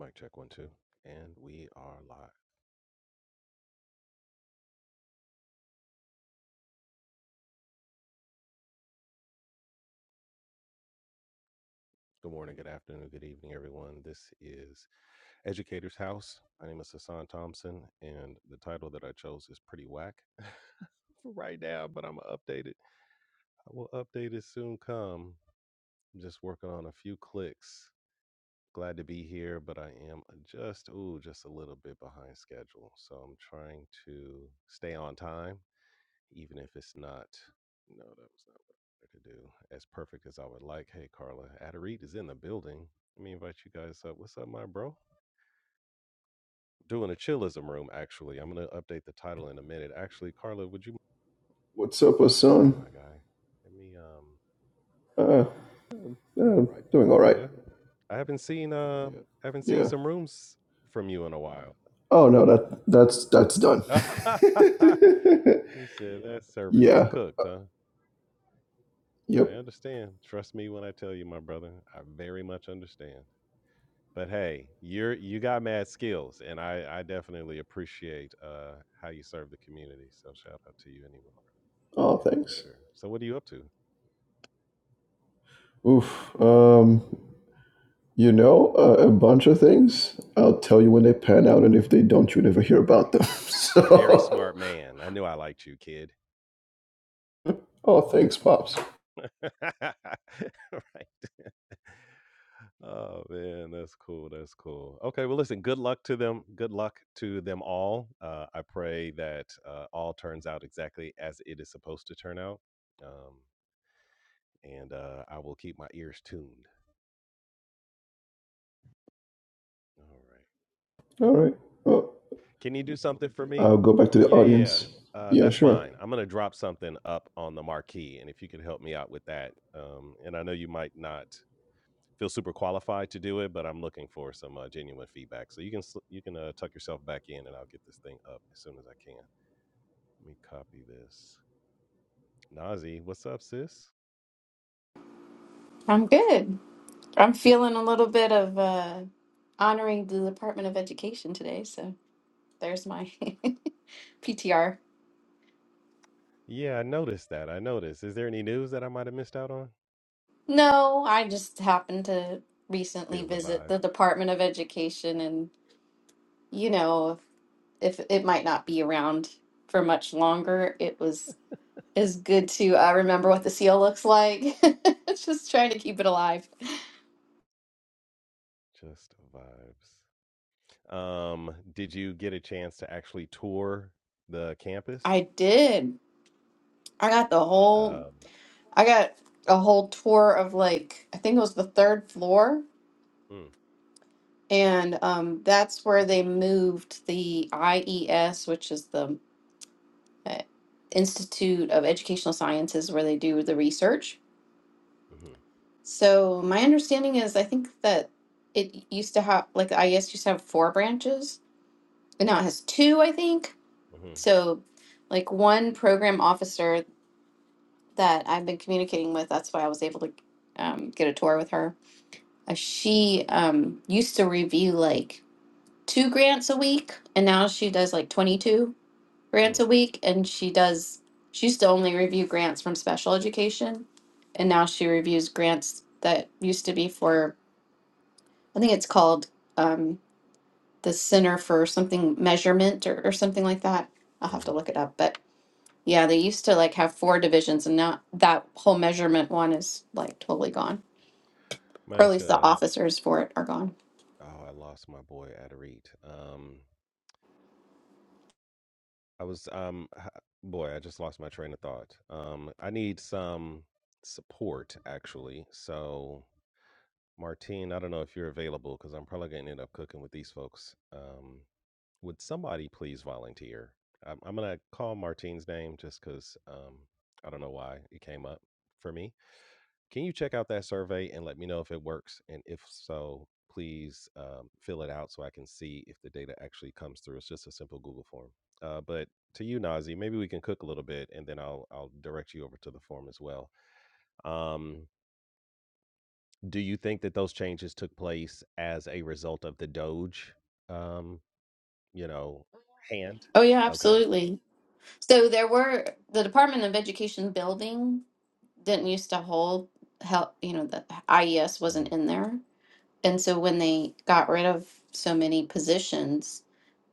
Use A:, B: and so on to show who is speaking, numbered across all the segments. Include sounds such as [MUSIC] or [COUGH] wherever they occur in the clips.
A: Mic check one, two. And we are live. Good morning, good afternoon, good evening, everyone. This is Educator's House. My name is Hassan Thompson, and the title that I chose is pretty whack [LAUGHS] for right now, but I'm going to update it. I will update it soon come. I'm just working on a few clicks. Glad to be here, but I am just, ooh, just a little bit behind schedule. So I'm trying to stay on time even if it's not. No, that was not what I wanted to do. As perfect as I would like. Hey, Carla, Adarit is in the building. Let me invite you guys up. What's up, my bro? Doing a chillism room. Actually, I'm gonna update the title in a minute. Actually, Carla, would you?
B: What's up,
A: What's up,
B: Hassan?
A: my guy? Let me. Um.
B: Uh, uh,
A: Um, doing
B: yeah,
A: all right.
B: doing all right.
A: Yeah, I haven't seen. Uh, Yeah. haven't seen
B: Yeah.
A: some rooms from you in a Uh,
B: Oh no, that that's that's done.
A: while. [LAUGHS]
B: [LAUGHS]
A: you said yeah. that service is
B: yeah.
A: cooked, huh? I
B: Yep.
A: understand. Trust me when I tell you, my brother. I very much understand. But hey, you're you got mad skills, and I I definitely appreciate uh how you serve the community. So shout out to you anyway.
B: Oh,
A: Yeah, for
B: thanks.
A: sure. So what are you up to?
B: Oof. Um, you know, uh, a bunch of things. I'll tell you when they pan out, and if they don't, you never hear
A: For
B: about them. [LAUGHS]
A: sure. Very
B: so.
A: smart man. I knew I liked you, kid.
B: Oh, thanks, pops.
A: [LAUGHS] right. Oh man, that's cool. That's cool. Okay, well listen, good luck to them. Good luck to them all. Uh I pray that uh all turns out exactly as it is supposed to turn out. Um and uh I will keep my ears tuned. All right.
B: All right. Well,
A: Can you do something for me?
B: I'll go back to the
A: Yeah, yeah.
B: audience.
A: Uh,
B: Yeah,
A: that's
B: sure.
A: fine. I'm gonna drop something up on the marquee, and if you could help me out with that, um, and I know you might not feel super qualified to do it, but I'm looking for some uh, genuine feedback. So you can sl- you can uh, tuck yourself back in, and I'll get this thing up as soon as I can. Let me copy this. Nazi, what's up, sis?
C: I'm good. I'm feeling a little bit of uh, honoring the Department of Education today, so there's my [LAUGHS] PTR.
A: Yeah, I noticed that. I noticed. Is there any news that I might have missed out on?
C: No, I just happened to recently
A: Feel the
C: visit
A: vibe.
C: the Department of Education, and you know, if it might not be around for much longer, it was is good to uh, remember what the seal looks like. [LAUGHS] Just trying to keep it alive.
A: Just vibes. Um, did you get a chance to actually tour the campus?
C: I did. I got the whole.
A: Um,
C: I got a whole tour of like I think it was the third floor
A: mm,
C: And um, that's where
A: swanky.
C: they moved the IES, which is the uh, Institute of Educational Sciences, where they do the research.
A: Mm-hmm,
C: So my understanding is, I think that it used to have, like, the IES used to have four branches, and now it has two, I think.
A: mm-hmm,
C: So, like, one program officer that I've been communicating with, that's why I was able to um, get a tour with her. Uh, she um, used to review, like, two grants a week, and now she does, like, 22 grants
A: mm.
C: a week and she does she used to only review grants from special education and now she reviews grants that used to be for i think it's called um, the center for something measurement or, or something like that i'll have to
A: Mm-hmm.
C: look it up but yeah they used to like have four divisions and now that whole measurement one is like totally gone or at
A: Mask.
C: least the
A: Uh,
C: officers for it are gone
A: oh, I lost my boy Adarit. Um, I was um, h- boy, I just lost my train of thought. Um, I need some support actually. So Martine, I don't know if you're available because I'm probably going to end up cooking with these folks. Um, would somebody please volunteer? I'm, I'm going to call Martine's name just because um, I don't know why it came up for me. Can you check out that survey and let me know if it works? And if so, please um, fill it out so I can see if the data actually comes through. It's just a simple Google form. Uh, but to you, Nazi, maybe we can cook a little bit and then I'll, I'll direct you over to the form as well. Um, do you think that those changes took place as a result of the Doge, um, you know, hand?
C: oh yeah
A: absolutely. Okay.
C: absolutely so there were the department of education building didn't used to hold help you know the IES
A: hmm
C: wasn't in there and so when they got rid of so many positions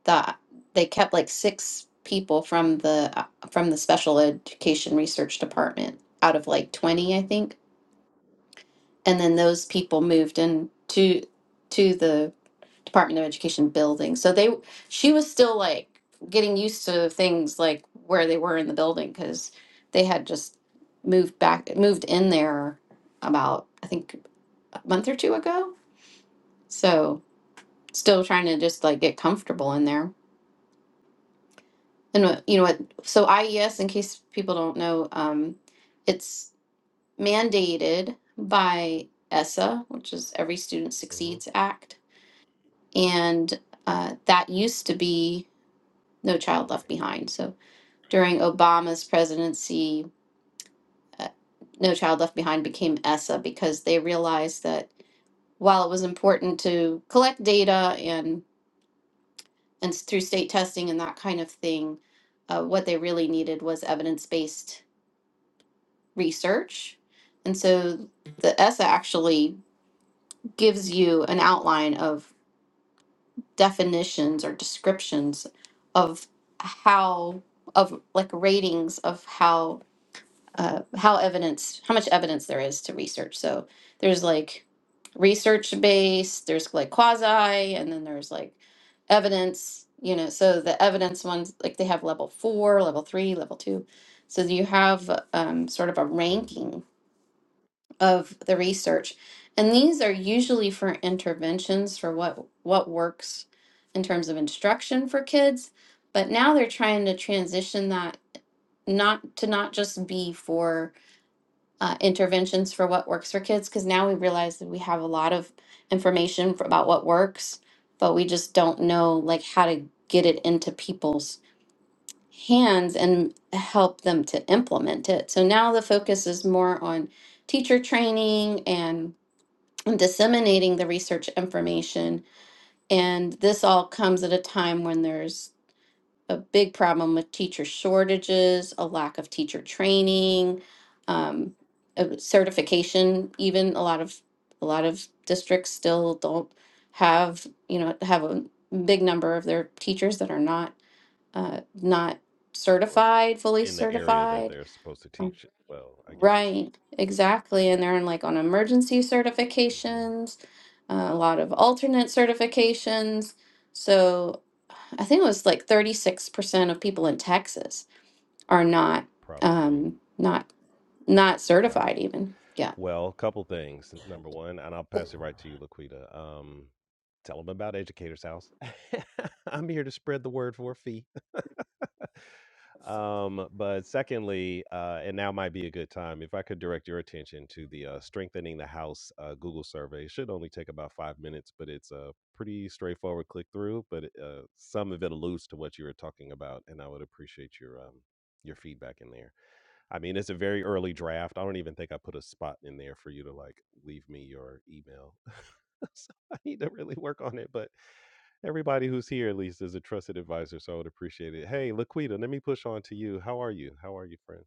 C: that they kept like six people from the uh, from the special education research department out of like
A: Sure.
C: 20 I think and then those people moved in to to the Department of Education building. So they she was still like getting used to things like where they were in the building because they had just moved back moved in there about I think a month or two ago. So still trying to just like get comfortable in there. And what- you know what? So IES, in case people don't know, um, it's mandated by ESSA, which is Every Student
A: hmm
C: Succeeds Act, and uh, that used to be No Child Left
A: Right.
C: Behind. So during Obama's presidency, uh, No Child Left Behind became ESSA because they realized that while it was important to collect data and and through state testing and that kind of thing, uh, what they really needed was evidence based research. And so the ESSA actually gives you an outline of definitions or descriptions of how of like ratings of how uh, how evidence how much evidence there is to research so there's like research based there's like quasi and then there's like evidence you know so the evidence ones like they have level four level three level two so you have um, sort of a
A: Mm,
C: ranking of the research and these are usually for interventions for what what works in terms of instruction for kids but now they're trying to transition that not to not just be for uh, interventions for what works for kids because now we realize that we have a lot of information for, about what works but we just don't know like how to get it into people's hands and help them to implement it so now the focus is more on teacher training and disseminating the research
A: right.
C: information and this all comes at a time when there's a big problem with teacher shortages, a lack of teacher training, um, uh, certification. Even a lot of a lot of districts still don't have you know have a big number of their teachers that are not uh, not
A: Sure.
C: certified, fully
A: In the area that
C: certified.
A: they're supposed to
C: Um,
A: teach it. Well, I get it.
C: Right, exactly, and they're in like on emergency
A: hmm
C: certifications, uh, a lot of alternate certifications. So I think it was like 36% of people in Texas are not
A: Properly.
C: um, not not
A: Wow.
C: certified even. Yeah.
A: Well, a couple things. Number one, and I'll pass it right to you, Laquita. Um, tell them about Educator's House. [LAUGHS] I'm here to spread the word for a fee. Um, but secondly, uh, and now might be a good time if I could direct your attention to the uh, Strengthening the House uh, Google survey. It should only take about five minutes, but it's a pretty straightforward click through. But it, uh, some of it alludes to what you were talking about, and I would appreciate your um, your feedback in there. I mean, it's a very early draft. I don't even think I put a spot in there for you to like leave me your email. [LAUGHS] so I need to really work on it. But everybody who's here, at least, is a trusted advisor. So I would appreciate it. Hey, Laquita, let me push on to you. How are you? How are you, friend?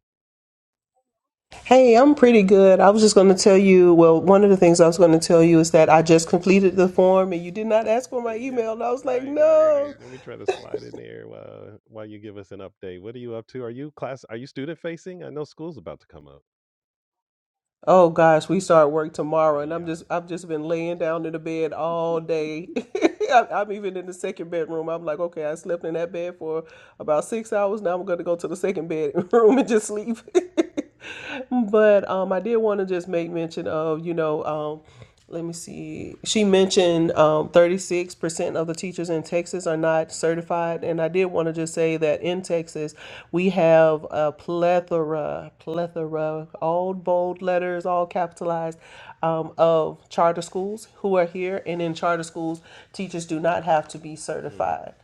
D: Hey, I'm pretty good. I was just going to tell you, well, one of the things I was going to tell you is that I just completed the form and you did not ask for
A: Uh,
D: my
A: Yeah,
D: email. And I was like,
A: right, right, right.
D: no.
A: Let me try to slide in there while, while you give us an update. What are you up to? Are you class? Are you student facing? I know school's about to come up.
D: Oh gosh, we start work tomorrow
A: Ah,
D: and I'm
A: yeah.
D: just I've just been laying down in the bed all day. [LAUGHS] I- I'm even in the second bedroom. I'm like, okay, I slept in that bed for about six hours. Now I'm going to go to the second bedroom [LAUGHS] and just sleep. [LAUGHS] but um, I did want to just make mention of, you know, um, let me see. She mentioned um, 36% of the teachers in Texas are not certified. And I did want to just say that in Texas, we have a plethora, plethora, all bold letters, all capitalized, um, of charter schools who are here. And in charter schools, teachers do not have to be
A: Mm.
D: certified.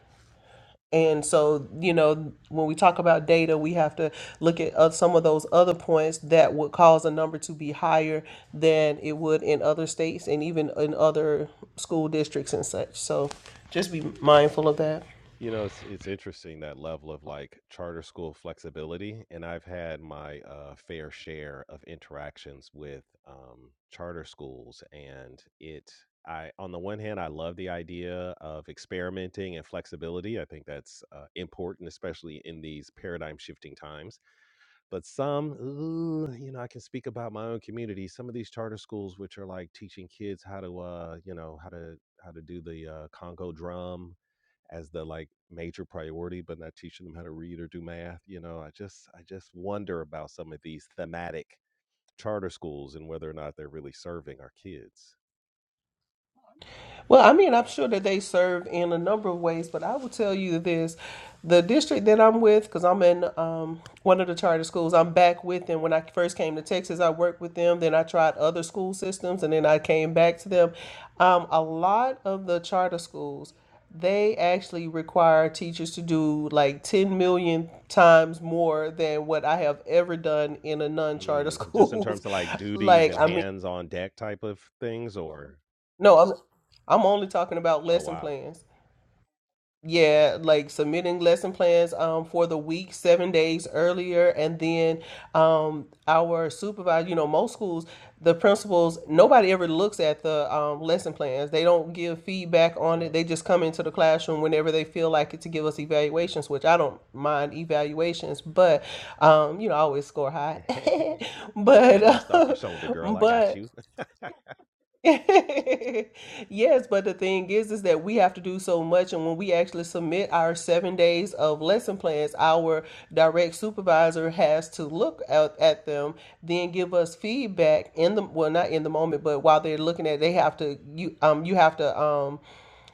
D: And so, you know, when we talk about data, we have to look at uh, some of those other points that would cause a number to be higher than it would in other states and even in other school districts and such. So just be mindful of that.
A: You know, it's it's interesting that level of like charter school flexibility, and I've had my uh, fair share of interactions with um, charter schools, and it. I on the one hand, I love the idea of experimenting and flexibility. I think that's uh, important, especially in these paradigm shifting times. But some, ooh, you know, I can speak about my own community. Some of these charter schools, which are like teaching kids how to, uh, you know, how to how to do the uh, Congo drum as the like major priority, but not teaching them how to read or do math. You know, I just I just wonder about some of these thematic charter schools and whether or not they're really serving our kids.
D: Well, I mean, I'm sure that they serve in a number of ways, but I will tell you this. The district that I'm with, because I'm in um, one of the charter schools, I'm back with them. When I first came to Texas, I worked with them. Then I tried other school systems, and then I came back to them. Um, a lot of the charter schools, they actually require teachers to do like 10 million times more than what I have ever done in a non-charter [LAUGHS]
A: Mm, just in
D: schools.
A: terms of like duties
D: like,
A: and
D: I mean,
A: hands on deck type of things, or
D: no, I'm I'm only talking about
A: oh
D: lesson
A: wow,
D: plans. Yeah, like submitting lesson plans um for the week seven days earlier, and then um our supervisor, you know, most schools, the principals, nobody ever looks at the um lesson plans. They don't give feedback on
A: yeah,
D: it. They just come into the classroom whenever they feel like it to give us evaluations, which I don't mind evaluations, but um, you know, I always score high.
A: yeah.
D: [LAUGHS]
A: [LAUGHS] Get that
D: But
A: dust off your shoulder,
D: [LAUGHS]
A: girl. I got
D: but
A: you.
D: [LAUGHS] Yes, but the thing is, is that we have to do so much. And when we actually submit our seven days of lesson plans, our direct supervisor has to look at, at them, then give us feedback in the, well, not in the moment, but while they're looking at, it, they have to, you, um, you have to, um,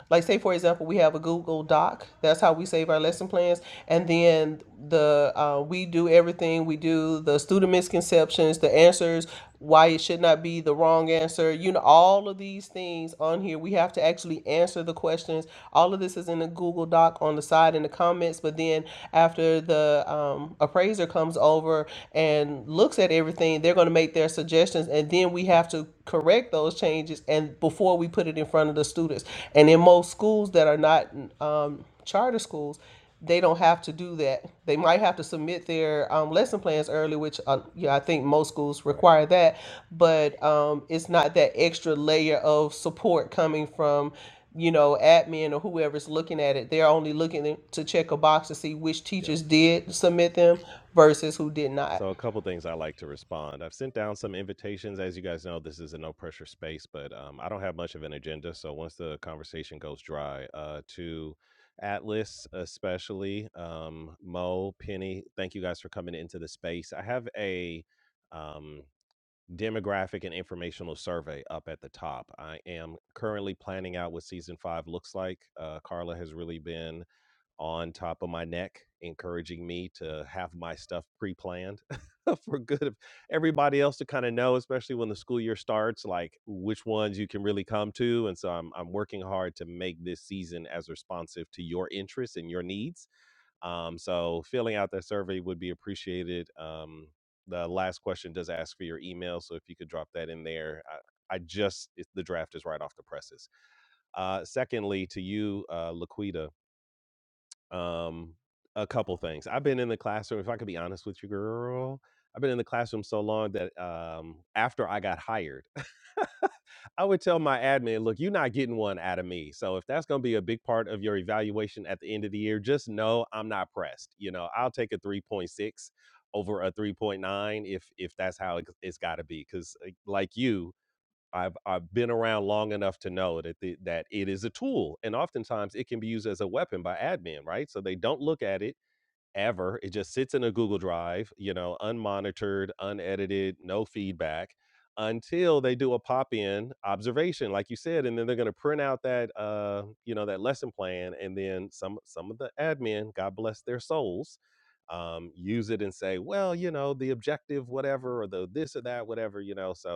D: like say for example, we have a Google Doc. That's how we save our lesson plans, and then the uh, we do everything. We do the student misconceptions, the answers, why it should not be the wrong answer. You know, all of these things on here. We have to actually answer the questions. All of this is in a Google Doc on the side in the comments. But then after the um, appraiser comes over and looks at everything, they're going to make their suggestions, and then we have to correct those changes and before we put it in front of the students and in most schools that are not um, charter schools they don't have to do that they might have to submit their um, lesson plans early which uh, yeah i think most schools
A: Right.
D: require that but um, it's not that extra layer of support coming from you know, admin or whoever's looking at it, they're only looking to check a box to see which
A: Yep.
D: teachers did submit them versus who did not.
A: So a couple things I like to respond. I've sent down some invitations. As you guys know, this is a no pressure space, but um, I don't have much of an agenda. So once the conversation goes dry, uh, to Atlas especially, um, Mo, Penny, thank you guys for coming into the space. I have a um, demographic and informational survey up at the top. I am currently planning out what season five looks like. Uh, Carla has really been on top of my neck, encouraging me to have my stuff pre-planned [LAUGHS] for good of everybody else to kind of know, especially when the school year starts, like which ones you can really come to. And so I'm I'm working hard to make this season as responsive to your interests and your needs. Um, so filling out that survey would be appreciated. Um, the last question does ask for your email, so if you could drop that in there. I, I just it, the draft is right off the presses. Uh, secondly, to you, uh, Laquita, um, a couple things. I've been in the classroom, if I could be honest with you, girl, I've been in the classroom so long that um, after I got hired, [LAUGHS] I would tell my admin, look, you're not getting one out of me. So if that's going to be a big part of your evaluation at the end of the year, just know I'm not pressed. You know, I'll take a 3.6 over a 3.9 if if that's how it, it's got to be cuz like you I've I've been around long enough to know that the, that it is a tool and oftentimes it can be used as a weapon by admin, right? So they don't look at it ever. It just sits in a Google Drive, you know, unmonitored, unedited, no feedback until they do a pop-in observation like you said and then they're going to print out that uh you know that lesson plan and then some some of the admin god bless their souls um use it and say well you know the objective whatever or the this or that whatever you know so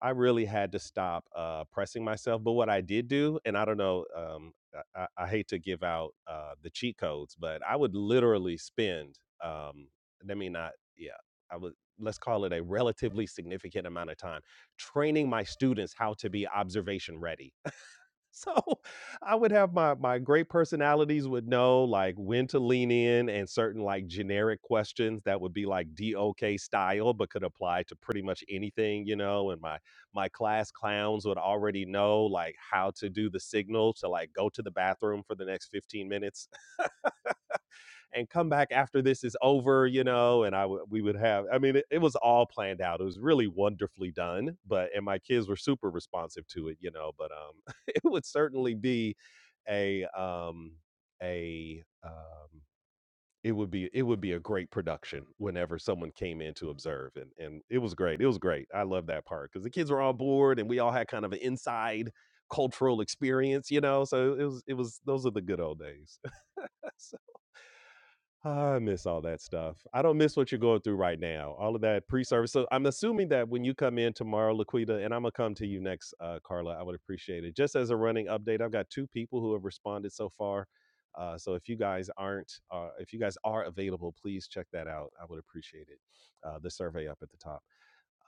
A: I really had to stop uh, pressing myself. But what I did do, and I don't know, um, I, I I hate to give out uh, the cheat codes, but I would literally spend, um, let me not, yeah, I would, let's call it a relatively significant amount of time training my students how to be observation ready [LAUGHS] So I would have my my great personalities would know like when to lean in and certain like generic questions that would be like DOK style but could apply to pretty much anything, you know, and my my class clowns would already know like how to do the signal to like go to the bathroom for the next 15 minutes and come back after this is over, you know, and I w- we would have I mean it, it was all planned out. It was really wonderfully done, but and my kids were super responsive to it, you know, but um [LAUGHS] it would certainly be a um a um it would be it would be a great production whenever someone came in to observe and and it was great. It was great. I love that part cuz the kids were on board and we all had kind of an inside cultural experience, you know. So it was it was those are the good old days. [LAUGHS] I miss all that stuff. I don't miss what you're going through right now. All of that pre-service. So I'm assuming that when you come in tomorrow, Laquita, and I'm gonna come to you next, uh, Carla. I would appreciate it. Just as a running update, I've got two people who have responded so far. Uh, so if you guys aren't, uh, if you guys are available, please check that out. I would appreciate it. Uh, the survey up at the top.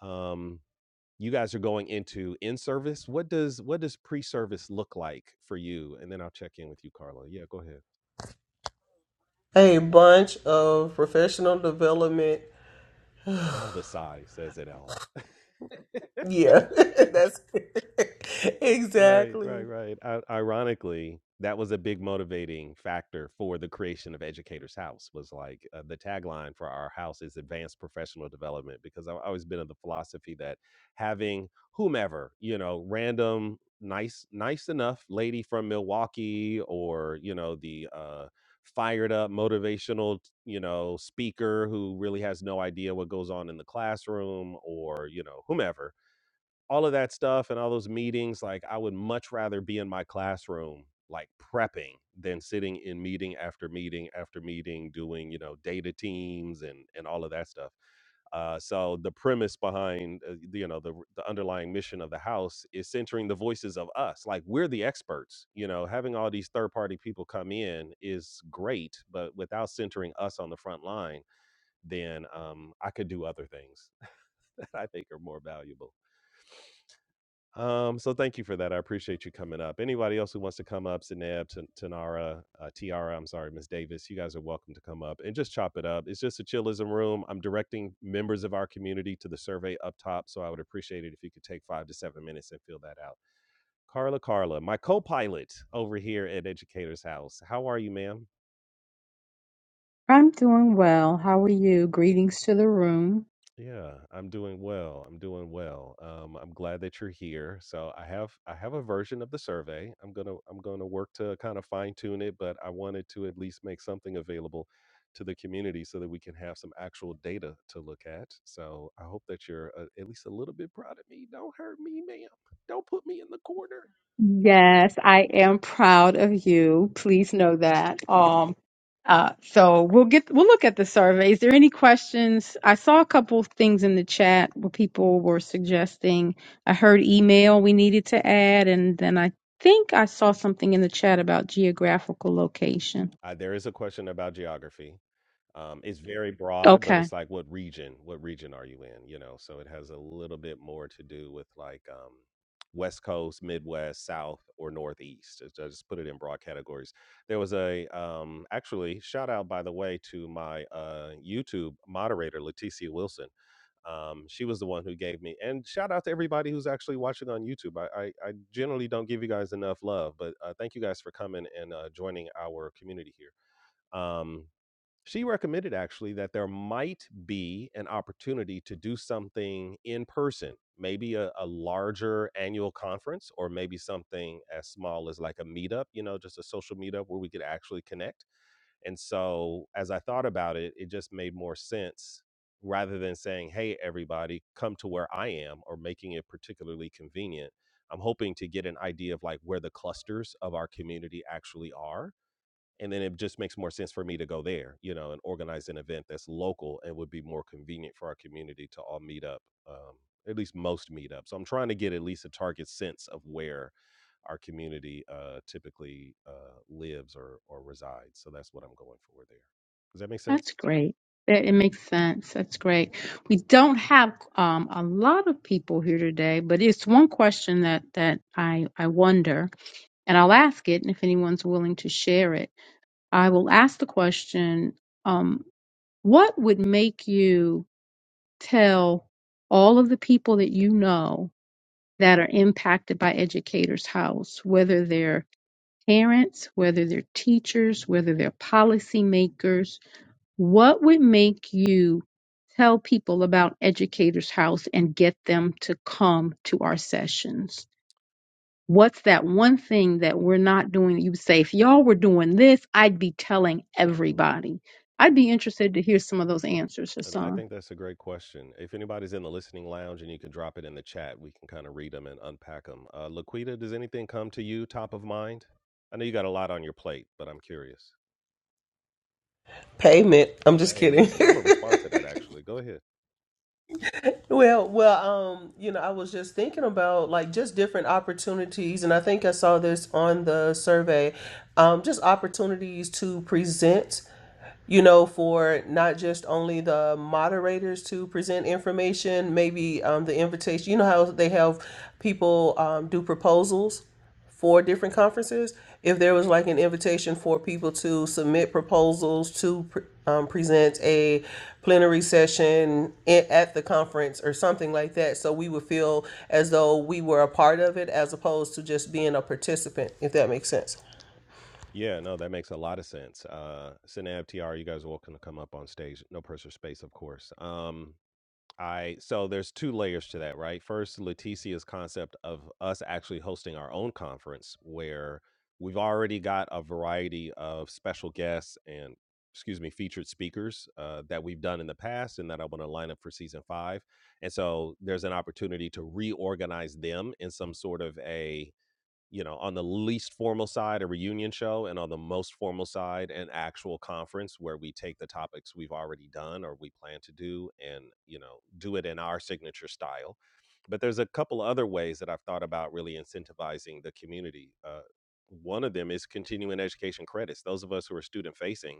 A: Um, you guys are going into in-service. What does what does pre-service look like for you? And then I'll check in with you, Carla. Yeah, go ahead.
D: A bunch of professional development
A: Ah, the sigh says it all.
D: Yeah, [LAUGHS] that's [LAUGHS]
A: Right, right,
D: exactly
A: right. I ironically, that was a big motivating factor for the creation of Educators House was like, uh, the tagline for our house is advanced professional development because I've always been of the philosophy that having whomever, you know, random nice nice enough lady from Milwaukee or, you know, the uh fired up motivational, you know, speaker who really has no idea what goes on in the classroom or, you know, whomever all of that stuff and all those meetings, like I would much rather be in my classroom, like prepping than sitting in meeting after meeting after meeting, doing, you know, data teams and, and all of that stuff. Uh, so the premise behind, uh, the- you know, the, the underlying mission of the house is centering the voices of us. Like we're the experts, you know, having all these third party people come in is great, but without centering us on the front line, then um, I could do other things [LAUGHS] that I think are more valuable. Um, so thank you for that. I appreciate you coming up. Anybody else who wants to come up, Sineb, Tan- Tanara, uh, Tiara, I'm sorry, Miss Davis, you guys are welcome to come up and just chop it up. It's just a chillism room. I'm directing members of our community to the survey up top, so I would appreciate it if you could take five to seven minutes and fill that out. Carla, Carla, my co-pilot over here at Educator's House. How are you, ma'am?
E: I'm doing well. How are you? Greetings to the room.
A: Yeah, I'm doing well. I'm doing well. Um, I'm glad that you're here. So I have I have a version of the survey. I'm gonna I'm gonna work to kind of fine tune it, but I wanted to at least make something available to the community so that we can have some actual data to look at. So I hope that you're uh, at least a little bit proud of me. Don't hurt me, man. Don't put me in the corner.
E: Yes, I am proud of you. Please know that. Um, uh, so we'll get we'll look at the survey. Is there any questions? I saw a couple of things in the chat where people were suggesting. I heard email we needed to add, and then I think I saw something in the chat about geographical location.
A: Uh, there is a question about geography. Um, it's very broad, but
E: Okay.
A: it's like what region? What region are you in? You know, so it has a little bit more to do with like um, West Coast, Midwest, South, or Northeast. I just put it in broad categories. There was a um, actually shout out by the way to my uh, YouTube moderator Leticia Wilson. Um, she was the one who gave me and shout out to everybody who's actually watching on YouTube. I, I, I generally don't give you guys enough love, but uh, thank you guys for coming and uh, joining our community here. Um, she recommended actually that there might be an opportunity to do something in person, maybe a, a larger annual conference, or maybe something as small as like a meetup, you know, just a social meetup where we could actually connect. And so as I thought about it, it just made more sense rather than saying, hey, everybody, come to where I am or making it particularly convenient. I'm hoping to get an idea of like where the clusters of our community actually are and then it just makes more sense for me to go there you know and organize an event that's local and would be more convenient for our community to all meet up um, at least most meet up so i'm trying to get at least a target sense of where our community uh, typically uh, lives or or resides so that's what i'm going for there does that make sense
E: That's great. That it makes sense. That's great. We don't have um, a lot of people here today, but it's one question that that I I wonder, and I'll ask it, and if anyone's willing to share it, I will ask the question: um, What would make you tell all of the people that you
A: cool.
E: know that are impacted by Educators House, whether they're parents, whether they're teachers, whether they're policymakers? What would make you tell people about Educators House and get them to come to our sessions? What's that one thing that we're not doing? You would say, if y'all were doing this, I'd be telling
A: Mm, mm.
E: everybody. I'd be interested to hear some of those answers,
A: And I
E: Hassan.
A: think that's a great question. If anybody's in the listening lounge and you can drop it in the chat, we can kind of read them and unpack them. Uh, Laquita, does anything come to you top of mind? I know you got a lot on your plate, but I'm curious.
D: payment. I'm just
A: Hey,
D: kidding.
A: listen, I'm going to respond to that actually. Go ahead.
D: [LAUGHS] well, well, um, you know, I was just thinking about like just different opportunities, and I think I saw this on the survey, um, just opportunities to present you know, for not just only the moderators to present information, maybe um, the invitation. You know how they have people um, do proposals four different
A: hmm
D: conferences if there was like an invitation for people to submit proposals to pr- um, present a plenary session in, at the conference or something like that so we would feel as though we were a part of it as opposed to just being a participant if that makes sense
A: Yeah, no, that makes a lot of sense. Uh, Synab TR, you guys are welcome to come up on stage. No personal space, of course. Um, I so there's two layers to that, right? First, Leticia's concept of us actually hosting our own conference, where we've already got a variety of special guests and excuse me, featured speakers uh, that we've done in the past, and that I want to line up for season five. And so there's an opportunity to reorganize them in some sort of a you know, on the least formal side, a reunion show, and on the most formal side, an actual conference where we take the topics we've already done or we plan to do and, you know, do it in our signature style. But there's a couple other ways that I've thought about really incentivizing the community. Uh, one of them is continuing education credits. Those of us who are student facing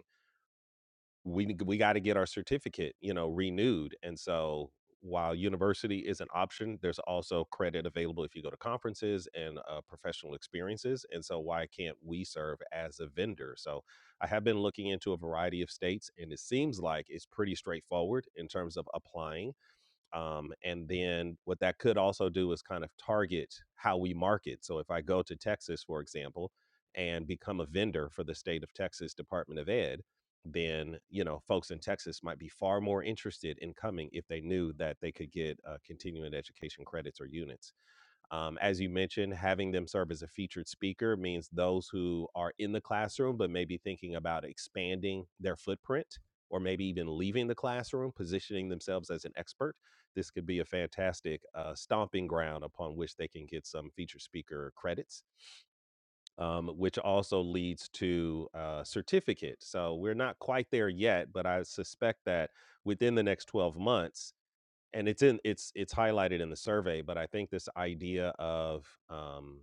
A: we n- we got to get our certificate, you know, renewed. And so while university is an option, there's also credit available if you go to conferences and uh, professional experiences. And so why can't we serve as a vendor? So I have been looking into a variety of states, and it seems like it's pretty straightforward in terms of applying um, and then what that could also do is kind of target how we market. So if I go to Texas, for example, and become a vendor for the state of Texas Department of Ed, then you know folks in Texas might be far more interested in coming if they knew that they could get uh, continuing education credits or units. Um, as you mentioned, having them serve as a featured speaker means those who are in the classroom, but maybe thinking about expanding their footprint or maybe even leaving the classroom, positioning themselves as an expert. This could be a fantastic uh, stomping ground upon which they can get some featured speaker credits. Um, which also leads to a certificate. So we're not quite there yet, but I suspect that within the next 12 months, and it's in it's it's highlighted in the survey but i think this idea of um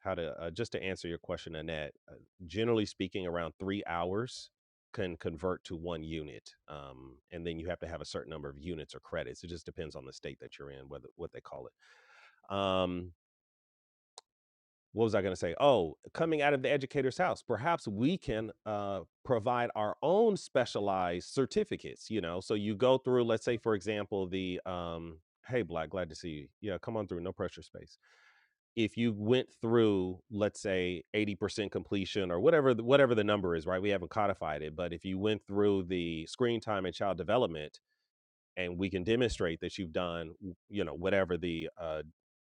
A: how to uh, just to answer your question annette uh, generally speaking around three hours can convert to one unit um, and then you have to have a certain number of units or credits it just depends on the state that you're in whether what they call it um, what was I going to say? Oh, coming out of the educator's house, perhaps we can uh, provide our own specialized certificates. You know, so you go through, let's say, for example, the um, hey, Black, glad to see you. Yeah, come on through, no pressure space. If you went through, let's say, eighty percent completion or whatever, the, whatever the number is, right? We haven't codified it, but if you went through the screen time and child development, and we can demonstrate that you've done, you know, whatever the uh,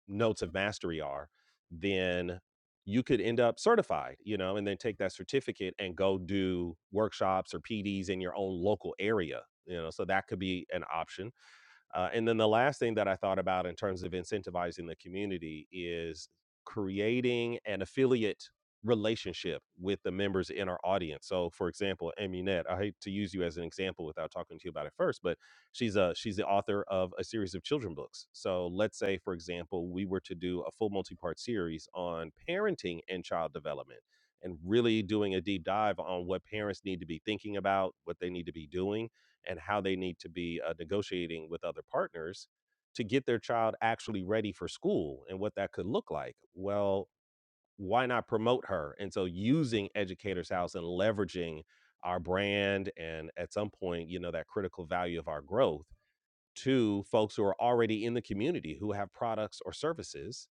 A: notes of mastery are, then you could end up certified, you know, and then take that certificate and go do workshops or PDs in your own local area, you know. So that could be an option uh, and then the last thing that I thought about in terms of incentivizing the community is creating an affiliate relationship with the members in our audience. So, for example, Aminette, I hate to use you as an example without talking to you about it first, but she's a she's the author of a series of children books. So, let's say, for example, we were to do a full multi-part series on parenting and child development. And really doing a deep dive on what parents need to be thinking about, what they need to be doing and how they need to be uh, negotiating with other partners to get their child actually ready for school and what that could look like. Well, why not promote her? And so using Educators House and leveraging our brand and at some point, you know, that critical value of our growth to folks who are already in the community who have products or services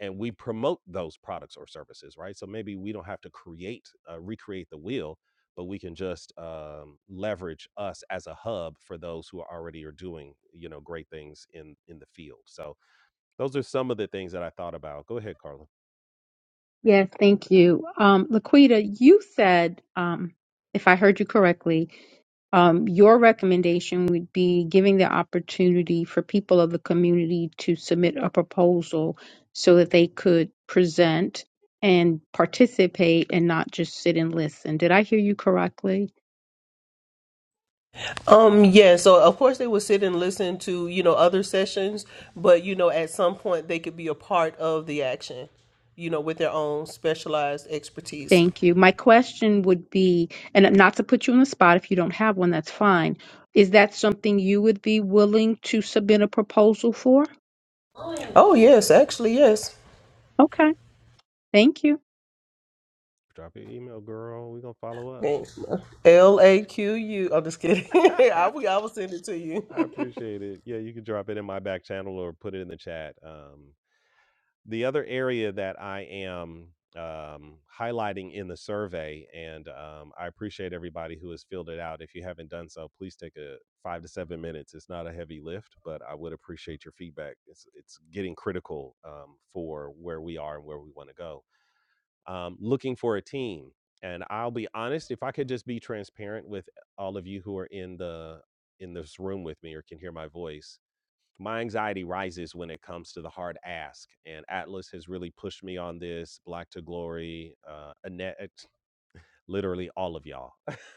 A: and we promote those products or services, right? So maybe we don't have to create, uh, recreate the wheel, but we can just um, leverage us as a hub for those who are already are doing, you know, great things in in the field. So those are some of the things that I thought about. Go ahead, Carla.
E: Yes, thank you. Um, Laquita, you said, um, if I heard you correctly, um, your recommendation would be giving the opportunity for people of the community to submit a proposal so that they could present and participate and not just sit and listen. Did I hear you correctly?
D: um yeah so of course they would sit and listen to you know other sessions but you know at some point they could be a part of the action you know with their own specialized expertise
E: Thank you. My question would be, and not to put you on the spot, if you don't have one, that's fine. Is that something you would be willing to submit a proposal for?
D: oh yes actually yes
E: Okay, thank you.
A: Drop your email, girl. We're gonna follow up.
D: L A Q U. I'm just kidding. [LAUGHS] I
A: [LAUGHS]
D: will, I will send it to you.
A: I appreciate it. Yeah, you can drop it in my back channel or put it in the chat. Um, The other area that I am um, highlighting in the survey, and um, I appreciate everybody who has filled it out. If you haven't done so, please take a five to seven minutes. It's not a heavy lift, but I would appreciate your feedback. It's it's getting critical um, for where we are and where we want to go. Um, looking for a team, and I'll be honest. If I could just be transparent with all of you who are in the in this room with me or can hear my voice, my anxiety rises when it comes to the hard ask and atlas has really pushed me on this black to glory uh annette literally all of y'all.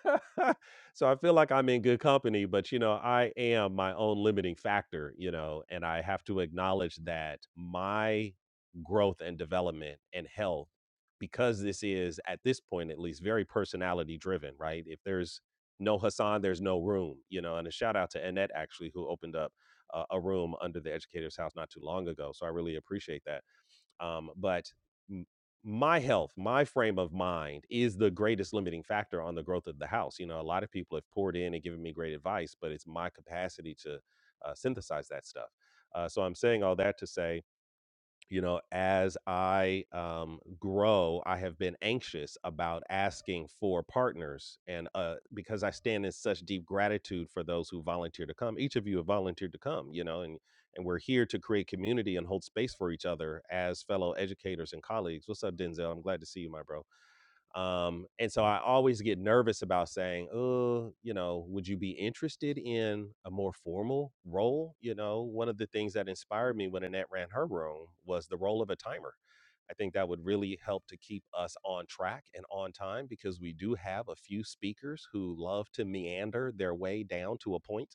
A: [LAUGHS] so I feel like I'm in good company, but you know, I am my own limiting factor, you know, and I have to acknowledge that my growth and development and health because this is at this point at least very personality driven, right? If there's no Hassan, there's no room, you know, and a shout out to Annette actually who opened up uh, a room under the educator's house not too long ago. So I really appreciate that um, but m- my health, my frame of mind is the greatest limiting factor on the growth of the house. You know, a lot of people have poured in and given me great advice, but it's my capacity to uh, synthesize that stuff. Uh, so I'm saying all that to say you know as i um, grow i have been anxious about asking for partners and uh, because i stand in such deep gratitude for those who volunteer to come each of you have volunteered to come you know and and we're here to create community and hold space for each other as fellow educators and colleagues what's up denzel i'm glad to see you my bro um, and so I always get nervous about saying, oh, you know, would you be interested in a more formal role? You know, one of the things that inspired me when Annette ran her room was the role of a timer. I think that would really help to keep us on track and on time because we do have a few speakers who love to meander their way down to a point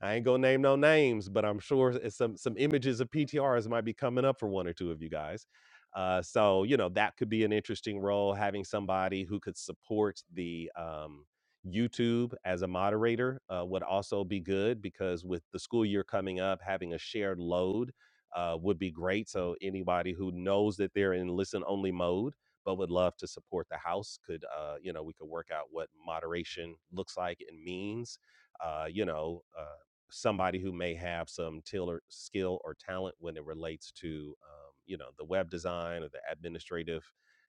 A: I ain't gonna name no names, but I'm sure it's some some images of PTRs might be coming up for one or two of you guys. Uh, so you know that could be an interesting role, having somebody who could support the um, YouTube as a moderator uh, would also be good because with the school year coming up, having a shared load uh, would be great. So anybody who knows that they're in listen only mode but would love to support the house could uh, you know we could work out what moderation looks like and means uh, you know, uh, somebody who may have some till or skill or talent when it relates to um, you know the web design or the administrative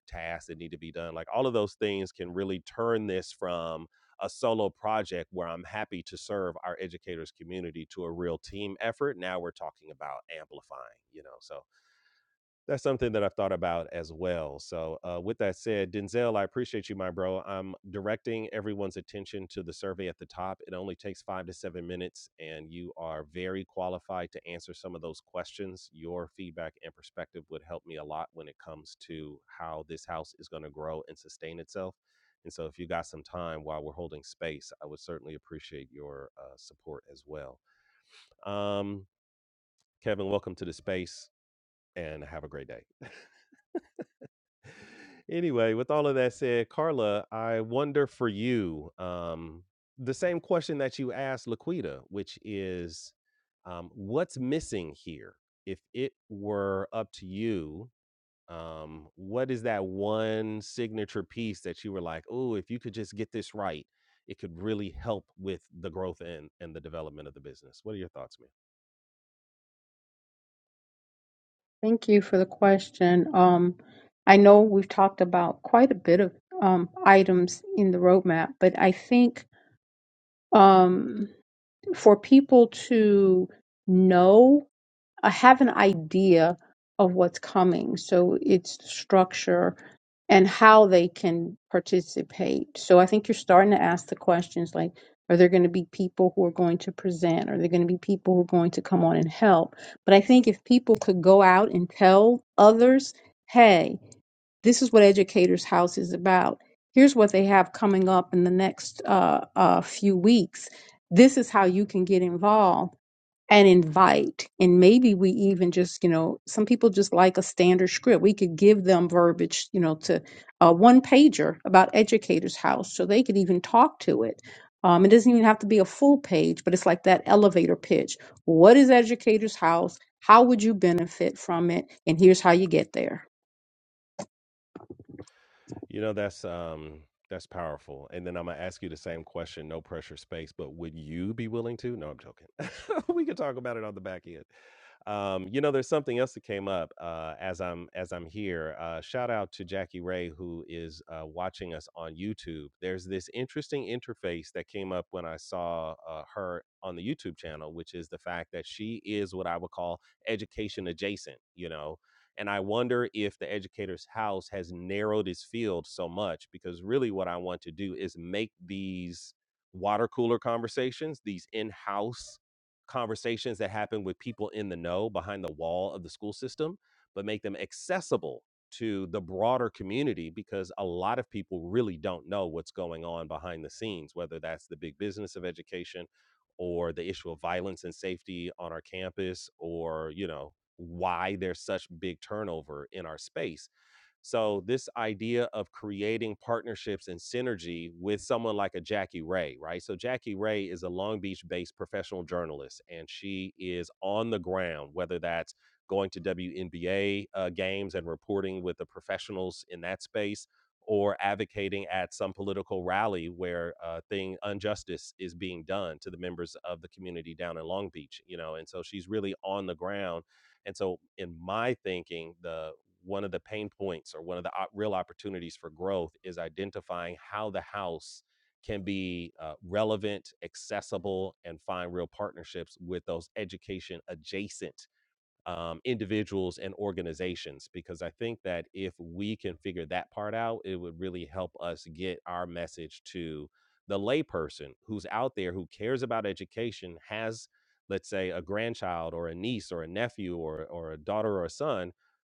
A: tasks that need to be done like all of those things can really turn this from a solo project where i'm happy to serve our educators community to a real team effort now we're talking about amplifying you know so that's something that I've thought about as well. So, uh, with that said, Denzel, I appreciate you, my bro. I'm directing everyone's attention to the survey at the top. It only takes five to seven minutes, and you are very qualified to answer some of those questions. Your feedback and perspective would help me a lot when it comes to how this house is going to grow and sustain itself. And so, if you got some time while we're holding space, I would certainly appreciate your uh, support as well. Um, Kevin, welcome to the space and have a great day. anyway, with all of that said, Carla, I wonder for you um, the same question that you asked Laquita, which is um, what's missing here? If it were up to you, um, what is that one signature piece that you were like, oh, if you could just get this right, it could really help with the growth and, and the development of the business? What are your thoughts, man?
E: Thank you for the question. Um, I know we've talked about quite a bit of um, items in the roadmap, but I think um, for people to know I have an idea of what's coming. So it's the structure and how they can participate. So I think you're starting to ask the questions like, are there going to be people who are going to present? Are there going to be people who are going to come on and help? But I think if people could go out and tell others, hey, this is what Educators House is about. Here's what they have coming up in the next uh, uh, few weeks. This is how you can get involved and invite and maybe we even just you know some people just like a standard script we could give them verbiage you know to a one pager about educators house so they could even talk to it um, it doesn't even have to be a full page but it's like that elevator pitch what is educators house how would you benefit from it? And here's how you get there.
A: You know, that's um that's powerful. And then I'm gonna ask you the same question, no pressure space, but would you be willing to? No, I'm joking. [LAUGHS] we could talk about it on the back end. Um, you know, there's something else that came up uh, as I'm as I'm here. Uh, shout out to Jackie Ray who is uh, watching us on YouTube. There's this interesting interface that came up when I saw uh, her on the YouTube channel, which is the fact that she is what I would call education adjacent. You know, and I wonder if the educator's house has narrowed its field so much because really what I want to do is make these water cooler conversations, these in house conversations that happen with people in the know behind the wall of the school system, but make them accessible to the broader community because a lot of people really don't know what's going on behind the scenes, whether that's the big business of education or the issue of violence and safety on our campus or, you know, why there's such big turnover in our space so this idea of creating partnerships and synergy with someone like a Jackie Ray, right? So Jackie Ray is a Long Beach-based professional journalist, and she is on the ground, whether that's going to WNBA uh, games and reporting with the professionals in that space, or advocating at some political rally where uh, thing injustice is being done to the members of the community down in Long Beach, you know. And so she's really on the ground and so, in my thinking, the one of the pain points or one of the op- real opportunities for growth is identifying how the house can be uh, relevant, accessible, and find real partnerships with those education adjacent um, individuals and organizations because I think that if we can figure that part out, it would really help us get our message to the layperson who's out there who cares about education, has, let's say, a grandchild or a niece or a nephew or, or a daughter or a son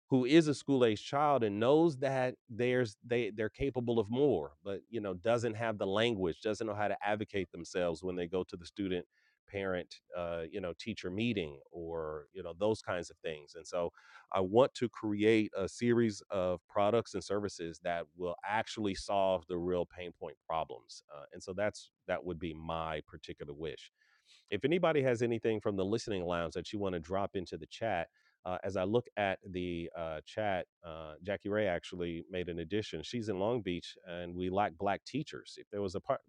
A: who is a school age child and knows that there's they they're capable of more but you know doesn't have the language doesn't know how to advocate themselves when they go to the student parent uh, you know teacher meeting or you know those kinds of things and so i want to create a series of products and services that will actually solve the real pain point problems uh, and so that's that would be my particular wish if anybody has anything from the listening lounge that you want to drop into the chat, uh, as I look at the uh, chat, uh, Jackie Ray actually made an addition. She's in Long Beach, and we lack black teachers. If there was a part,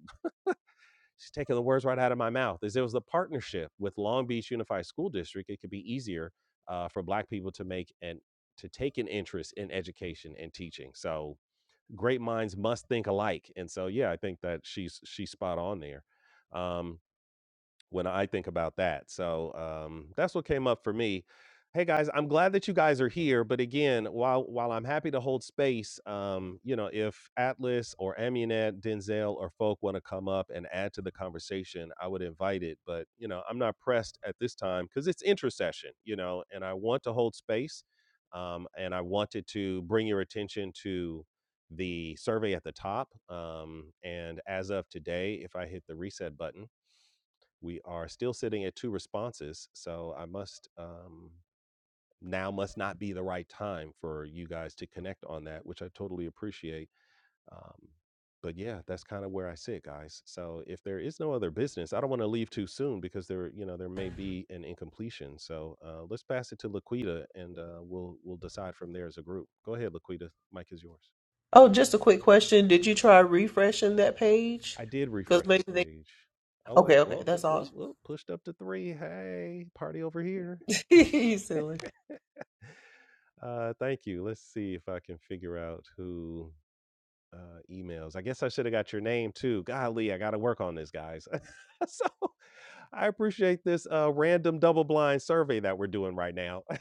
A: she's taking the words right out of my mouth. If there was a partnership with Long Beach Unified School District, it could be easier uh, for black people to make and to take an interest in education and teaching. So great minds must think alike, and so yeah, I think that she's she's spot on there. Um, when I think about that. So um, that's what came up for me. Hey guys, I'm glad that you guys are here. But again, while while I'm happy to hold space, um, you know, if Atlas or Amunet, Denzel or Folk want to come up and add to the conversation, I would invite it. But you know, I'm not pressed at this time because it's intercession, you know, and I want to hold space. Um, and I wanted to bring your attention to the survey at the top. Um, and as of today, if I hit the reset button we are still sitting at two responses so i must um now must not be the right time for you guys to connect on that which i totally appreciate um but yeah that's kind of where i sit guys so if there is no other business i don't want to leave too soon because there you know there may be an incompletion so uh let's pass it to laquita and uh we'll we'll decide from there as a group go ahead laquita mike is yours
D: [LAUGHS] oh, just a quick question. Did you try refreshing that page?
A: i did
D: Because
A: refresh the
D: maybe they.
A: page oh wait
D: Okay, okay,
A: well
D: that's all.
A: well well pushed up to three hey party over here
D: [LAUGHS] you silly.
A: Uh, thank you. Let's see if I can figure out who uh, emails. I guess I should have got your name too. Golly, I got to work on this, guys. [LAUGHS] so I appreciate this uh, random double blind survey that we're doing right now. [LAUGHS]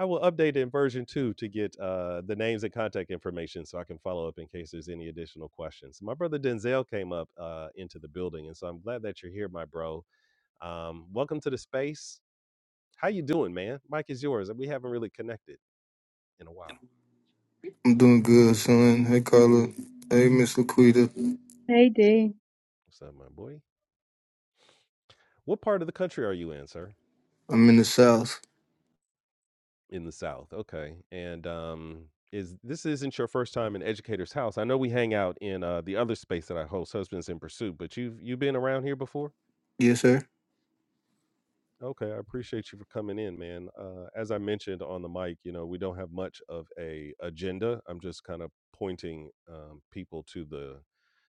A: I will update it in version two to get uh, the names and contact information so I can follow up in case there's any additional questions. My brother Denzel came up uh, into the building, and so I'm glad that you're here, my bro. Um, welcome to the space. How you doing, man? Mike is yours. We haven't really connected in a while.
F: I'm doing good, son. Hey, Carla. Hey, Miss Laquita.
E: Hey Dee.
A: What's up, my boy? What part of the country are you in, sir?
F: I'm in the South.
A: In the South. Okay. And um is this isn't your first time in Educator's House. I know we hang out in uh the other space that I host, Husbands in Pursuit, but you've you've been around here before?
F: Yes, sir.
A: Okay, I appreciate you for coming in, man. Uh, as I mentioned on the mic, you know, we don't have much of a agenda. I'm just kind of pointing um, people to the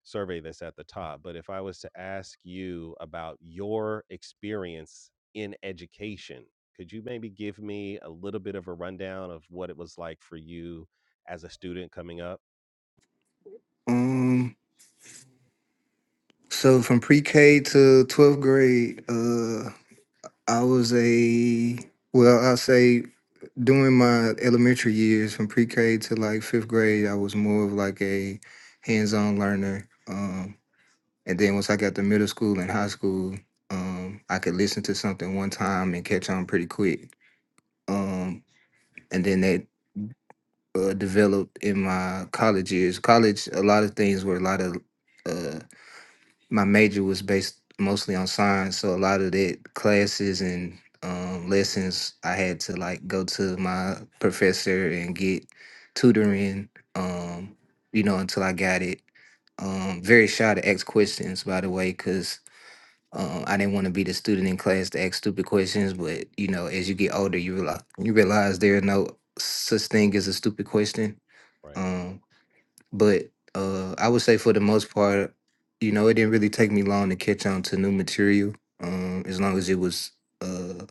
A: survey that's at the top. But if I was to ask you about your experience in education, could you maybe give me a little bit of a rundown of what it was like for you as a student coming up?
F: Um, so from pre-K to 12th grade, uh, I was a well, I say during my elementary years, from pre-K to like fifth grade, I was more of like a hands-on learner. Um, and then once I got to middle school and high school, um, I could listen to something one time and catch on pretty quick. Um, and then that uh, developed in my college years. College, a lot of things were a lot of uh, my major was based mostly on science, so a lot of that classes and um, lessons I had to like go to my professor and get tutoring, um, you know, until I got it. Um, very shy to ask questions, by the way, because um, I didn't want to be the student in class to ask stupid questions. But you know, as you get older, you realize you realize there are no such thing as a stupid question
A: Right.
F: um, but uh, I would say for the most part, you know, it didn't really take me long to catch on to new material, um, as long as it was uh,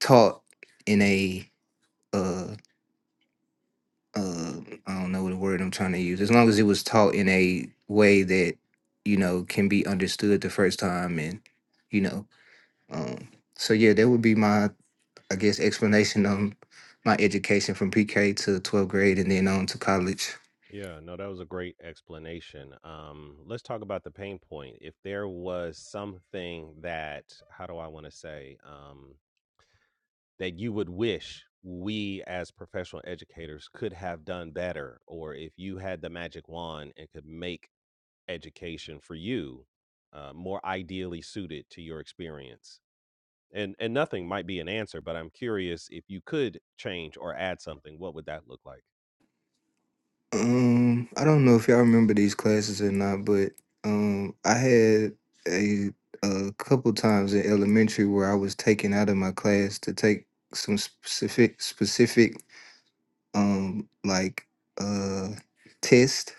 F: taught in a uh, uh, I don't know what word I'm trying to use. As long as it was taught in a way that you know can be understood the first time, and you know, um, so yeah, that would be my I guess explanation on my education from PK to 12th grade and then on to college.
A: Yeah, no, that was a great explanation. Um, let's talk about the pain point. If there was something that, how do I want to say, um, that you would wish we as professional educators could have done better, or if you had the magic wand and could make education for you uh, more ideally suited to your experience. And and nothing might be an answer, but I'm curious if you could change or add something, what would that look like?
F: Um, I don't know if y'all remember these classes or not, but um, I had a a couple times in elementary where I was taken out of my class to take some specific specific um like uh test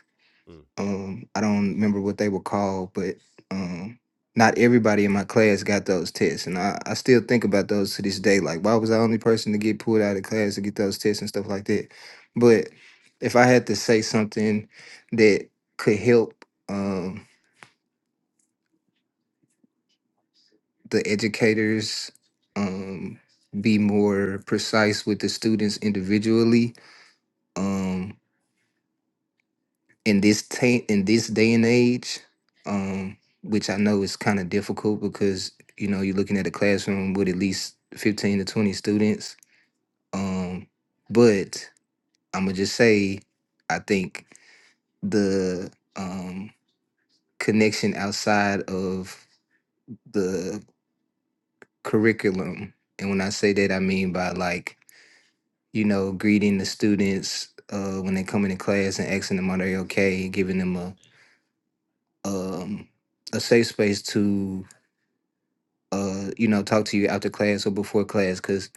F: um, I don't remember what they were called, but um, not everybody in my class got those tests, and I, I still think about those to this day. Like, why was I the only person to get pulled out of class to get those tests and stuff like that? But if I had to say something that could help um, the educators um, be more precise with the students individually, um, in this ta- in this day and age, um, which I know is kind of difficult because you know you're looking at a classroom with at least fifteen to twenty students. Um, but I'm gonna just say, I think the um, connection outside of the curriculum, and when I say that, I mean by like you know greeting the students uh, when they come into class and asking them are they okay, giving them a um, a safe space to uh, you know, talk to you after class or before class. Because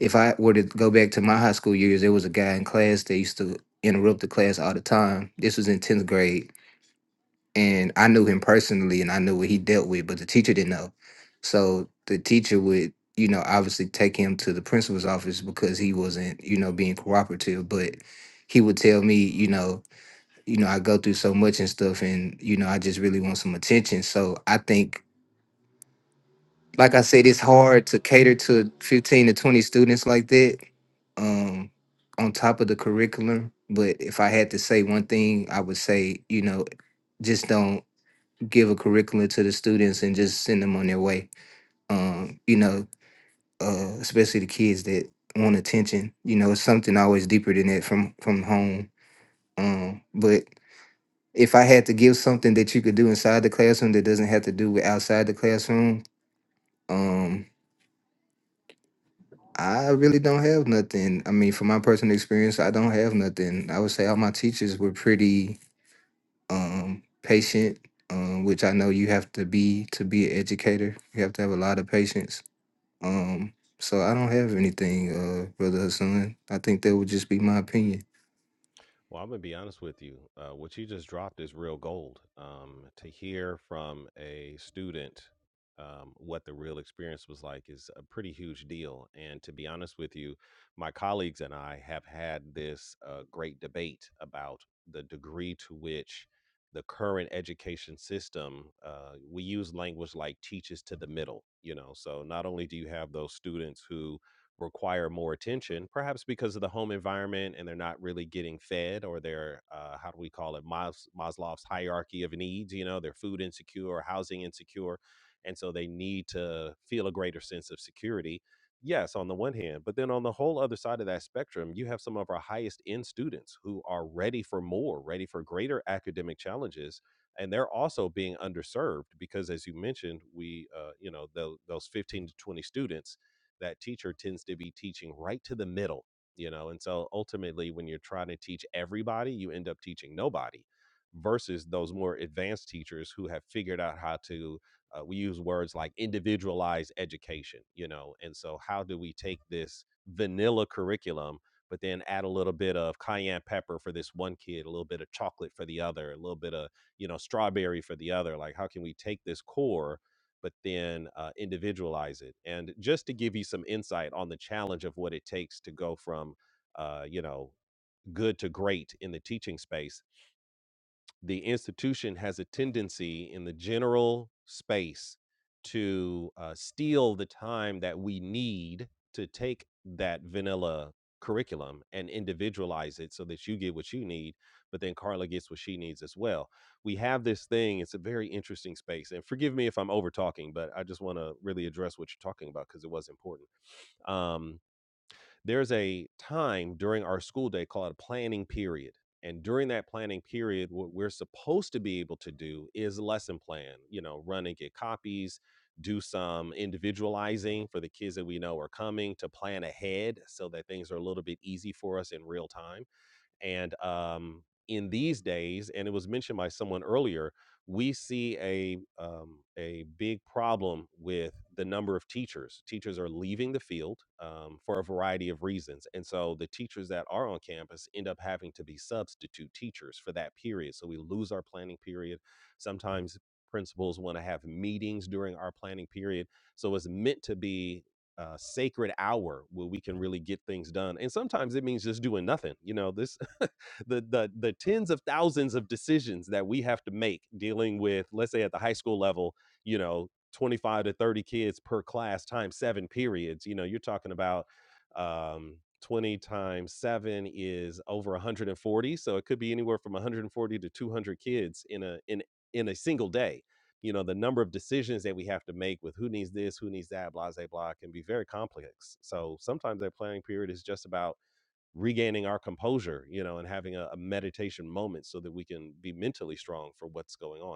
F: if I were to go back to my high school years, there was a guy in class that used to interrupt the class all the time. This was in 10th grade. And I knew him personally and I knew what he dealt with, but the teacher didn't know. So the teacher would, you know, obviously take him to the principal's office because he wasn't, you know, being cooperative. But he would tell me, you know, you know, I go through so much and stuff and, you know, I just really want some attention. So I think like I said, it's hard to cater to 15 to 20 students like that um, on top of the curriculum. But if I had to say one thing, I would say, you know, just don't give a curriculum to the students and just send them on their way. Um, you know, uh, especially the kids that want attention. You know, it's something always deeper than that from from home. Um, but if I had to give something that you could do inside the classroom that doesn't have to do with outside the classroom, um, I really don't have nothing. I mean, from my personal experience, I don't have nothing. I would say all my teachers were pretty um, patient, um, which I know you have to be to be an educator. You have to have a lot of patience. Um, so I don't have anything, uh, brother Hassan. I think that would just be my opinion.
A: Well, I'm gonna be honest with you. Uh, what you just dropped is real gold. Um, to hear from a student um, what the real experience was like is a pretty huge deal. And to be honest with you, my colleagues and I have had this uh, great debate about the degree to which the current education system uh, we use language like teaches to the middle. You know, so not only do you have those students who require more attention, perhaps because of the home environment and they're not really getting fed or they're, uh, how do we call it, Mas- Maslow's hierarchy of needs, you know, they're food insecure or housing insecure. And so they need to feel a greater sense of security. Yes, on the one hand, but then on the whole other side of that spectrum, you have some of our highest end students who are ready for more, ready for greater academic challenges. And they're also being underserved because, as you mentioned, we, uh, you know, tho- those 15 to 20 students that teacher tends to be teaching right to the middle, you know. And so ultimately, when you're trying to teach everybody, you end up teaching nobody versus those more advanced teachers who have figured out how to uh, we use words like individualized education you know and so how do we take this vanilla curriculum but then add a little bit of cayenne pepper for this one kid a little bit of chocolate for the other a little bit of you know strawberry for the other like how can we take this core but then uh, individualize it. And just to give you some insight on the challenge of what it takes to go from, uh, you know, good to great in the teaching space the institution has a tendency in the general space to uh, steal the time that we need to take that vanilla curriculum and individualize it so that you get what you need but then carla gets what she needs as well we have this thing it's a very interesting space and forgive me if i'm over talking but i just want to really address what you're talking about because it was important Um, there's a time during our school day called a planning period. And during that planning period, what we're supposed to be able to do is lesson plan, you know, run and get copies, do some individualizing for the kids that we know are coming to plan ahead so that things are a little bit easy for us in real time and um, in these days, and it was mentioned by someone earlier, we see a um, a big problem with the number of teachers. Teachers are leaving the field um, for a variety of reasons, and so the teachers that are on campus end up having to be substitute teachers for that period. So we lose our planning period. Sometimes principals want to have meetings during our planning period, so it's meant to be uh, sacred hour where we can really get things done. And sometimes it means just doing nothing. You know, this [LAUGHS] the the the tens of thousands of decisions that we have to make dealing with, let's say at the high school level, you know, 25 to 30 kids per class times seven periods. You know, you're talking about um 20 times 7 is over 140 so it could be anywhere from 140 to 200 kids in a in in a single day you know the number of decisions that we have to make with who needs this who needs that blah blah blah can be very complex so sometimes that planning period is just about regaining our composure you know and having a, a meditation moment so that we can be mentally strong for what's going on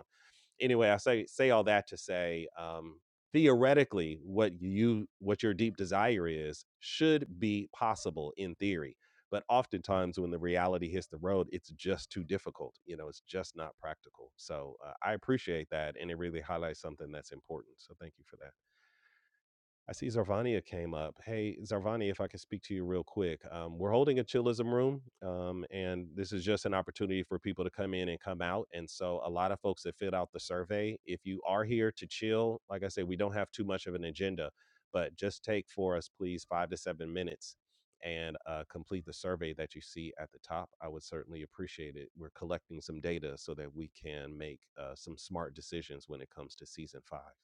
A: anyway, I say say all that to say, um, theoretically, what you what your deep desire is should be possible in theory. But oftentimes, when the reality hits the road, it's just too difficult. You know, it's just not practical. So uh, I appreciate that, and it really highlights something that's important. So thank you for that. I see Zarvania came up. Hey, Zarvania, if I could speak to you real quick. Um, we're holding a chillism room, um, and this is just an opportunity for people to come in and come out. And so, a lot of folks that filled out the survey, if you are here to chill, like I said, we don't have too much of an agenda, but just take for us, please, five to seven minutes and uh, complete the survey that you see at the top. I would certainly appreciate it. We're collecting some data so that we can make uh, some smart decisions when it comes to season five.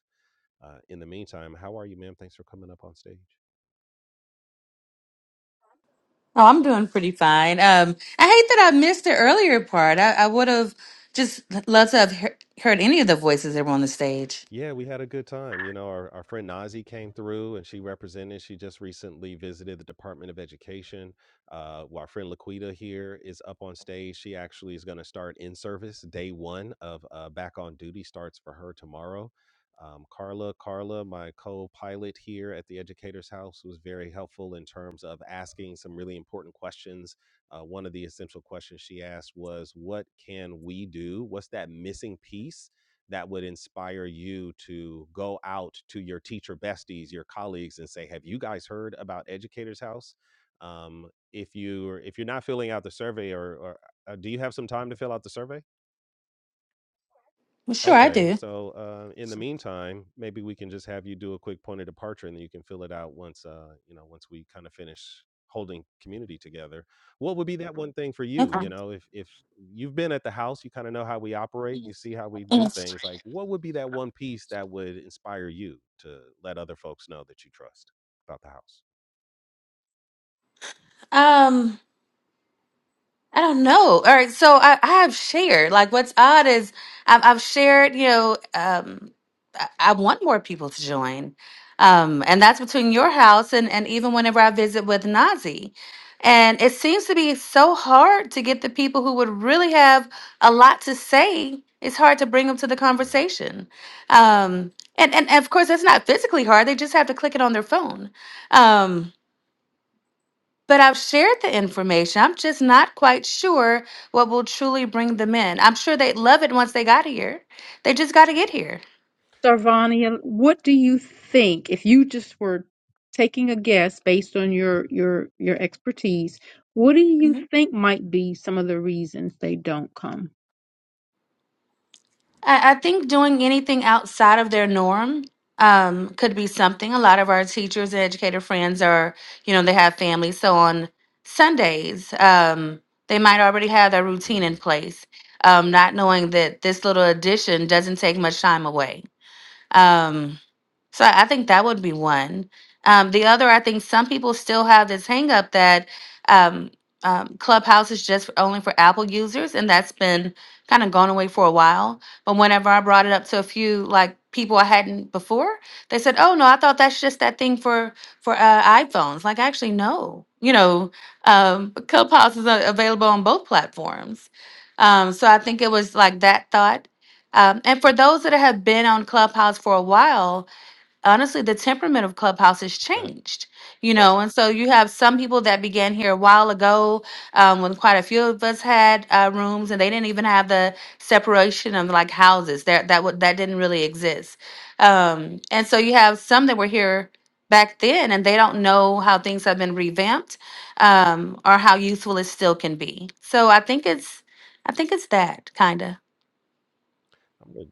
A: Uh, in the meantime, how are you, ma'am? Thanks for coming up on stage.
G: Oh, I'm doing pretty fine. Um, I hate that I missed the earlier part. I, I would have just loved to have he- heard any of the voices that were on the stage.
A: Yeah, we had a good time. You know, our, our friend Nazi came through and she represented. She just recently visited the Department of Education. Uh, well, our friend Laquita here is up on stage. She actually is going to start in service. Day one of uh, Back on Duty starts for her tomorrow. Um, Carla, Carla, my co-pilot here at the Educator's House, was very helpful in terms of asking some really important questions. Uh, one of the essential questions she asked was, "What can we do? What's that missing piece?" that would inspire you to go out to your teacher besties, your colleagues, and say, "Have you guys heard about Educators House?" Um, if you are if you're not filling out the survey, or, or uh, do you have some time to fill out the survey?
G: Well, sure, I
A: Okay,
G: do.
A: so, uh, in the meantime, maybe we can just have you do a quick point of departure, and then you can fill it out once, uh, you know, once we kinda finish holding community together. What would be that one thing for you,
G: Okay.
A: you know, if if you've been at the house, you kinda know how we operate, Mhm. you see how we do things, like, what would be that one piece that would inspire you to let other folks know that you trust about the house?
G: Um, I don't know. All right, so I, I have shared. Like, what's odd is I've, I've shared. You know, um, I, I want more people to join, um, and that's between your house and and even whenever I visit with Nazi, and it seems to be so hard to get the people who would really have a lot to say. It's hard to bring them to the
A: Yeah.
G: conversation, um, and, and and of course that's not physically hard. They just have to click it on their phone. Um, but I've shared the information. I'm just not quite sure what will truly bring them in. I'm sure they'd love it once they got here. They just got to
A: Yeah.
G: get here.
E: Sarvania, what do you think if you just were taking a guess based on your your your expertise, what do you
G: Mhm.
E: think might be some of the reasons they don't come?
G: I, I think doing anything outside of their norm um, could be something. A lot of our teachers and educator friends are, you know, they have families. So on Sundays, um, they might already have their routine in
A: Mm.
G: place, um, not knowing that this little addition doesn't take much time away Um, so I I think that would be one. Um, the other, I think some people still have this hang up that um, um, Clubhouse is just only for Apple users, and that's been kind of gone away for a while. But whenever I brought it up to a few like people I hadn't before, they said, "Oh no, I thought that's just that thing for for uh, iPhones." Like, actually, no. You know, um, Clubhouse is uh, available on both platforms. Um, so I think it was like that thought um, and for those that have been on Clubhouse for a while, honestly, the temperament of Clubhouse has
A: That's a fact.
G: changed, you know. And so you have some people that began here a while ago um, when quite a few of us had uh, rooms, and they didn't even have the separation of like houses. That that wa- that didn't really exist. Um, and so you have some that were here back then, and they don't know how things have been revamped um, or how useful it still can be. So I think it's I think it's that kind of
A: I'm with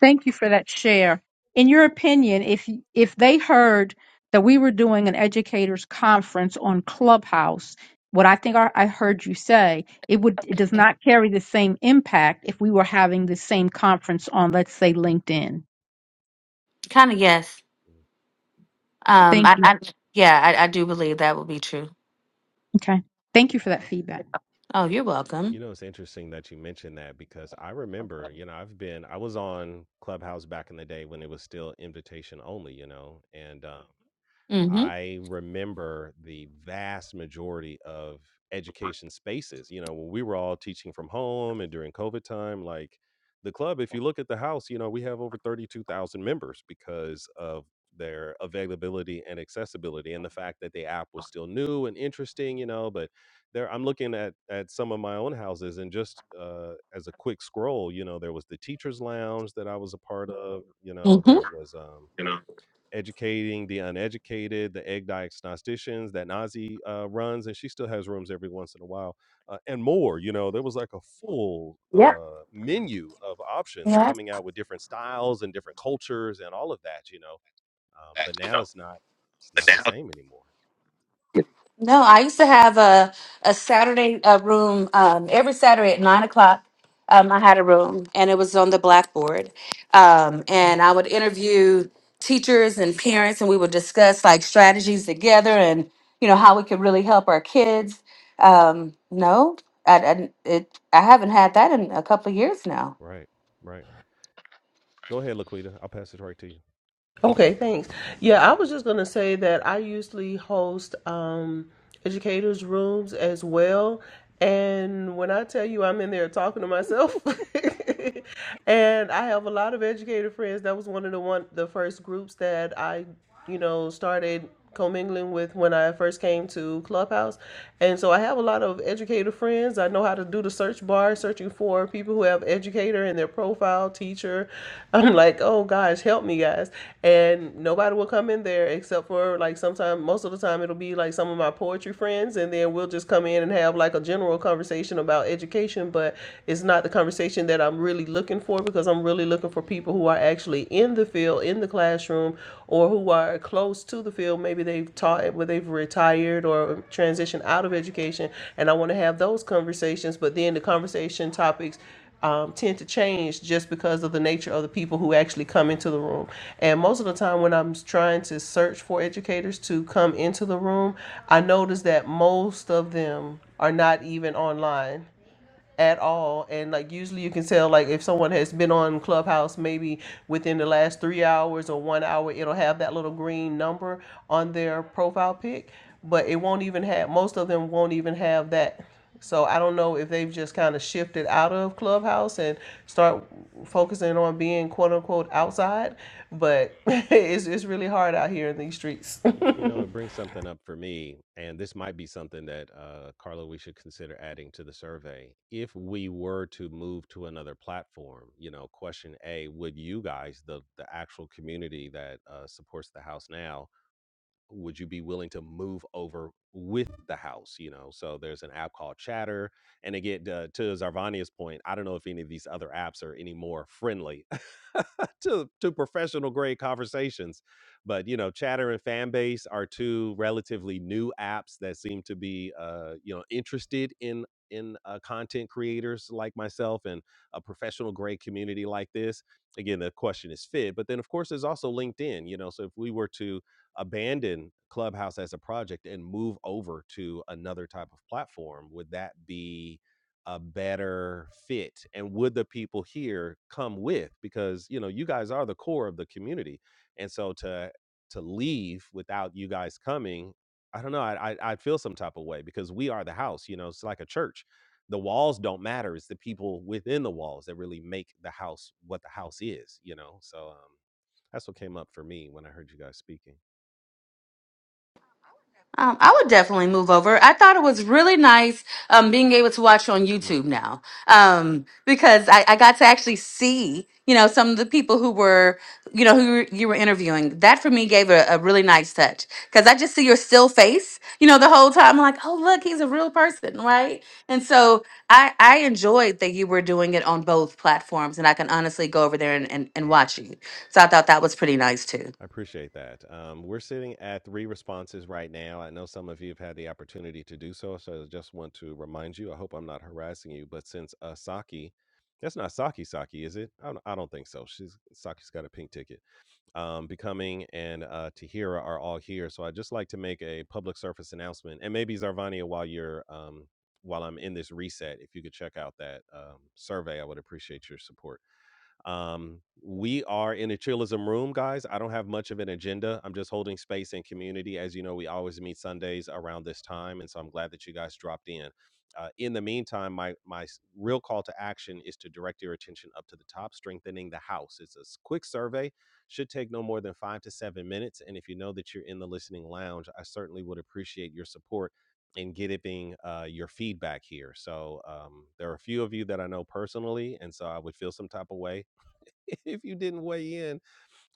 E: Thank you for that share. In your opinion, if if they heard that we were doing an educators conference on Clubhouse, what I think I, I heard you say, it would it does not carry the same impact if we were having the same conference on, let's say, LinkedIn.
G: kind of yes.
A: Mm.
G: Um,
E: Thank
G: I,
E: you.
G: I yeah, I, I do believe that will be true.
E: Okay. Thank you for that feedback.
G: Oh, you're
A: You
G: welcome.
A: know, it's interesting that you mentioned that because I remember, you know, I've been, I was on Clubhouse back in the day when it was still invitation only, you know, and um,
G: Mm-hmm.
A: I remember the vast majority of education spaces. You know, when we were all teaching from home and during COVID time, like the club, if you look at the house, you know, we have over 32,000 members because of their availability and accessibility and the fact that the app was still new and interesting, you know, but there I'm looking at at some of my own houses and just uh as a quick scroll, you know, there was the teachers lounge that I was a part of, you know,
G: Mm-hmm.
A: there was um
G: You know,
A: educating the uneducated, the egg diagnosticians that Nazi uh, runs, and she still has rooms every once in a while, uh, and more. You know, there was like a full
G: Yep.
A: uh, menu of options
G: Yeah.
A: coming out with different styles and different cultures and all of that. You know, um, but
G: you
A: now
G: know.
A: it's not it's
G: But
A: not the
G: now,
A: same anymore.
G: No, I used to have a a Saturday uh, room um, every Saturday at nine o'clock. Um, I had a room, and it was on the blackboard. Um, and I would interview teachers and parents, and we would discuss like strategies together, and you know how we could really help our kids. Um, no, I, I it I haven't had that in a couple of years now.
A: Right, right. Go ahead, Laquita. I'll pass it right to
D: Okay, thanks. Yeah, I was just gonna say that I usually host um, educators' rooms as well, and when I tell you I'm in there talking to myself, [LAUGHS] and I have a lot of educator friends. That was one of the one the first groups that I you know, started commingling with when I first came to Clubhouse. And so I have a lot of educator friends. I know how to do the search bar, searching for people who have educator in their profile, teacher. [LAUGHS] I'm like, oh gosh, help me guys. And nobody will come in there except for like sometimes, most of the time, it'll be like some of my poetry friends. And then we'll just come in and have like a general conversation about education, but it's not the conversation that I'm really looking for because I'm really really looking for people who are actually in the field, in the classroom, or who are close to the field. Maybe they've taught, where they've retired or transitioned out of education, and I want to have those conversations. But then the conversation topics um, tend to change just because of the nature of the people who actually come into the room. And most of the time, when I'm trying to search for educators to come into the room, I notice that most of them are not even online at all and like usually you can tell like if someone has been on clubhouse maybe within the last three hours or one hour it'll have that little green number on their profile pic but it won't even have most of them won't even have that so i don't know if they've just kind of shifted out of clubhouse and start focusing on being quote unquote
A: you.
D: outside but [LAUGHS] it's, it's really hard out here in these streets
A: Y- You know, it brings something up for me, and this might be something that, uh, Carla, we should consider adding to the survey. If we were to move to another platform, you know, question A, would you guys, the the actual community that uh, supports the house now, would you be willing to move over with the house you know so there's an app called chatter and again uh, to zarvania's point i don't know if any of these other apps are any more friendly [LAUGHS] to to professional grade conversations but you know chatter and fanbase are two relatively new apps that seem to be uh you know interested in in uh, content creators like myself and a professional grade community like this again the question is fit but then of course there's also linkedin you know so if we were to abandon Clubhouse as a project and move over to another type of platform? Would that be a better fit? And would the people here come with? Because you know, you guys are the core of the community, and so to to leave without you guys coming, I don't know. I I, I feel some type of way because we are the house. You know, it's like a church. The walls don't matter. It's the people within the walls that really make the house what the house is. You know, so um, that's what came up for me when I heard you guys speaking.
G: Um, I would definitely move over. I thought it was really nice um, being able to watch on
A: Hmm.
G: YouTube now um, because I, I got to actually see, you know, some of the people who were, you know, who were- you were interviewing. That for me gave a, a really nice touch because I just see your still face, you know, the whole time. I'm like, oh, look, he's a real person, right? And so I, I enjoyed that you were doing it on both platforms and I can honestly go over there and, and, and
A: Yeah,
G: watch you. So I thought that was pretty nice too.
A: I appreciate that. Um, we're sitting at three responses right now. I know some of you have had the opportunity to do so, so I just want to remind you. I hope I'm not harassing you, but since uh, Saki, that's not Saki Saki, is it? I don't, I don't think so. She's Saki's got a pink ticket. Um, Becoming and uh, Tahira are all here, so I'd just like to make a public service announcement, and maybe Zarvania, while you're um, while I'm in this reset, if you could check out that um, survey, I would appreciate your support. Um, we are in a chillism room, guys. I don't have much of an agenda. I'm just holding space and community. As you know, we always meet Sundays around this time, and so I'm glad that you guys dropped in. Uh, in the meantime, my my s- real call to action is to direct your attention up to the top, strengthening the house. It's a s- quick survey, should take no more than five to seven minutes. And if you know that you're in the listening lounge, I certainly would appreciate your support in getting uh, your feedback here. So um, there are a few of you that I know personally, and so I would feel some type of way [LAUGHS] if you didn't weigh in.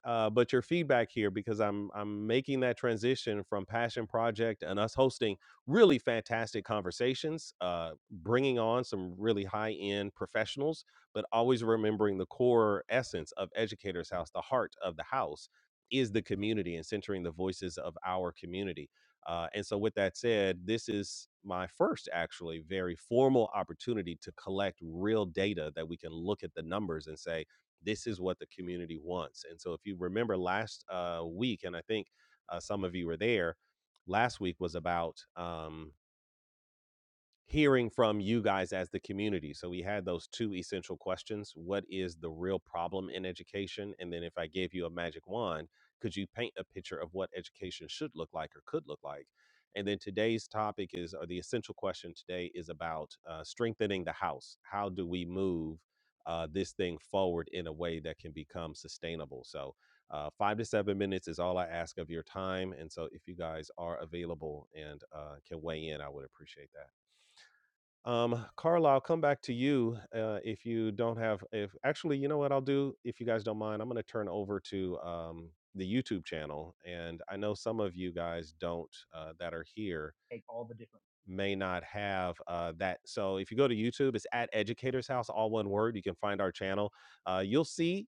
A: Uh, but your feedback here, because I'm I'm making that transition from passion project and us hosting really fantastic conversations, uh, bringing on some really high end professionals, but always remembering the core essence of Educators House, the heart of the house is the community and centering the voices of our community. Uh, and so, with that said, this is my first actually very formal opportunity to collect real data that we can look at the numbers and say this is what the community wants. And so, if you remember last uh, week, and I think uh, some of you were there, last week was about um, hearing from you guys as the community. So we had those two essential questions. What is the real problem in education? And then if I gave you a magic wand, could you paint a picture of what education should look like or could look like? And then today's topic is, or the essential question today is about uh, strengthening the house. How do we move uh, this thing forward in a way that can become sustainable? So, uh, five to seven minutes is all I ask of your time. And so, if you guys are available and uh, can weigh in, I would appreciate that. Um, Carl, I'll come back to you uh, if you don't have. If actually, you know what I'll do, if you guys don't mind, I'm going to turn over to um, the YouTube channel, and I know some of you guys don't uh, that are here may not have uh, that. So if you go to YouTube, it's at Educator's House, all one word. You can find our channel. Uh, you'll see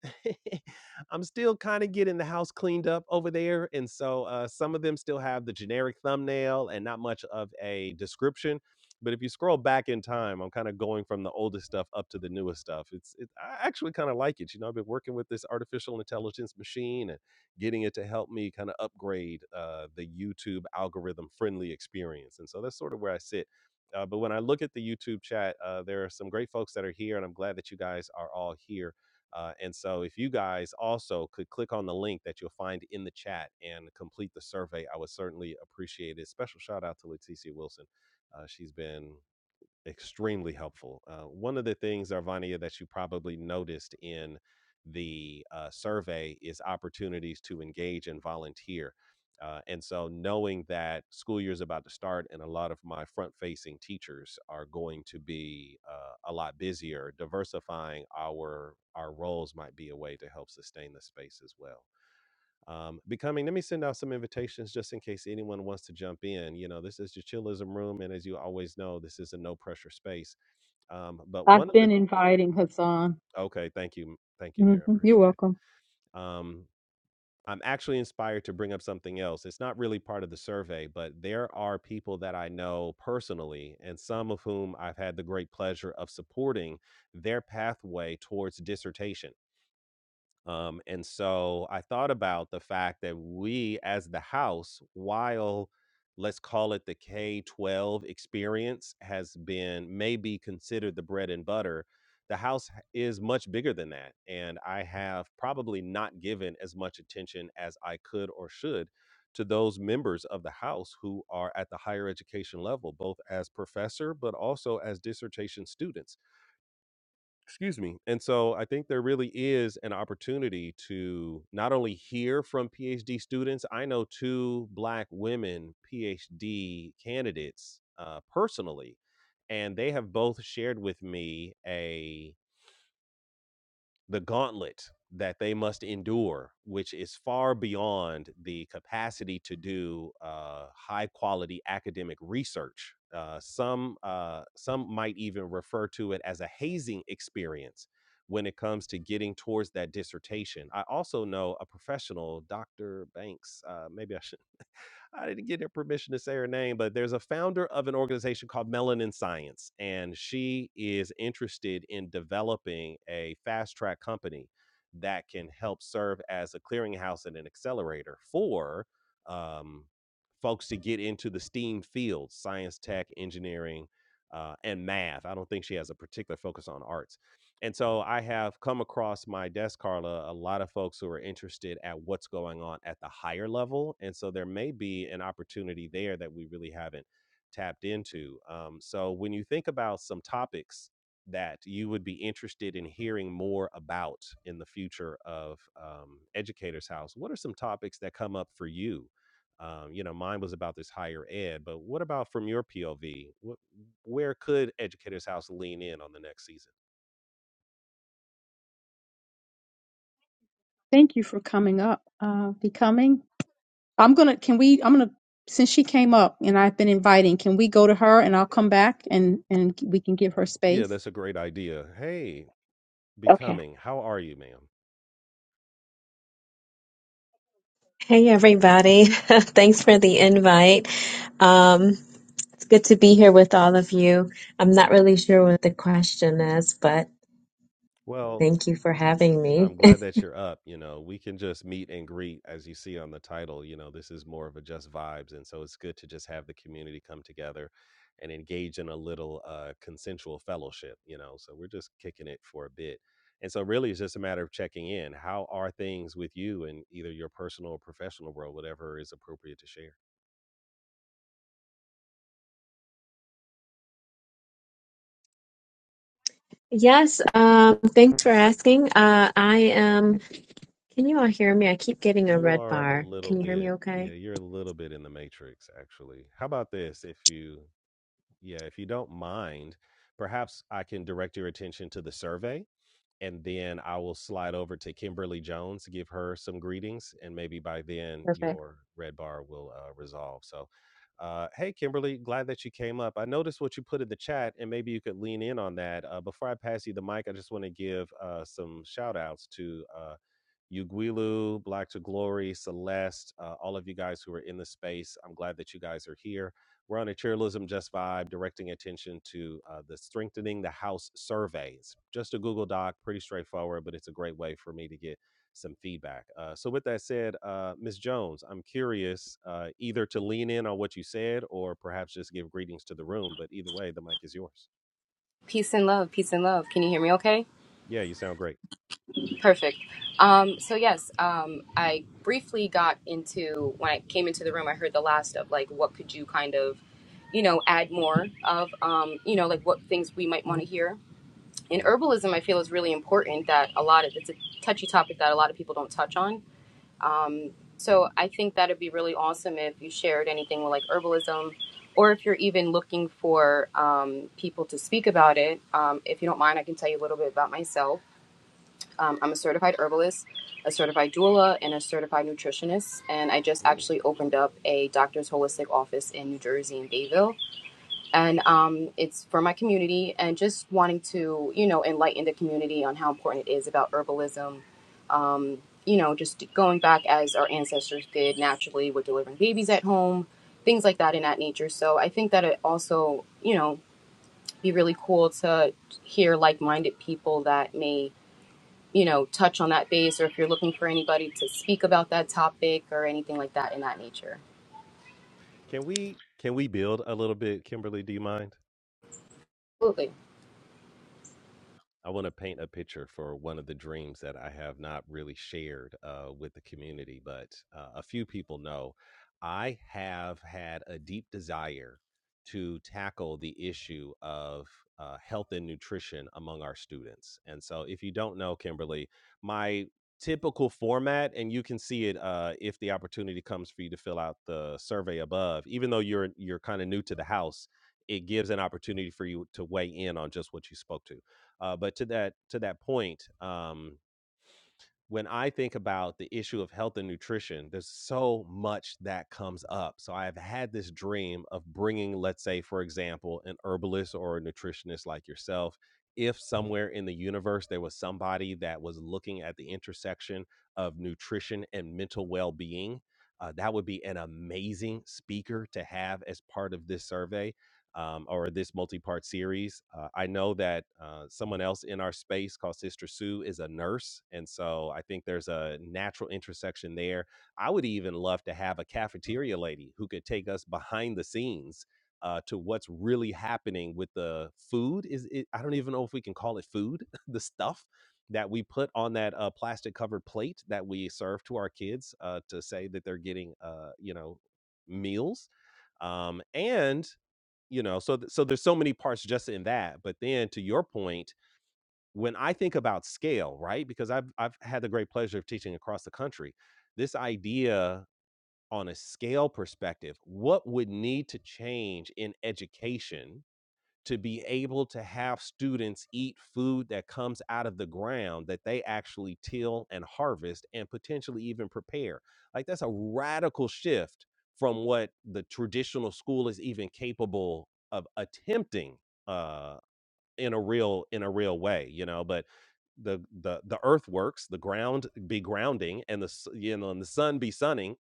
A: [LAUGHS] I'm still kind of getting the house cleaned up over there. And so uh, some of them still have the generic thumbnail and not much of a description. But if you scroll back in time, I'm kind of going from the oldest stuff up to the newest stuff. It's it, I actually kind of like it. You know, I've been working with this artificial intelligence machine and getting it to help me kind of upgrade uh, the YouTube algorithm friendly experience. And so that's sort of where I sit. Uh, but when I look at the YouTube chat, uh, there are some great folks that are here, and I'm glad that you guys are all here. Uh, and so, if you guys also could click on the link that you'll find in the chat and complete the survey, I would certainly appreciate it. Special shout out to Leticia Wilson. Uh, she's been extremely helpful. Uh, one of the things, Arvania, that you probably noticed in the uh, survey is opportunities to engage and volunteer. Uh, and so, knowing that school year is about to start, and a lot of my front facing teachers are going to be uh, a lot busier, diversifying our our roles might be a way to help sustain the space as well um, becoming let me send out some invitations just in case anyone wants to jump in you know this is the chillism room and as you always know this is a no pressure space um, but one
E: I've
A: of the
E: been inviting Hassan.
A: okay thank you thank you
E: hmm
A: dear I
E: You're
A: appreciate
E: welcome.
A: it um, i'm actually inspired to bring up something else it's not really part of the survey but there are people that i know personally and some of whom i've had the great pleasure of supporting their pathway towards dissertation Um, and so I thought about the fact that we, as the house, while let's call it the K 12 experience, has been maybe considered the bread and butter, the house h- is much bigger than that. And I have probably not given as much attention as I could or should to those members of the house who are at the higher education level, both as professor, but also as dissertation students Excuse me. And so I think there really is an opportunity to not only hear from PhD students, I know two black women PhD candidates uh, personally, and they have both shared with me a the gauntlet that they must endure, which is far beyond the capacity to do uh, high quality academic research. Uh, some uh, some might even refer to it as a hazing experience when it comes to getting towards that dissertation. I also know a professional, Dr. Banks. Uh, maybe I should I didn't get her permission to say her name, but there's a founder of an organization called Melanin Science, and she is interested in developing a fast track company that can help serve as a clearinghouse and an accelerator for um, folks to get into the STEAM fields science, tech, engineering, uh, and math. I don't think she has a particular focus on arts and so I have come across my desk, Carla, a lot of folks who are interested at what's going on at the higher level. And so there may be an opportunity there that we really haven't tapped into. Um, so when you think about some topics that you would be interested in hearing more about in the future of um, Educators House, what are some topics that come up for you? Um, you know, mine was about this higher ed, but what about from your POV? What, where could Educators House lean in on the next season?
E: Thank you for coming up, uh, becoming. I'm gonna. Can we? I'm gonna. Since she came up and I've been inviting, can we go to her and I'll
A: Yeah.
E: come back and and we can give her
A: Yeah,
E: space.
A: that's a great idea. Hey,
E: Okay.
A: becoming, how are you, ma'am?
H: Hey everybody. [LAUGHS] Thanks for the invite. Um, it's good to be here with all of you. I'm not really sure what the question is, but
A: Well,
H: thank you for having me.
A: I'm glad that you're up. You know, we can just meet and greet as you see on the title. You know, this is more of a just vibes. And so it's good to just have the community come together and engage in a little uh, consensual fellowship, you know. So we're just kicking it for a bit. And so really it's just a matter of checking in. How are things with you in either your personal or professional world, whatever is appropriate to share?
H: [LAUGHS] yes, um, thanks for asking. Uh, I am, can you all hear me? I keep getting a
A: You
H: red
A: are a
H: bar.
A: little
H: Can you hear
A: bit,
H: me
A: yeah,
H: okay?
A: you're a little bit in the matrix, actually. How about this? If you, yeah, if you don't mind, perhaps I can direct your attention to the survey and then I will slide over to Kimberly Jones to give her some greetings. And maybe by then your red bar will uh, resolve. So, uh, hey, Kimberly, glad that you came up. I noticed what you put in the chat and maybe you could lean in on that. Uh, before I pass you the mic, I just want to give uh, some shout to. Uh, Uguilu, Black to Glory, Celeste, uh, all of you guys who are in the space. I'm glad that you guys are here. We're on a Cheerleadership Just Vibe, directing attention to uh, the Strengthening the House survey. It's just a Google Doc, pretty straightforward, but it's a great way for me to get some feedback. Uh, so, with that said, uh, Ms. Jones, I'm curious uh, either to lean in on what you said or perhaps just give greetings to the room, but either way, the mic is yours.
I: Peace and love, peace and love. Can you hear me okay?
A: Yeah, you sound great.
I: Perfect. Um, so yes, um, I briefly got into when I came into the room, I heard the last of like what could you kind of, you know, add more of, um, you know, like what things we might want to hear. In
A: Mhm.
I: herbalism, I feel is really important that a lot of it's a touchy topic that a lot of people don't touch on. So I think that'd be really awesome if you shared anything with like herbalism, or if you're even looking for um, people to speak about it. Um, if you don't mind, I can tell you a little bit about myself. Um, I'm a certified herbalist, a certified doula, and a certified nutritionist. And I just
A: Ooh.
I: actually opened up a doctor's holistic office in New Jersey in Bayville. And um, it's for my community and just wanting to, you know, enlighten the community on how important it is about herbalism. Um, you know, just going back as our ancestors did naturally with delivering babies at home, things like that in that nature. So I think that it also, you know, be really cool to hear like minded people that may you know, touch on that base or if you're looking for anybody to speak about that topic or anything like that in that nature.
A: Can we can we build a little bit, Kimberly? Do you mind?
I: Absolutely.
A: I want to paint a picture for one of the dreams that I have not really shared uh, with the community, but uh, a few people know. I have had a deep desire to tackle the issue of uh, health and nutrition among our students. And so, if you don't know, Kimberly, my typical format, and you can see it uh, if the opportunity comes for you to fill out the survey above, even though you're you're kind of new to the house, it gives an opportunity for you to weigh in on just what you spoke to uh, but to that to that point, um, when I think about the issue of health and nutrition, there's so much that comes up. So I've had this dream of bringing, let's say, for example, an herbalist or a nutritionist like yourself. If somewhere in the universe there was somebody that was looking at the intersection of nutrition and mental well being, uh, that would be an amazing speaker to have as part of this survey um, or this multi-part series. Uh, I know that uh, someone else in our space called Sister Sue is a nurse, and so I think there's a natural intersection there. I would even love to have a cafeteria lady who could take us behind the scenes uh, to what's really happening with the food. Is it, I don't even know if we can call it food, [LAUGHS] the stuff that we put on that uh, plastic covered plate that we serve to our kids uh, to say that they're getting, uh, you know, meals um, and you know so th- so there's so many parts just in that but then to your point when i think about scale right because i've i've had the great pleasure of teaching across the country this idea on a scale perspective what would need to change in education to be able to have students eat food that comes out of the ground that they actually till and harvest and potentially even prepare. Like that's a radical shift from what the traditional school is even capable of attempting uh in a real in a real way, you know, but the the the earthworks, the ground be grounding and the s- you know and the sun be sunning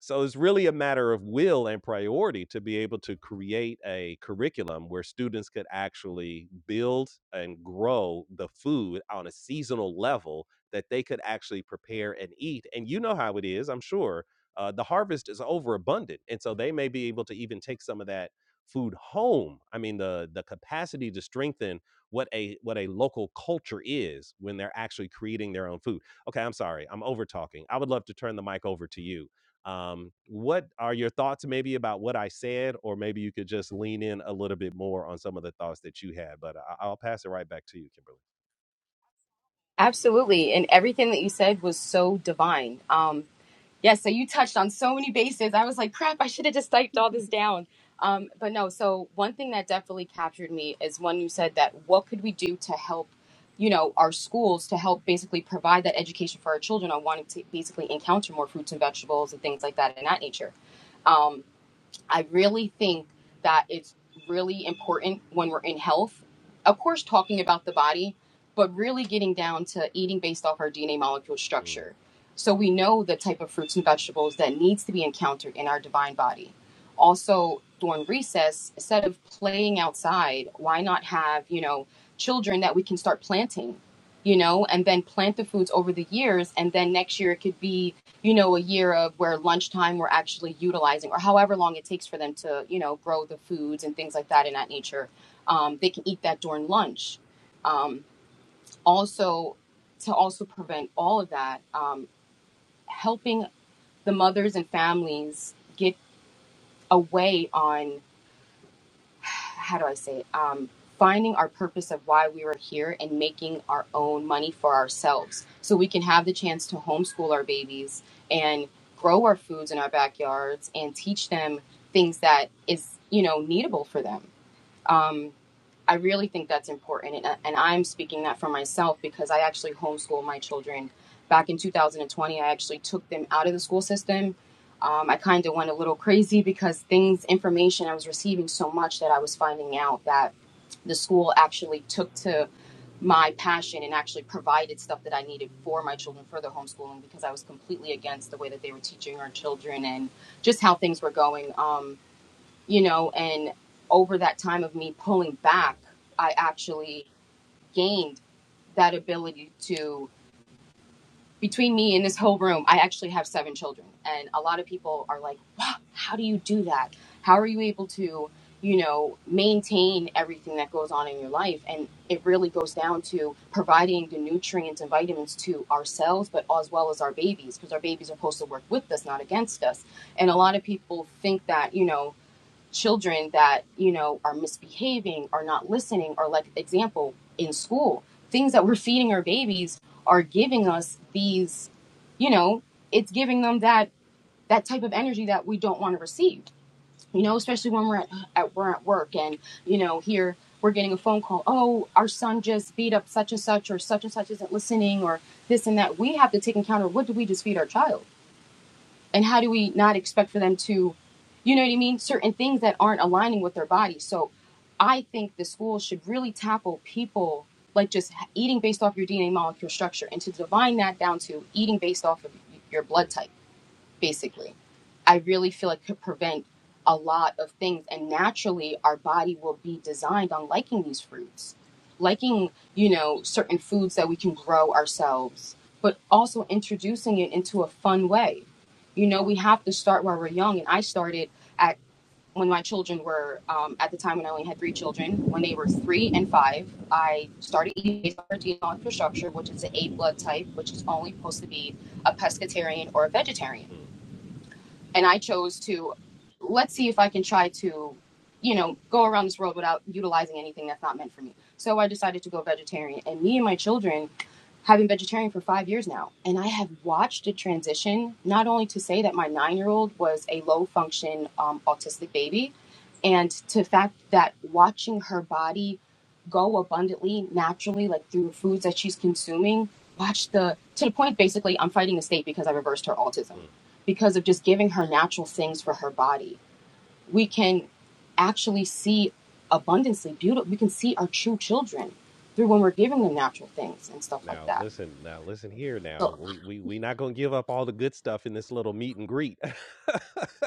A: so it's really a matter of will and priority to be able to create a curriculum where students could actually build and grow the food on a seasonal level that they could actually prepare and eat. And you know how it is, I'm sure. Uh, the harvest is overabundant. And so they may be able to even take some of that food home. I mean, the the capacity to strengthen what a what a local culture is when they're actually creating their own food. Okay, I'm sorry. I'm over talking. I would love to turn the mic over to you um, what are your thoughts maybe about what I said, or maybe you could just lean in a little bit more on some of the thoughts that you had? But I- I'll pass it right back to you, Kimberly.
I: Absolutely. And everything that you said was so divine. Um, Yes, so you touched on so many bases. I was like, crap, I should have just typed all this
A: [LAUGHS]
I: down. Um, but no, so one thing that definitely captured me is when you said that what could we do to help, you know, our schools to help basically provide that education for our children on wanting to basically encounter more fruits and vegetables and things like that in that nature. Um, I really think that it's really important when we're in health, of course, talking about the body, but really getting down to eating based off our DNA molecule
A: Mm,
I: structure. So we know the type of fruits and vegetables that needs to be encountered in our divine body. Also, during recess, instead of playing outside, why not have, you know, children that we can start planting, you know, and then plant the foods over the years. And then next year it could be you know, a year of where lunchtime we're actually utilizing, or however long it takes for them to, you know, grow the foods and things like that in that nature. Um, they can eat that during lunch. Um, also, to also prevent all of that, um, helping the mothers and families get away on how do I say it? Um, finding our purpose of why we were here and making our own money for ourselves so we can have the chance to homeschool our babies and grow our foods in our backyards and teach them things that is, you know, needable for them. Um, I really think that's important. And, and I'm speaking that for myself because I actually homeschool my children. Back in 2020, I actually took them out of the school system. Um, I kind of went a little crazy because things, information, I was receiving so much that I was finding out that the school actually took to my passion and actually provided stuff that I needed for my children for the homeschooling because I was completely against the way that they were teaching our children and just how things were going. Um, you know, and over that time of me pulling
A: mm,
I: back, I actually gained that ability to between me and this whole room, I actually have seven children. And a lot of people are like, wow, how do you do that? How are you able to, you know, maintain everything that goes on in your life? And it really goes down to providing the nutrients and vitamins to ourselves, but as well as our babies, because our babies are supposed to work with us, not against us. And a lot of people think that, you know, children that you know are misbehaving are not listening or like example in school things that we're feeding our babies are giving us these you know it's giving them that that type of energy that we don't want to receive you know especially when we're at, at we're at work and you know here we're getting a phone call oh our son just beat up such and such or such and such isn't listening or this and that we have to take account of what do we just feed our child and how do we not expect for them to you know what i mean certain things that aren't aligning with their body so i think the school should really tackle people like just eating based off your dna molecule structure and to divine that down to eating based off of your blood
A: mm,
I: type basically. I really feel it could prevent a lot of things. And naturally, our body will be designed on liking these fruits, liking, you know, certain foods that we can grow ourselves, but also introducing it into a fun way. You know, we have to start while we're young. And I started at when my children were, um, at the time when I only had three children, when they were three and five, I started eating based on protein on infrastructure, which is an A blood type, which is only supposed to be a pescatarian or a vegetarian
A: mm,
I: and I chose to let's see if I can try to, you know, go around this world without utilizing anything that's not meant for me. So I decided to go vegetarian, and me and my children have been vegetarian for five years now, and I have watched a transition. Not only to say that my nine-year-old was a low-function um, autistic baby, and to the fact that watching her body go abundantly naturally like through foods that she's consuming watch the to the point basically i'm fighting the state because i reversed her autism
A: mm.
I: because of just giving her natural things for her body we can actually see abundantly beautiful we can see our true children through when we're giving them natural things and stuff like
A: Now
I: that
A: listen, now listen here. Now we we we not gonna give up all the good stuff in this little meet and greet. [LAUGHS]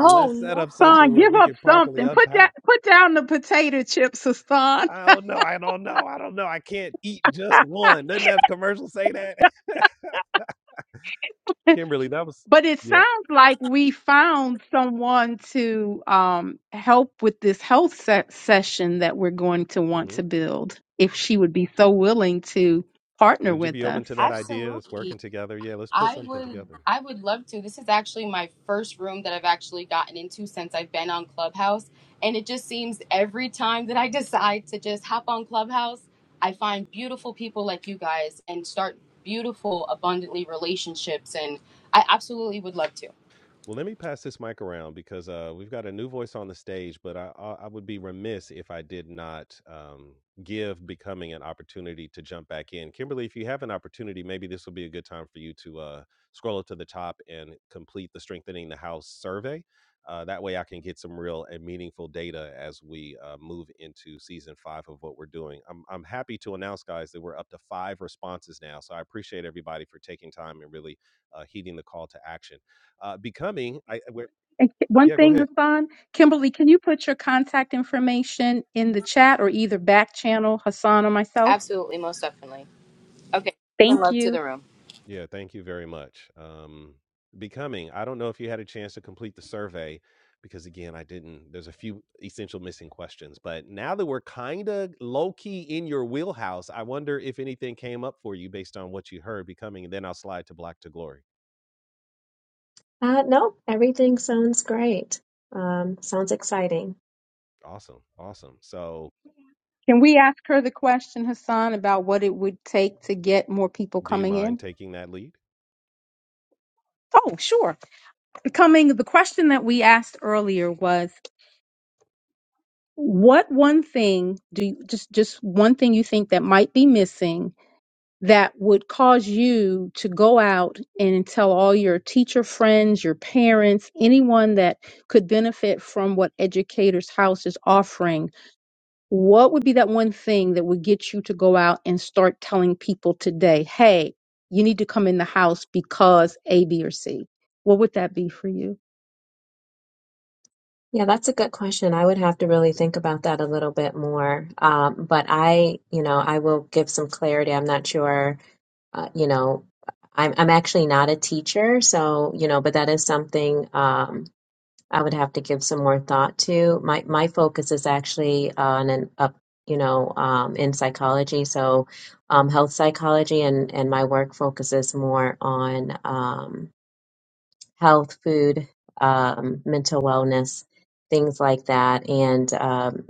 I: Oh
A: Let's set
I: no,
A: up something
E: Son,
A: where
E: give
A: we
E: up
A: can properly
E: something. Put that.
A: unpack.
E: Put down the potato chips, Hassan.
A: I don't know. I don't know. I don't know. I can't eat just one. Doesn't that commercial say that?
E: [LAUGHS]
A: [LAUGHS] Kimberly, that was
E: But it
A: yeah.
E: sounds like we found someone to um, help with this health se- session that we're going to want
A: mhm.
E: to build. If she would be so willing to partner
A: Would you
E: with
A: be open
E: us.
A: to that idea? Us
I: absolutely.
A: working together? Yeah, let's put
I: I
A: something
I: would
A: together.
I: I would love to. This is actually my first room that I've actually gotten into since I've been on Clubhouse, and it just seems every time that I [LAUGHS] decide to just hop on Clubhouse, I find beautiful people like you guys and start beautiful abundantly relationships and I absolutely would love to.
A: Well, let me pass this mic around because uh, we've got a new voice on the stage, but I, I, I would be remiss if I did not um, give becoming an opportunity to jump back in. Kimberly, if you have an opportunity, maybe this will be a good time for you to uh, scroll up to the top and complete the Strengthening the House survey. Uh, that way, I can get some real and meaningful data as we uh, move into season five of what we're doing. I'm, I'm happy to announce, guys, that we're up to five responses now. So I appreciate everybody for taking time and really uh, heeding the call to action. Uh, becoming, I where,
E: And Ki- one
A: yeah, go
E: thing,
A: ahead.
E: Hassan, Kimberly, can you put your contact information in the chat or either back channel Hassan or myself?
I: Absolutely, most definitely. Okay. From
E: Thank
I: love to
E: you.
I: the room.
A: Yeah, thank you very much. Um, becoming, I don't know if you had a chance to complete the survey because again, I didn't. There's a few essential missing questions, but now that we're kind of low key in your wheelhouse, I wonder if anything came up for you based on what you heard becoming, and then I'll slide to Black to Glory.
H: Uh, no, everything sounds great. Um, sounds exciting.
A: Awesome, awesome. So,
E: Can we ask her the question, Hassan, about what it would take to get more people
A: do you
E: coming
A: mind
E: in?
A: taking that lead?
E: Oh, sure. Becoming the question that we asked earlier was what one thing do you, just just one thing you think that might be missing that would cause you to go out and tell all your teacher friends, your parents, anyone that could benefit from what Educators House is offering what would be that one thing that would get you to go out and start telling people today, hey, you need to come in the house because A, B, or C? What would that be for you?
H: Yeah, that's a good question. I would have to really think about that a little bit more. Um, but I, you know, I will give some clarity. I'm not sure uh, you know, I'm I'm actually not a teacher, so you know, but that is something um, I would have to give some more thought to. My my focus is actually on an up, you know, um, in psychology, so um, health psychology, and and my work focuses more on um, health, food, um, mental wellness, things like that, and um,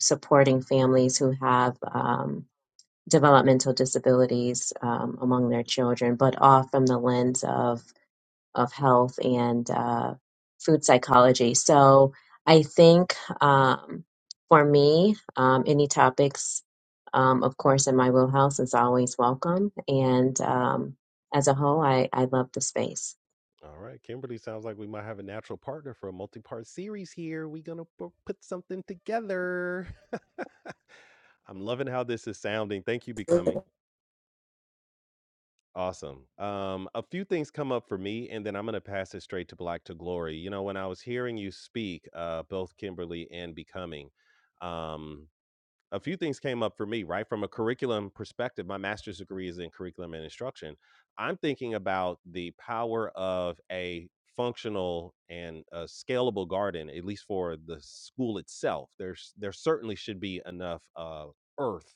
H: supporting families who have. Um, developmental disabilities um, among their children, but all from the lens of of health and uh, food psychology. So I think um, for me, um, any topics, um, of course, in my wheelhouse is always welcome. And um, as a whole, I, I love the space.
A: All right, Kimberly, sounds like we might have a natural partner for a multi part series here. We're going to put something together. [LAUGHS] I'm loving how this is sounding. Thank you, Becoming. Awesome. Um, a few things come up for me, and then I'm going to pass it straight to Black to Glory. You know, when I was hearing you speak, uh, both Kimberly and Becoming, um, a few things came up for me, right? From a curriculum perspective, my master's degree is in curriculum and instruction. I'm thinking about the power of a functional and a scalable garden, at least for the school itself. There's there certainly should be enough uh, earth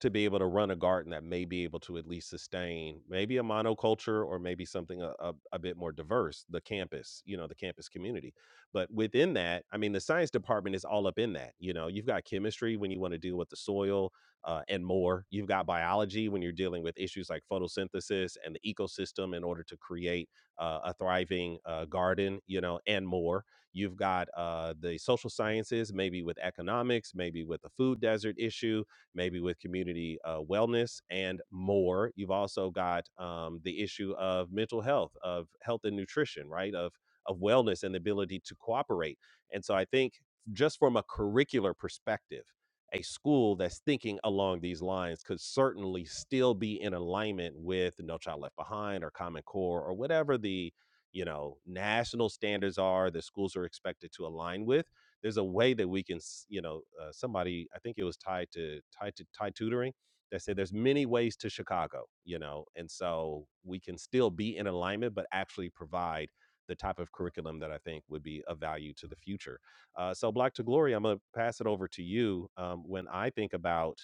A: to be able to run a garden that may be able to at least sustain maybe a monoculture or maybe something a, a, a bit more diverse the campus you know the campus community but within that i mean the science department is all up in that you know you've got chemistry when you want to deal with the soil uh, and more you've got biology when you're dealing with issues like photosynthesis and the ecosystem in order to create uh, a thriving uh, garden you know and more you've got uh, the social sciences maybe with economics maybe with the food desert issue maybe with community uh, wellness and more. You've also got um, the issue of mental health, of health and nutrition, right? Of of wellness and the ability to cooperate. And so I think just from a curricular perspective, a school that's thinking along these lines could certainly still be in alignment with No Child Left Behind or Common Core or whatever the you know national standards are that schools are expected to align with there's a way that we can s- you know uh, somebody i think it was tied to tied to tied tutoring that said there's many ways to chicago you know and so we can still be in alignment but actually provide the type of curriculum that i think would be of value to the future uh, so black to glory i'm going to pass it over to you um, when i think about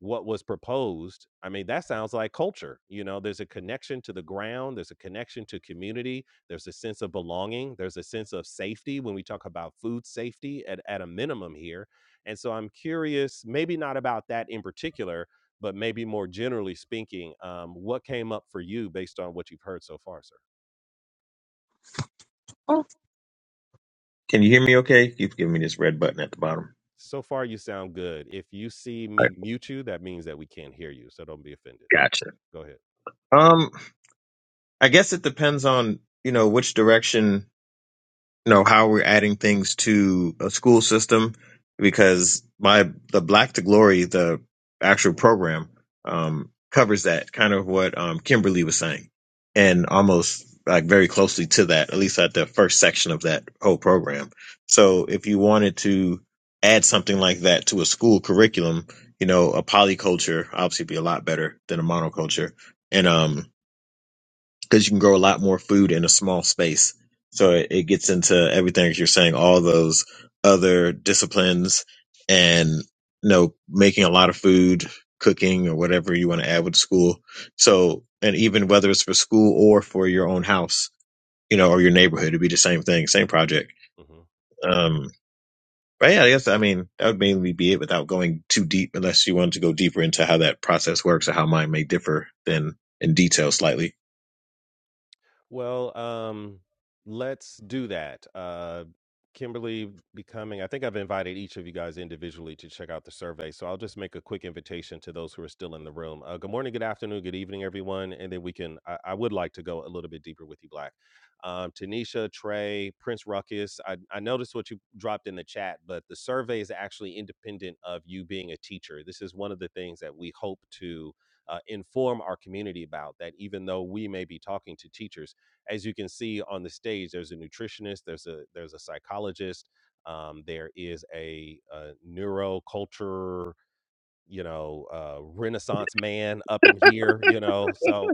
A: what was proposed i mean that sounds like culture you know there's a connection to the ground there's a connection to community there's a sense of belonging there's a sense of safety when we talk about food safety at, at a minimum here and so i'm curious maybe not about that in particular but maybe more generally speaking um, what came up for you based on what you've heard so far sir
J: Oh, Can you hear me okay? Keeps giving me this red button at the bottom.
A: so far you sound good if you see
J: All right,
A: me mute you that means that we can't hear you so don't be offended
J: gotcha.
A: go ahead
J: Um, I guess it depends on, you know, which direction know how we're adding things to a school system because my the black to glory the actual program um covers that kind of what um kimberly was saying and almost like very closely to that at least at the first section of that whole program so if you wanted to add something like that to a school curriculum you know a polyculture obviously be a lot better than a monoculture and um because you can grow a lot more food in a small space. So it, it gets into everything that you're saying, all those other disciplines and, you know, making a lot of food, cooking or whatever you want to add with school. So, and even whether it's for school or for your own house, you know, or your neighborhood, it'd be the same thing, same project.
A: Mhm.
J: Um, but yeah, I guess, I mean, that would mainly be it without going too deep, unless you wanted to go deeper into how that process works or how mine may differ than in detail slightly.
A: Well, um, let's do that. Uh, Kimberly becoming, I think I've invited each of you guys individually to check out the survey. So I'll just make a quick invitation to those who are still in the room. Uh, good morning, good afternoon, good evening, everyone. And then we can, I, I would like to go a little bit deeper with you, Black. Um, Tanisha, Trey, Prince Ruckus, I, I noticed what you dropped in the chat, but the survey is actually independent of you being a teacher. This is one of the things that we hope to uh, inform our community about that even though we may be talking to teachers, as you can see on the stage, there's a nutritionist, there's a there's a psychologist, um, there is a, a neuroculture, you know, uh, renaissance man up in here, you know. So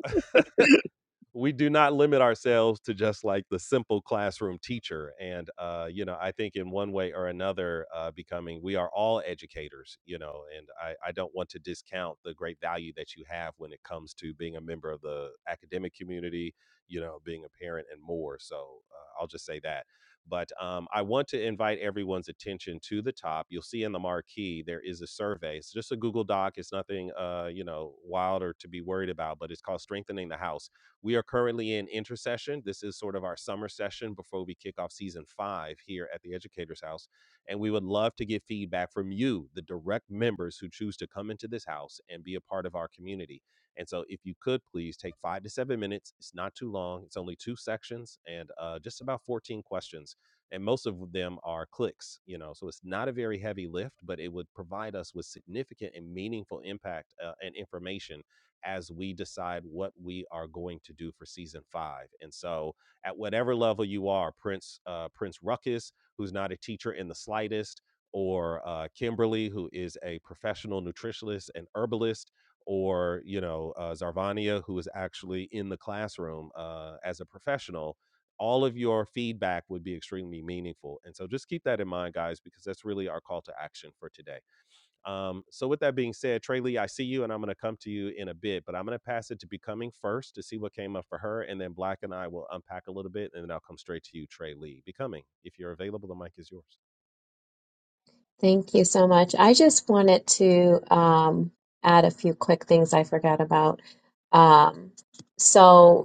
A: we do not limit ourselves to just like the simple classroom teacher and uh you know i think in one way or another uh becoming we are all educators you know and i i don't want to discount the great value that you have when it comes to being a member of the academic community you know being a parent and more so uh, i'll just say that but um, I want to invite everyone's attention to the top. You'll see in the marquee there is a survey. It's just a Google Doc. It's nothing, uh, you know, wild or to be worried about. But it's called "Strengthening the House." We are currently in intercession. This is sort of our summer session before we kick off season five here at the Educators House. And we would love to get feedback from you, the direct members who choose to come into this house and be a part of our community. And so, if you could please take five to seven minutes, it's not too long, it's only two sections and uh, just about 14 questions. And most of them are clicks, you know, so it's not a very heavy lift, but it would provide us with significant and meaningful impact uh, and information as we decide what we are going to do for season five. And so, at whatever level you are, Prince uh, Prince Ruckus, who's not a teacher in the slightest, or uh, Kimberly, who is a professional nutritionist and herbalist, or you know uh, Zarvania, who is actually in the classroom uh, as a professional. All of your feedback would be extremely meaningful. And so just keep that in mind, guys, because that's really our call to action for today. Um, so with that being said, Trey Lee, I see you and I'm gonna come to you in a bit, but I'm gonna pass it to becoming first to see what came up for her, and then Black and I will unpack a little bit and then I'll come straight to you, Trey Lee. Becoming, if you're available, the mic is yours.
H: Thank you so much. I just wanted to um, add a few quick things I forgot about. Um, so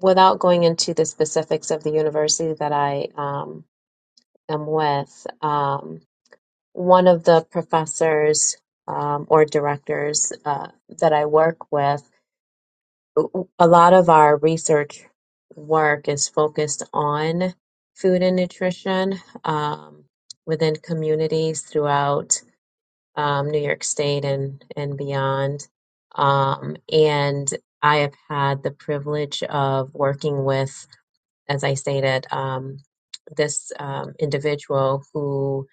H: without going into the specifics of the university that I um, am with, um, one of the professors um, or directors uh, that I work with, a lot of our research work is focused on food and nutrition um, within communities throughout um, New York State and, and beyond. Um, and I have had the privilege of working with as I stated, um, this um, individual who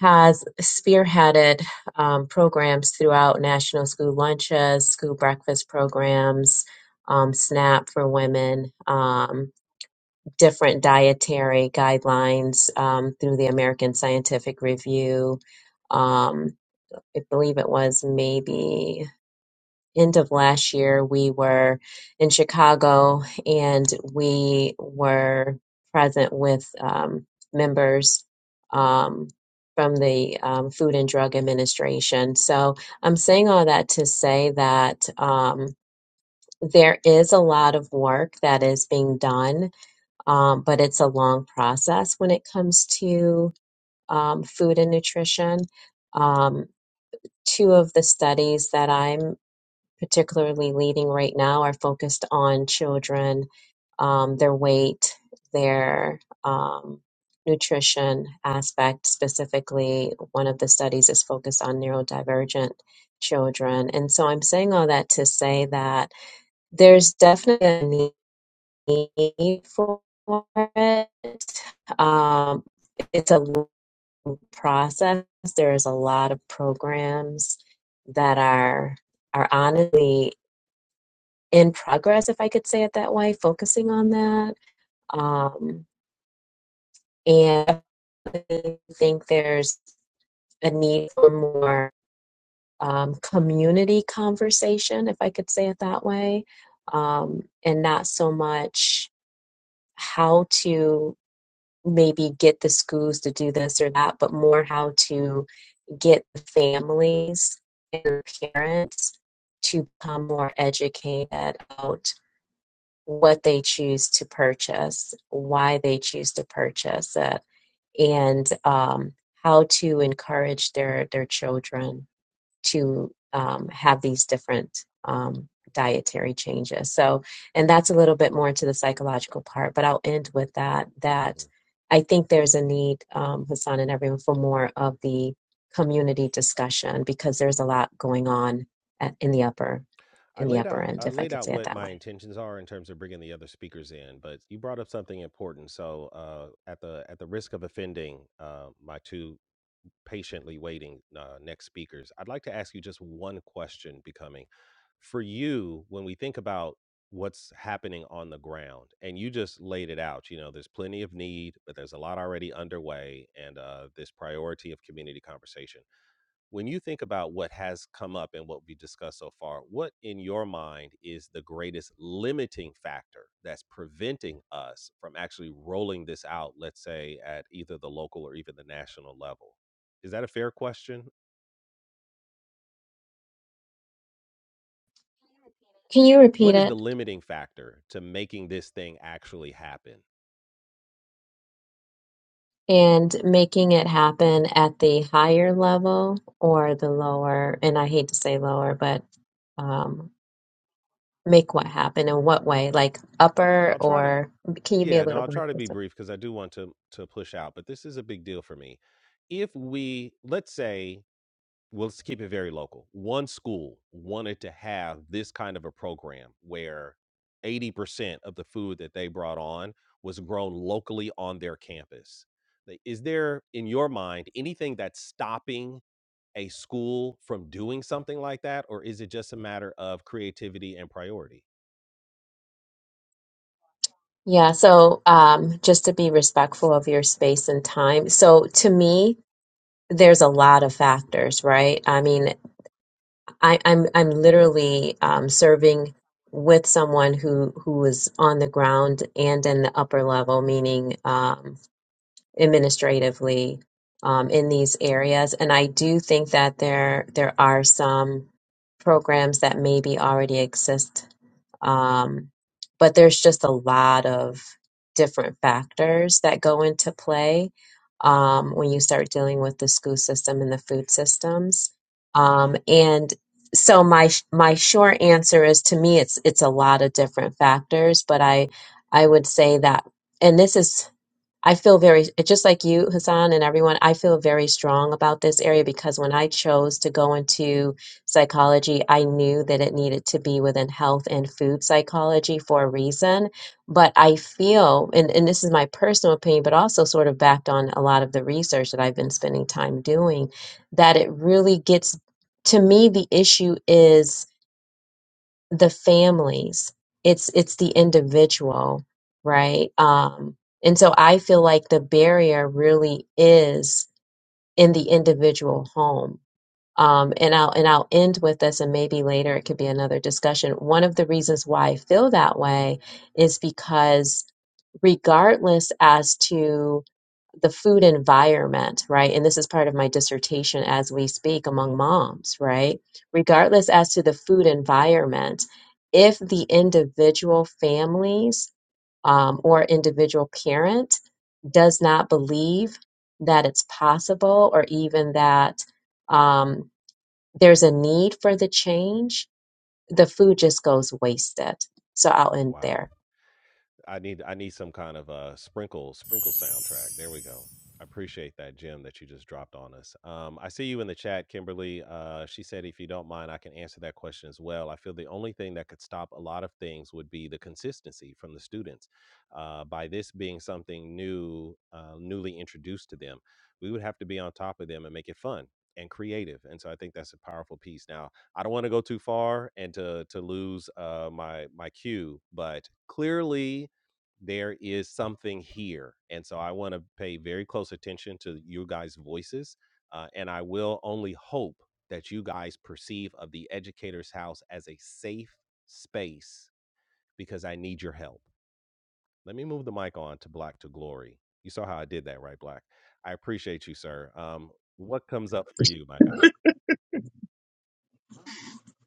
H: has spearheaded um, programs throughout national school lunches, school breakfast programs, um, SNAP for women, um, different dietary guidelines um, through the American Scientific Review. Um, I believe it was maybe end of last year, we were in Chicago and we were present with um, members um, from the um, Food and Drug Administration. So I'm saying all that to say that um, there is a lot of work that is being done, um, but it's a long process when it comes to um, food and nutrition. Um, two of the studies that I'm particularly leading right now are focused on children, um, their weight, their um, nutrition aspect specifically. One of the studies is focused on neurodivergent children. And so I'm saying all that to say that there's definitely a need for it. Um, it's a long process. There's a lot of programs that are are honestly in progress, if I could say it that way, focusing on that. Um, and I think there's a need for more um, community conversation, if I could say it that way, um, and not so much how to maybe get the schools to do this or that, but more how to get families and parents to become more educated about what they choose to purchase, why they choose to purchase it, and um, how to encourage their their children to um, have these different um, dietary changes. So, and that's a little bit more into the psychological part, but I'll end with that. That
A: Mhm.
H: I think there's a need, um, Hassan and everyone, for more of the community discussion because there's a lot going on at, in the upper
A: I
H: in the
A: laid
H: upper
A: out
H: end,
A: I
H: if I
A: laid
H: could
A: out
H: say it
A: what
H: that
A: my
H: way.
A: intentions are in terms of bringing the other speakers in, but you brought up something important. So uh, at the at the risk of offending uh, my two patiently waiting uh, next speakers. I'd like to ask you just one question, becoming for you when we think about what's happening on the ground and you just laid it out you know there's plenty of need but there's a lot already underway and uh, this priority of community conversation when you think about what has come up and what we discussed so far, what in your mind is the greatest limiting factor that's preventing us from actually rolling this out, let's say at either the local or even the national level? Is that a fair question?
H: Can you repeat
A: What is the
H: it?
A: limiting factor to making this thing actually happen?
H: and making it happen at the higher level or the lower, and I hate to say lower, but um, make what happen in what way? Like upper
A: I'll try to
H: or can you be a
A: yeah, no,
H: little
A: I'll
H: more
A: try to be
H: specific?
A: brief because I do want to to push out, but this is a big deal for me. If we let's say well, let's keep it very local. One school wanted to have this kind of a program where 80% of the food that they brought on was grown locally on their campus. Like, Is there, in your mind, anything that's stopping a school from doing something like that? Or is it just a matter of creativity and priority?
H: Yeah, so um, just to be respectful of your space and time. So to me, there's a lot of factors, right? I mean, I, I'm I'm literally um, serving with someone who who is on the ground and in the upper level, meaning um, administratively um, in these areas. And I do think that there there are some programs that maybe already exist, um, but there's just a lot of different factors that go into play um, when you start dealing with the school system and the food systems. Um, and so my my short answer is to me it's it's a lot of different factors, but I I would say that and this is I feel very, it's just like you, Hassan, and everyone, I feel very strong about this area because when I chose to go into psychology, I knew that it needed to be within health and food psychology for a reason. But I feel, and, and this is my personal opinion, but also sort of backed on a lot of the research that I've been spending time doing, that it really gets, to me, the issue is the families it's it's the individual right um and so i feel like the barrier really is in the individual home um and i'll and i'll end with this and maybe later it could be another discussion one of the reasons why i feel that way is because regardless as to the food environment, right? And this is part of my dissertation as we speak
A: Mm.
H: among moms, right? Regardless as to the food environment, if the individual families um, or individual parent does not believe that it's possible or even that um, there's a need for the change, the food just goes wasted. So I'll end
A: Wow.
H: there.
A: I need I need some kind of a sprinkle sprinkle soundtrack. There we go. I appreciate that gem that you just dropped on us. Um, I see you in the chat, Kimberly. Uh, she said, if you don't mind, I can answer that question as well. I feel the only thing that could stop a lot of things would be the consistency from the students. Uh, by this being something new, uh, newly introduced to them, we would have to be on top of them and make it fun and creative. And so I think that's a powerful piece. Now, I don't want to go too far and to to lose uh, my my cue, but clearly there is something here. And so I want to pay very close attention to you guys' voices. Uh, and I will only hope that you guys perceive of the educator's house as a safe space because I need your help. Let me move the mic on to Black to Glory. You saw how I did that, right, Black? I appreciate you, sir. Um, what comes up for you, my guy?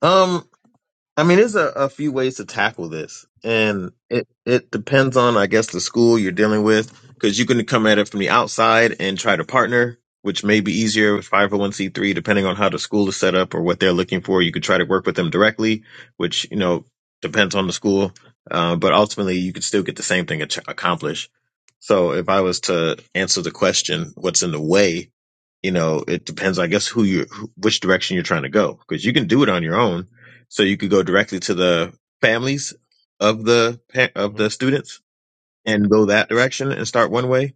J: Um, I mean, there's a, a few ways to
A: Yeah.
J: tackle this, and it it depends on, I guess, the school you're dealing with, because you can come at it from the outside and try to partner, which may be easier with 501c3, depending on how the school is set up or what they're looking for. You could try to work with them directly, which you know depends on the school, uh, but ultimately you could still get the same thing ac- accomplished. So, if I was to answer the question, what's in the way? you know, it depends, I guess, who you, who- which direction you're trying to go, because you can do it on your own. So you could go directly to the families of the pa- of
A: Mm-hmm.
J: the students and go that direction and start one way.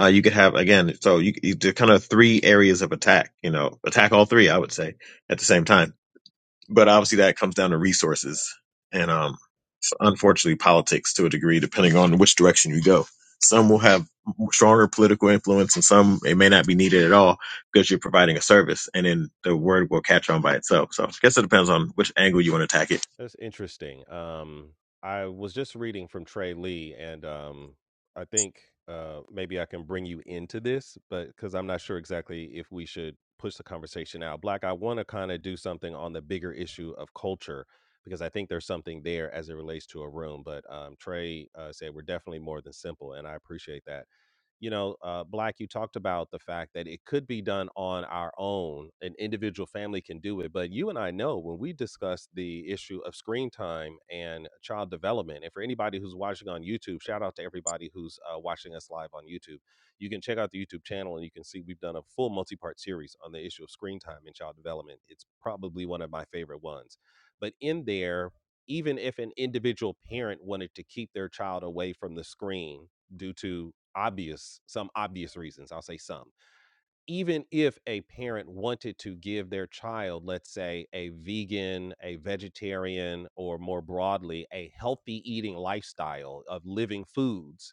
J: Uh, you could have again, so you, you there are kind of three areas of attack. You know, attack all three, I would say, at the same time but obviously, that comes down to
A: Yeah.
J: resources and, um, unfortunately, politics to a degree, depending on which direction you go. Some will have stronger political influence, and some it may not be needed at all because you're providing a service, and then the word will catch on by itself. So, I guess it depends on which angle you want to attack it.
A: That's interesting. Um, I was just reading from Trey Lee, and um, I think uh, maybe I can bring you into this, but because I'm not sure exactly if we should push the conversation out. Black, I want to kind of do something on the bigger issue of culture because I think there's something there as it relates to a room. But um, Trey uh, said we're definitely more than simple, and I appreciate that you know, uh, Black, you talked about the fact that it could be done on our own. An individual family can do it. But you and I know when we discuss the issue of screen time and child development, and for anybody who's watching on YouTube, shout out to everybody who's uh, watching us live on YouTube. You can check out the YouTube channel and you can see we've done a full multi part series on the issue of screen time and child development. It's probably one of my favorite ones. But in there, even if an individual parent wanted to keep their child away from the screen, due to obvious some obvious reasons i'll say some even if a parent wanted to give their child let's say a vegan a vegetarian or more broadly a healthy eating lifestyle of living foods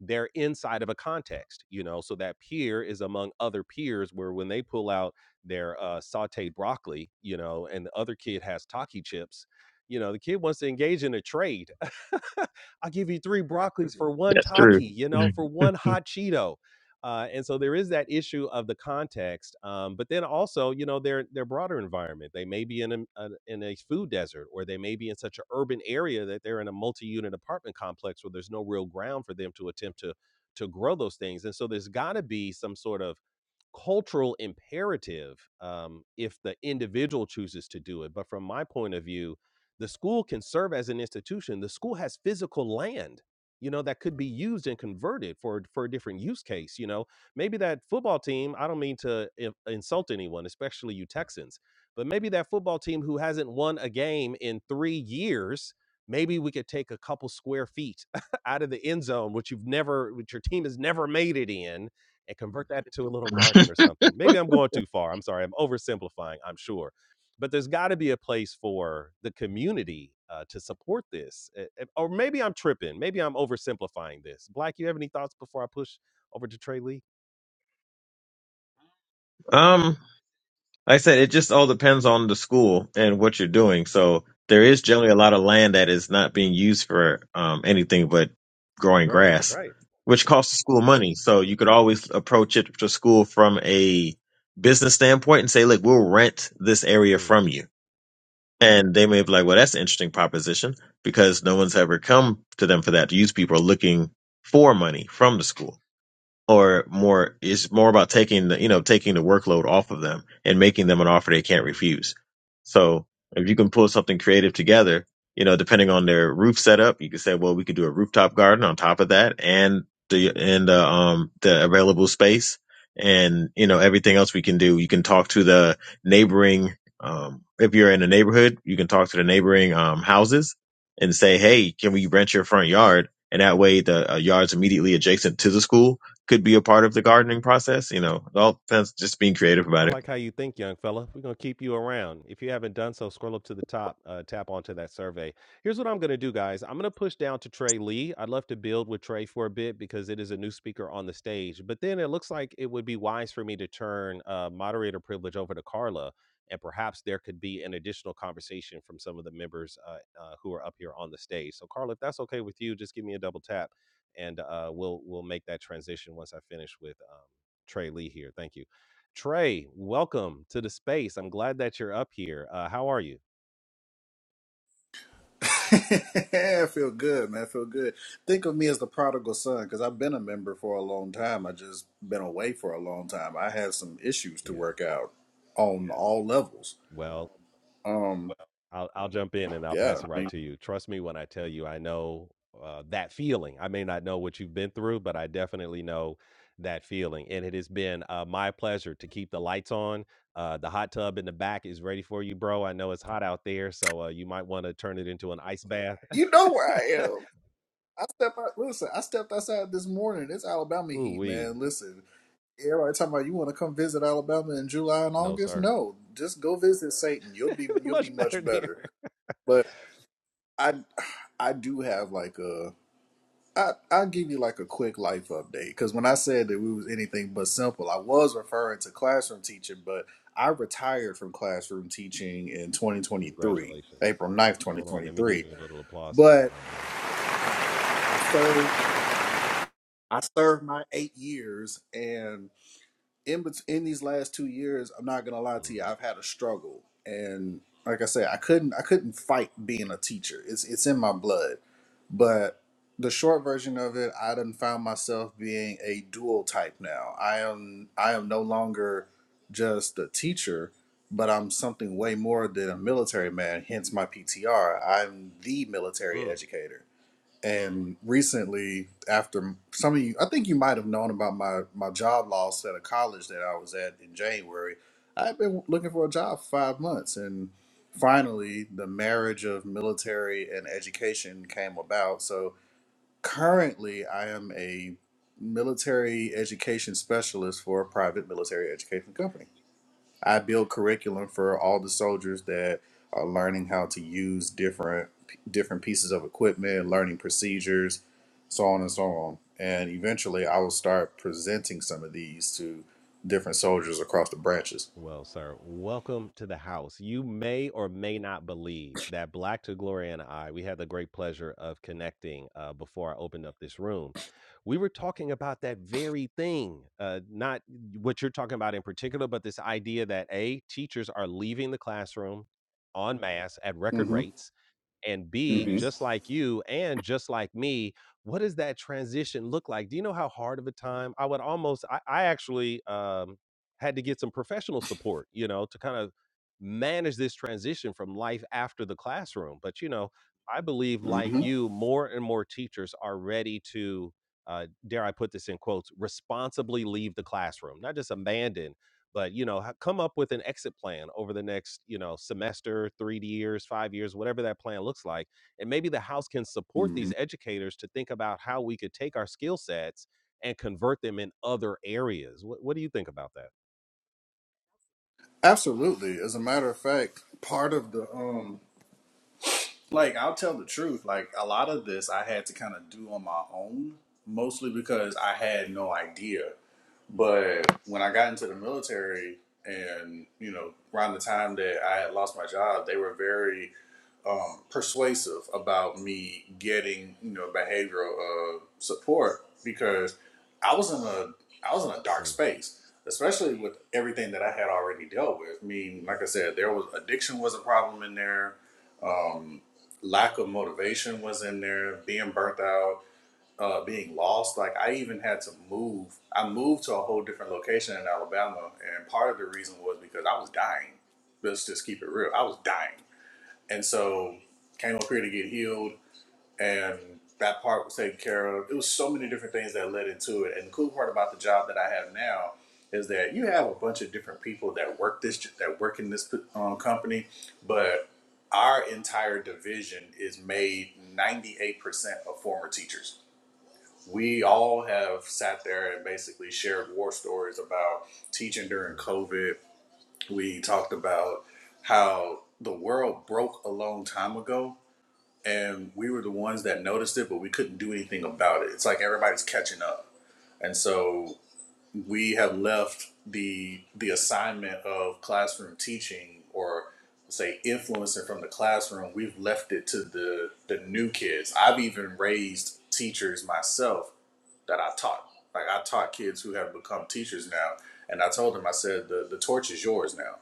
A: they're inside of a context, you know. So that peer is among other peers, where when they pull out their uh, sautéed broccoli, you know, and the other kid has taki chips, you know, the kid wants to engage in a trade. [LAUGHS] I'll give you three broccolis for one
J: That's true.
A: taki, you know, for one hot Cheeto. Uh, and so there is that issue of the context, um, but then also, you know, their their broader environment. They may be in a, a in a food desert, or they may be in such an urban area that they're in a multi-unit apartment complex where there's no real ground for them to attempt to to grow those things. And so there's got to be some sort of cultural imperative um, if the individual chooses to do it. But from my point of view, the school can serve as an institution. The school has physical land, you know, that could be used and converted for for a different use case. You know, maybe that football team. I don't mean to in- insult anyone, especially you Texans, but maybe that football team who hasn't won a game in three years. Maybe we could take a couple square feet [LAUGHS] out of the end zone, which you've never, which your team has never made it in, and convert that into a little garden or something. Maybe I'm going too far. I'm sorry. I'm oversimplifying, I'm sure. But there's got to be a place for the community uh, to support this. Uh, uh, Or maybe I'm tripping. Maybe I'm oversimplifying this. Black, you have any thoughts before I push over to Trey Lee?
J: Um, Like I said, it just all depends on the school and what you're
A: Mm,
J: doing. So there is generally a lot of land that is not being used for um, anything but growing
A: right,
J: grass,
A: right.
J: which costs the school money. So you could always approach it to school from a business standpoint and say, look, we'll rent this area
A: Mm,
J: from you. And they may be like, well, that's an interesting proposition because no one's ever come to them for that. Youth people are looking for money from the school or more it's more about taking the you know taking the workload off of them and making them an offer they can't
A: mm.
J: refuse so if you can pull something creative together you know depending on their roof setup you could say well we could do a rooftop garden on top of that and the and the um the available space and you know everything else we can do you can talk to the neighboring um if you're in a neighborhood you can talk to the neighboring um houses and say hey can we rent your front yard and that way the uh, yard's immediately adjacent to the school could be a part of the gardening process. You know, it all depends. Just being creative
A: I
J: about it.
A: like how you think, young fella. We're going to keep you around. If you haven't done so, scroll up to the top, uh, tap onto that survey. Here's what I'm going to do, guys. I'm going to push down to Trey Lee. I'd love to build with Trey for a bit because it is a new speaker on the stage. But then it looks like it would be wise for me to turn uh, moderator privilege over to Carla, and perhaps there could be an additional conversation from some of the members uh, uh, who are up here on the stage. So, Carla, if that's okay with you, just give me a double tap, and uh, we'll we'll make that transition once I finish with um, Trey Lee here. Thank you. Trey, welcome to the space. I'm glad that you're up here. Uh, how are you?
K: [LAUGHS] I feel good, man. I feel good. Think of me as the prodigal son because I've been a member for a long time. I just been away for a long time. I had some issues to
A: Yeah.
K: work out on all levels.
A: Well, Um,
K: Um,
A: I'll I'll jump in and I'll
K: yeah,
A: pass it right to you. Trust me when I tell you, I know uh, that feeling. I may not know what you've been through, but I definitely know that feeling. And it has been uh, my pleasure to keep the lights on. Uh, the hot tub in the back is ready for you, bro. I know it's hot out there, so uh, you might want to turn it into an ice bath.
K: you know where I am. I step out. Listen, I stepped outside this morning. It's Alabama
A: [LAUGHS] Ooh
K: heat,
A: wee,
K: man. Listen, everybody talking about you want to come visit Alabama in July and
A: no
K: August.
A: sir.
K: No, just go visit Satan. You'll be
A: [LAUGHS]
K: you'll
A: Much
K: be
A: better
K: much
A: there.
K: better. But I I do have like a I I'll give you like a quick life update because when I said that we was anything but simple, I was referring to classroom teaching, but I retired from classroom teaching in 2023,
A: Congratulations.
K: April ninth,
A: Hold on, let me give
K: 2023.
A: you a little applause for that, my
K: But
A: man.
K: I I served I served my eight years, and in bet- in these last two years, I'm not gonna lie to you,
A: Mm,
K: I've had a struggle, and like I said, I couldn't I couldn't fight being a teacher. It's it's in my blood, but the short version of it, I done found myself being a dual type now. I am I am no longer just a teacher, but I'm something way more than a military man. Hence my PTR. I'm the military
A: mm.
K: educator and recently after some of you i think you might have known about my my job loss at a college that i was at in january i've been looking for a job for five months and finally the marriage of military and education came about so currently i am a military education specialist for a private military education company I build curriculum for all the soldiers that are learning how to use different different pieces of equipment, learning procedures, so on and so on. And eventually, I will start presenting some of these to different soldiers across the branches.
A: Well, sir, welcome to the house. You may or may not believe that Black to Glory and I, we had the great pleasure of connecting uh, before I opened up this room. We were talking about that very thing, uh, not what you're talking about in particular, but this idea that A, teachers are leaving the classroom en masse at record
K: Mm-hmm.
A: rates and B,
K: Mm-hmm.
A: just like you and just like me, what does that transition look like? Do you know how hard of a time I would almost I, I actually um had to get some professional support, you know, to kind of manage this transition from life after the classroom. But you know, I believe like
K: Mm-hmm.
A: you, more and more teachers are ready to uh, dare I put this in quotes, responsibly leave the classroom, not just abandon but you know ha- come up with an exit plan over the next you know semester three years five years whatever that plan looks like and maybe the house can support
K: Mm-hmm.
A: these educators to think about how we could take our skill sets and convert them in other areas what, what do you think about that
K: Absolutely. As a matter of fact, part of the um, like I'll tell the truth. Like a lot of this, I had to kind of do on my own, mostly because I had no idea. But when I got into the military, and you know, around the time that I had lost my job, they were very um, persuasive about me getting you know behavioral uh, support because I was in a I was in a dark
A: mm,
K: space, especially with everything that I had already dealt with. I mean, like I said, there was addiction was a problem in there. Um, lack of motivation was in there. Being burnt out uh, being lost. Like I even had to move. I moved to a whole different location in Alabama, and part of the reason was because I was dying. Let's just keep it real. I was dying, and so came up here to get healed, and that part was taken care of. It was so many different things that led into it. And the cool part about the job that I have now is that you have a bunch of different people that work this that work in this um, company, but our entire division is made 98% of former teachers we all have sat there and basically shared war stories about teaching during
A: mm,
K: COVID. We talked about how the world broke a long time ago and we were the ones that noticed it, but we couldn't do anything about it. It's like everybody's catching up. And so we have left the the assignment of classroom teaching or say influencing from the classroom, we've left it to the the new kids. I've even raised teachers myself that I taught. Like I taught kids who have become teachers now, and I told them, I said, the the torch is yours now.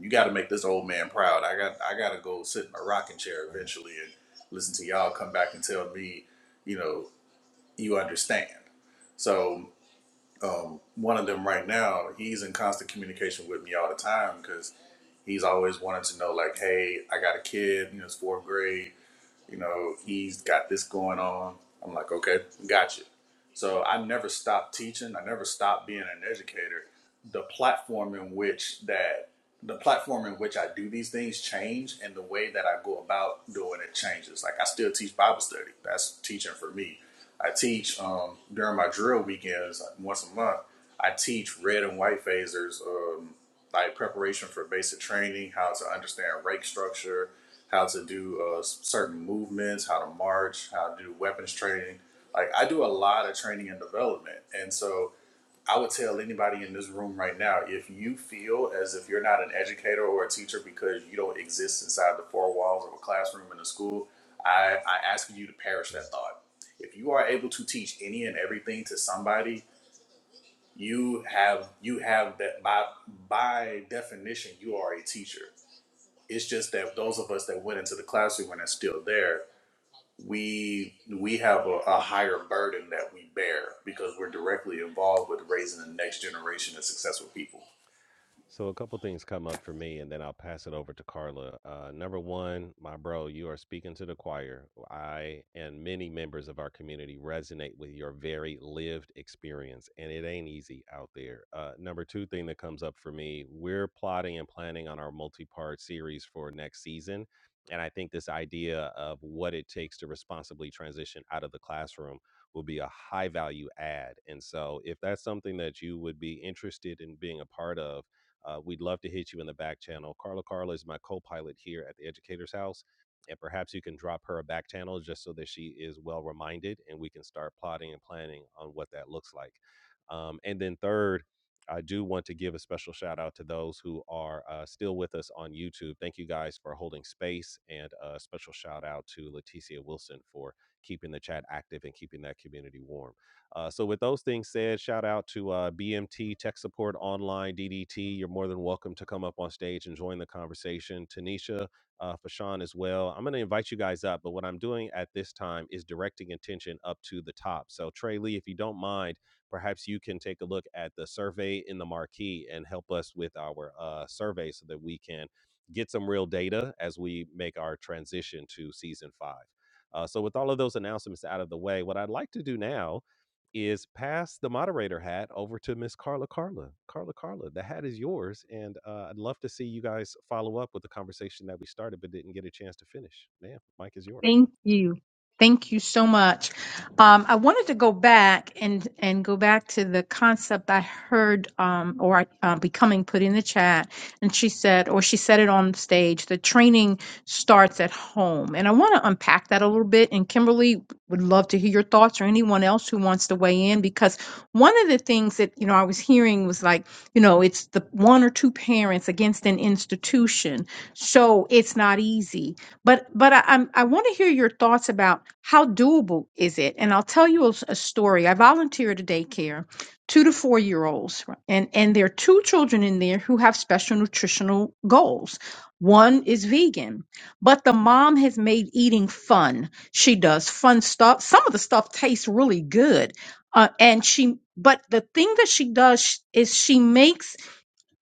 K: You got to make this old man proud. I got I got to go sit in a rocking chair
A: right
K: eventually and listen to y'all come back and tell me, you know, you understand. So um, one of them right now, he's in constant communication with me all the time because he's always wanted to know, like, hey, I got a kid, you know, it's fourth grade you know, he's got this going on. I'm like, okay, gotcha. So I never stopped teaching. I never stopped being an educator. The platform in which that the platform in which I do these things change and the way that I go about doing it changes. Like I still teach Bible study. That's teaching for me. I teach um, during my drill weekends like, once a month. I teach red and white phasers, um, like preparation for basic training, how to understand rake structure, how to do uh, certain movements, how to march, how to do weapons training. Like I do a lot of training and development, and so I would tell anybody in this room right now if you feel as if you're not an educator or a teacher because you don't exist inside the four walls of a classroom in a school, I, I ask you to perish
A: mm.
K: that thought. If you are able to teach any and everything to somebody, you have you have that by by definition you are a teacher it's just that those of us that went into the classroom and are still there, we we have a, a higher burden that we bear because we're directly involved with raising the next generation of successful people.
A: So a couple things come up for me, and then I'll pass it over to Carla. Uh, number one, my bro, you are speaking to the choir. I and many members of our community resonate with your very lived experience, and it ain't easy out there. Uh, number two thing that comes up for me, we're plotting and planning on our multi-part series for next season, and I think this idea of what it takes to responsibly transition out of the classroom will be a high value add. And so, if that's something that you would be interested in being a part of uh, we'd love to hit you in the back channel. Carla Carla is my co pilot here at the Educator's House. And perhaps you can drop her a back channel just so that she is well reminded and we can start plotting and planning on what that looks like. Um, and then, third, I do want to give a special shout out to those who are uh, still with us on YouTube. Thank you guys for holding space, and a special shout out to Leticia Wilson for keeping the chat active and keeping that community warm. Uh, so, with those things said, shout out to uh, BMT Tech Support Online DDT. You're more than welcome to come up on stage and join the conversation. Tanisha, uh, Fashawn as well. I'm going to invite you guys up, but what I'm doing at this time is directing attention up to the top. So, Trey Lee, if you don't mind, perhaps you can take a look at the survey in the marquee and help us with our uh, survey so that we can get some real data as we make our transition to season five. Uh, so, with all of those announcements out of the way, what I'd like to do now is pass the moderator hat over to Miss Carla Carla. Carla Carla, the hat is yours. And uh, I'd love to see you guys follow up with the conversation that we started but didn't get a chance to finish. Man, Mike is yours.
E: Thank you. Thank you so much. Um, I wanted to go back and and go back to the concept I heard um, or uh, becoming put in the chat, and she said, or she said it on stage. The training starts at home, and I want to unpack that a little bit. And Kimberly would love to hear your thoughts, or anyone else who wants to weigh in, because one of the things that you know I was hearing was like, you know, it's the one or two parents against an institution, so it's not easy but but I, I'm I want to hear your thoughts about how doable is it? And I'll tell you a, s- a story. I volunteered at a daycare, two to four year olds, r- and and there are two children in there who have special nutritional goals. One is vegan, but the mom has made eating fun. She does fun stuff. Some of the stuff tastes really good, uh, and she. But the thing that she does sh- is she makes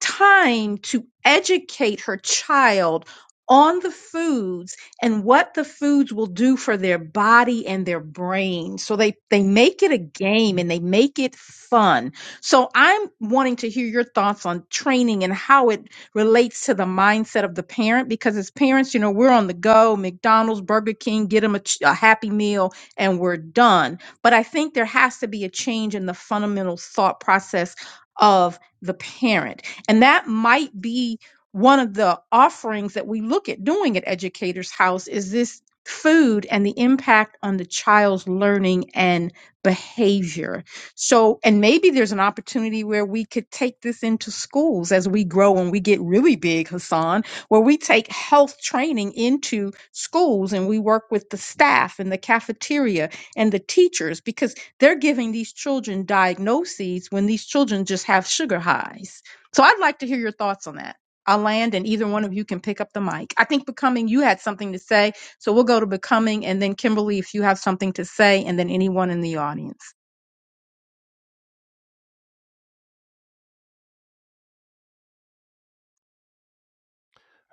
E: time to educate her child on the foods and what the foods will do for their body and their brain. So they, they make it a game and they make it fun. So I'm wanting to hear your thoughts on training and how it relates to the mindset of the parent because as parents, you know, we're on the go, McDonald's, Burger King, get them a, ch- a happy meal and we're done. But I think there has to be a change in the fundamental thought process of the parent and that might be one of the offerings that we look at doing at Educators House is this food and the impact on the child's learning and behavior. So, and maybe there's an opportunity where we could take this into schools as we grow and we get really big, Hassan, where we take health training into schools and we work with the staff and the cafeteria and the teachers because they're giving these children diagnoses when these children just have sugar highs so I'd like to hear your thoughts on that. I'll land and either one of you can pick up the mic. I think Becoming, you had something to say. So we'll go to Becoming and then Kimberly, if you have something to say, and then anyone in the audience.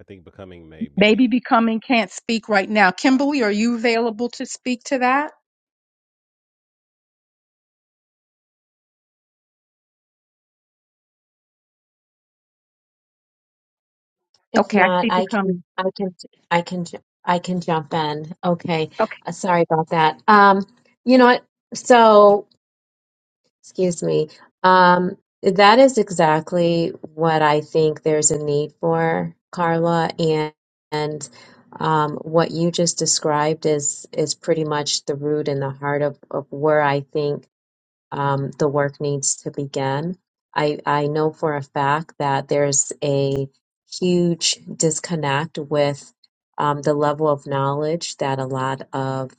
A: I think becoming may be.
E: Maybe Becoming can't speak right now. Kimberly, are you available to speak to that?
H: If
E: Okay, I
H: not,
E: see
H: I can,
E: Becoming.
H: I can, I can, ju- I can jump in. Okay,
E: Okay.
H: uh, sorry about that. Um, you know what? So, excuse me. Um, that is exactly what I think there's a need for, Carla, and and um, what you just described is is pretty much the root and the heart of of where I think um, the work needs to begin. I, I know for a fact that there's a huge disconnect with um, the level of knowledge that a lot of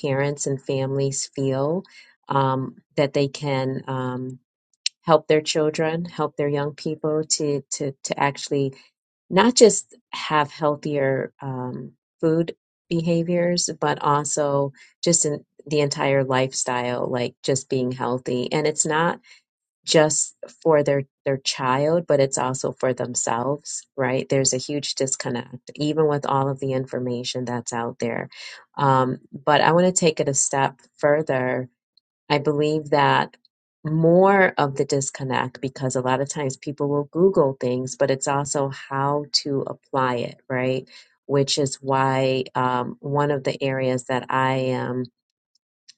H: parents and families feel um, that they can. Um, help their children, help their young people to to to actually not just have healthier um, food behaviors, but also just in the entire lifestyle, like just being healthy. And it's not just for their their child, but it's also for themselves, right? There's a huge disconnect, even with all of the information that's out there. Um, but I want to take it a step further I believe that more of the disconnect, because a lot of times people will Google things, but it's also how to apply it, right? Which is why um, one of the areas that I am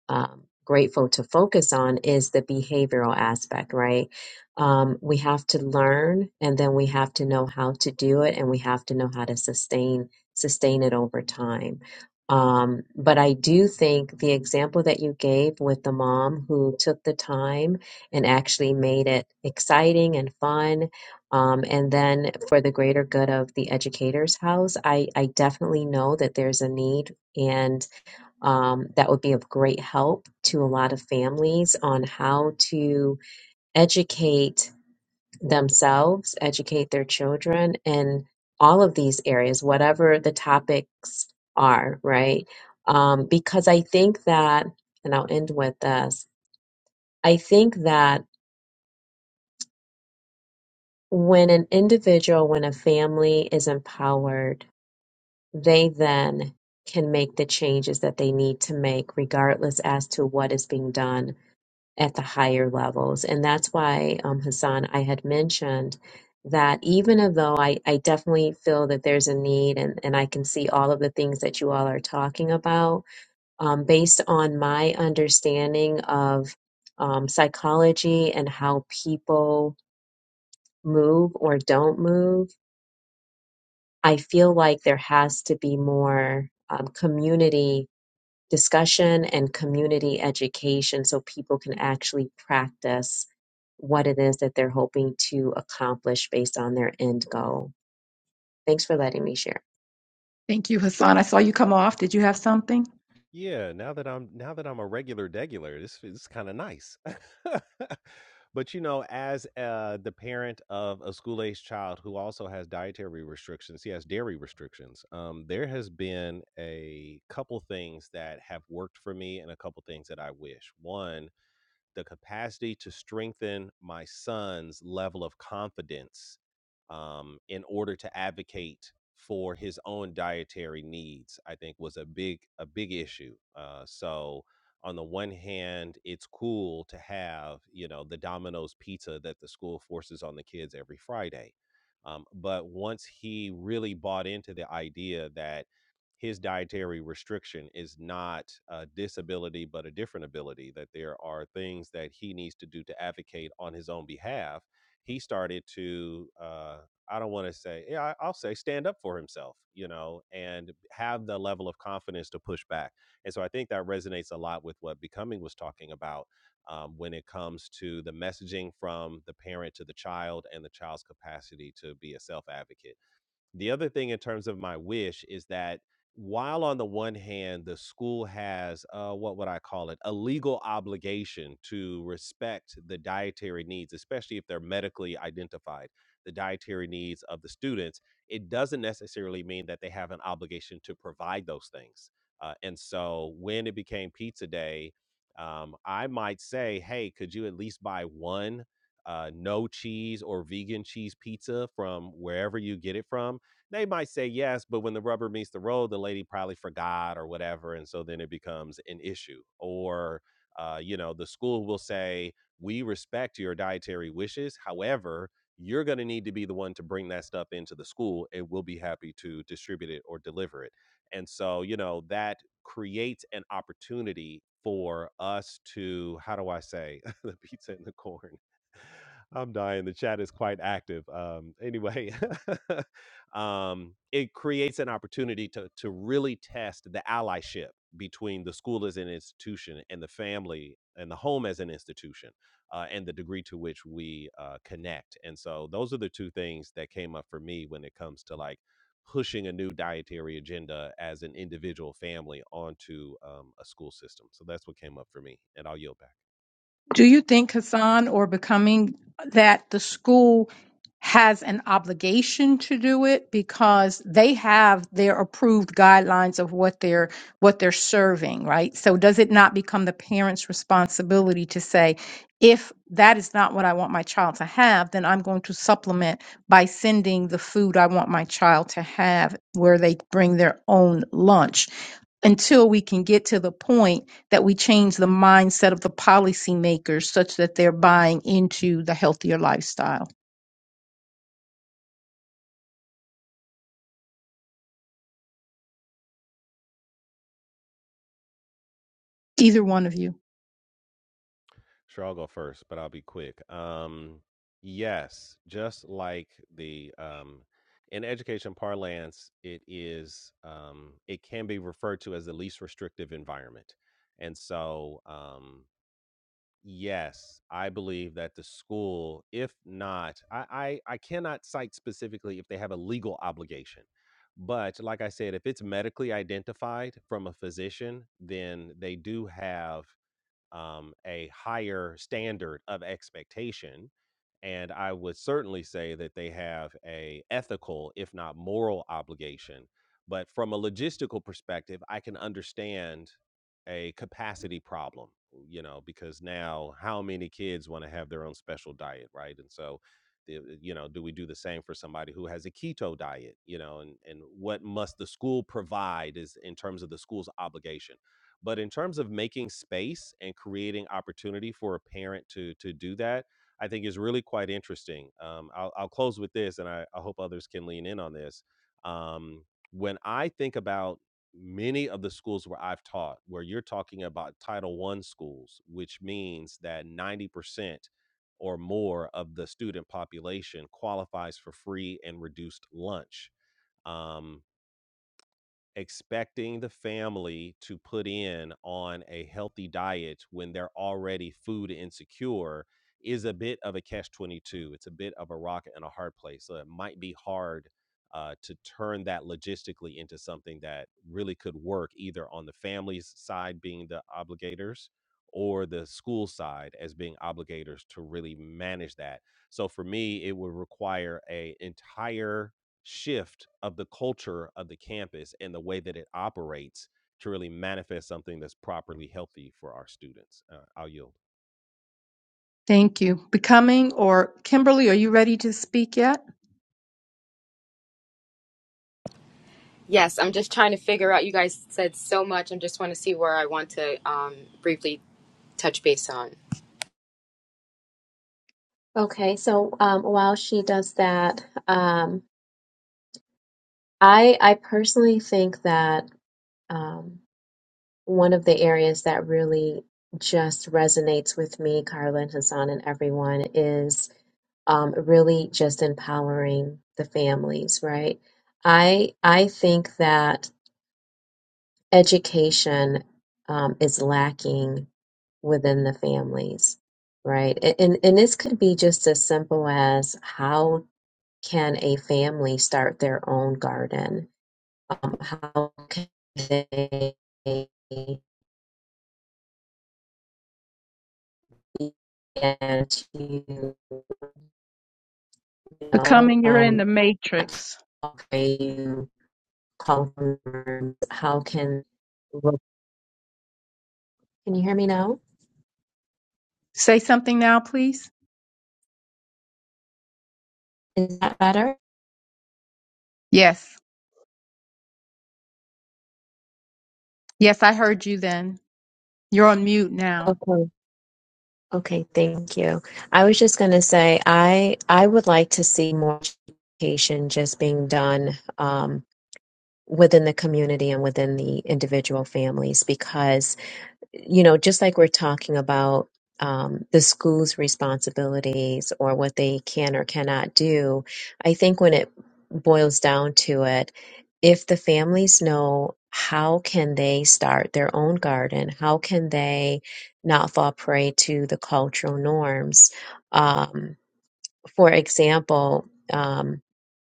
H: um, grateful to focus on is the behavioral aspect, right? Um, we have to learn, and then we have to know how to do it, and we have to know how to sustain sustain it over time. Um, but I do think the example that you gave with the mom who took the time and actually made it exciting and fun, um, and then for the greater good of the educator's house, I, I definitely know that there's a need, and um, that would be of great help to a lot of families on how to educate themselves, educate their children in all of these areas, whatever the topics are, right? Um, because I think that, and I'll end with this I think that when an individual, when a family is empowered, they then can make the changes that they need to make, regardless as to what is being done at the higher levels. And that's why, um, Hassan, I had mentioned that even though I, I definitely feel that there's a need and, and I can see all of the things that you all are talking about, um, based on my understanding of um, psychology and how people move or don't move, I feel like there has to be more um, community discussion and community education so people can actually practice what it is that they're hoping to accomplish based on their end goal. Thanks for letting me share.
E: Thank you, Hassan. I saw you come off. Did you have something?
A: Yeah, now that I'm now that I'm a regular degular, this is kind of nice. [LAUGHS] but you know, as uh, the parent of a school age child who also has dietary restrictions, he has dairy restrictions. Um, there has been a couple things that have worked for me, and a couple things that I wish. One the capacity to strengthen my son's level of confidence um, in order to advocate for his own dietary needs, I think was a big a big issue. Uh, so on the one hand, it's cool to have you know the Domino's pizza that the school forces on the kids every Friday, um, but once he really bought into the idea that his dietary restriction is not a disability, but a different ability, that there are things that he needs to do to advocate on his own behalf. He started to, uh, I don't want to say, yeah, I- I'll say stand up for himself, you know, and have the level of confidence to push back. And so I think that resonates a lot with what Becoming was talking about um, when it comes to the messaging from the parent to the child and the child's capacity to be a self advocate. The other thing in terms of my wish is that while on the one hand the school has uh, what would I call it a legal obligation to respect the dietary needs, especially if they're medically identified, the dietary needs of the students, it doesn't necessarily mean that they have an obligation to provide those things. Uh, and so when it became pizza day, um, I might say, hey, could you at least buy one uh, no cheese or vegan cheese pizza from wherever you get it from? They might say yes, but when the rubber meets the road, the lady probably forgot or whatever. And so then it becomes an issue. Or, uh, you know, the school will say, we respect your dietary wishes. However, you're going to need to be the one to bring that stuff into the school and we'll be happy to distribute it or deliver it. And so, you know, that creates an opportunity for us to, how do I say, [LAUGHS] the pizza and the corn? I'm dying. The chat is quite active. Um, anyway, [LAUGHS] um, it creates an opportunity to to really test the allyship between the school as an institution and the family and the home as an institution, uh, and the degree to which we uh, connect. And so, those are the two things that came up for me when it comes to like pushing a new dietary agenda as an individual family onto um, a school system. So that's what came up for me, and I'll yield back.
E: Do you think, Hassan, or becoming that the school has an obligation to do it because they have their approved guidelines of what they're what they're serving, right? So does it not become the parent's responsibility to say, if that is not what I want my child to have, then I'm going to supplement by sending the food I want my child to have where they bring their own lunch until we can get to the point that we change the mindset of the policymakers such that they're buying into the healthier lifestyle. Either one of you.
A: Sure, I'll go first, but I'll be quick. Um, yes, just like the um, in education parlance, it is um, it can be referred to as the least restrictive environment, and so um, yes, I believe that the school, if not, I, I I cannot cite specifically if they have a legal obligation. But like I said, if it's medically identified from a physician, then they do have um, a higher standard of expectation. And I would certainly say that they have a ethical, if not moral, obligation. But from a logistical perspective, I can understand a capacity problem, you know, because now how many kids want to have their own special diet, right? And so, the- uh, you know, do we do the same for somebody who has a keto diet, you know, and, and what must the school provide is in terms of the school's obligation but in terms of making space and creating opportunity for a parent to to do that, I think is really quite interesting. Um, I'll, I'll close with this, and I, I hope others can lean in on this. Um, when I think about many of the schools where I've taught, where you're talking about Title One schools, which means that 90% or more of the student population qualifies for free and reduced lunch. Um, expecting the family to put in on a healthy diet when they're already food insecure is a bit of a catch 22 it's a bit of a rock and a hard place so it might be hard uh, to turn that logistically into something that really could work either on the family's side being the obligators or the school side as being obligators to really manage that so for me it would require a entire shift of the culture of the campus and the way that it operates to really manifest something that's properly healthy for our students. Uh, I'll yield.
E: Thank you. Becoming or Kimberly, are you ready to speak yet?
I: Yes, I'm just trying to figure out you guys said so much. I'm just want to see where I want to um briefly touch base on.
H: Okay, so um, while she does that, um, I I personally think that um, one of the areas that really just resonates with me, Carla and Hassan and everyone, is um, really just empowering the families, right? I I think that education um, is lacking within the families, right? A- And and this could be just as simple as how can a family start their own garden? Um, how can they begin to you know
E: Becoming, you're in
H: um,
E: the
H: not
E: matrix.
H: to colors, how can can you hear me now?
E: Say something now, please.
H: Is that better?
E: Yes. Yes, I heard you then. You're on mute now.
H: Okay. Okay, thank you. I was just going to say I I would like to see more education just being done um, within the community and within the individual families because you know, just like we're talking about um, the school's responsibilities or what they can or cannot do, I think when it boils down to it, if the families know how can they start their own garden, how can they not fall prey to the cultural norms? Um, for example, um,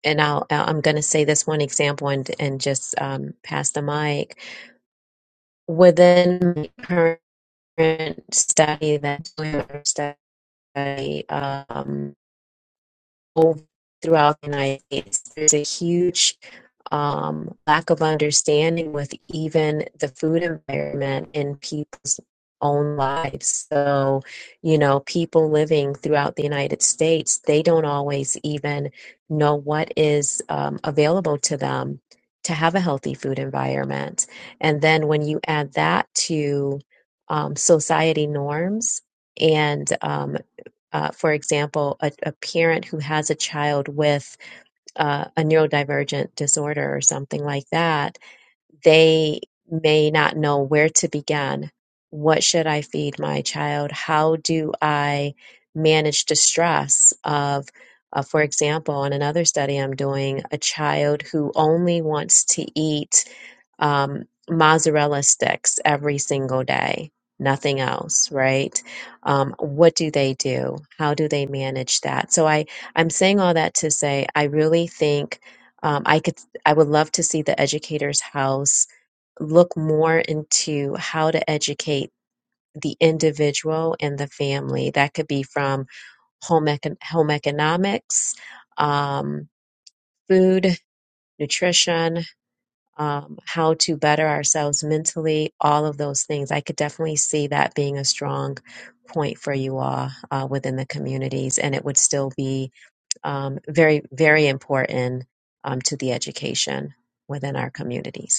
H: and I'll, I'm going to say this one example and, and just um, pass the mic. Within my current study than doing a study um, all throughout the United States. There's a huge um, lack of understanding with even the food environment in people's own lives. So, you know, people living throughout the United States, they don't always even know what is um, available to them to have a healthy food environment. And then when you add that to um, society norms, and um, uh, for example, a, a parent who has a child with uh, a neurodivergent disorder or something like that, they may not know where to begin. What should I feed my child? How do I manage distress of, uh, for example, in another study I'm doing, a child who only wants to eat um, mozzarella sticks every single day, nothing else, right? Um, what do they do? How do they manage that? So I, I'm saying all that to say I really think um, I could, I would love to see the educator's house look more into how to educate the individual and the family. That could be from home econ- home economics, um, food, nutrition, um, how to better ourselves mentally, all of those things. I could definitely see that being a strong point for you all uh, within the communities, and it would still be um, very, very important um, to the education within our communities.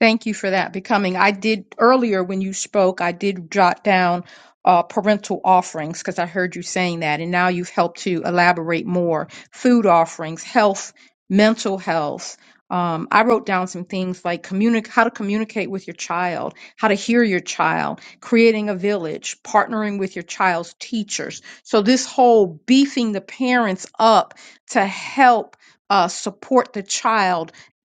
E: Thank you for that becoming. I did earlier when you spoke, I did jot down uh, parental offerings because I heard you saying that, and now you've helped to elaborate more. Food offerings, health, mental health. Um, I wrote down some things like communic- how to communicate with your child, how to hear your child, creating a village, partnering with your child's teachers. So, this whole beefing the parents up to help uh, support the child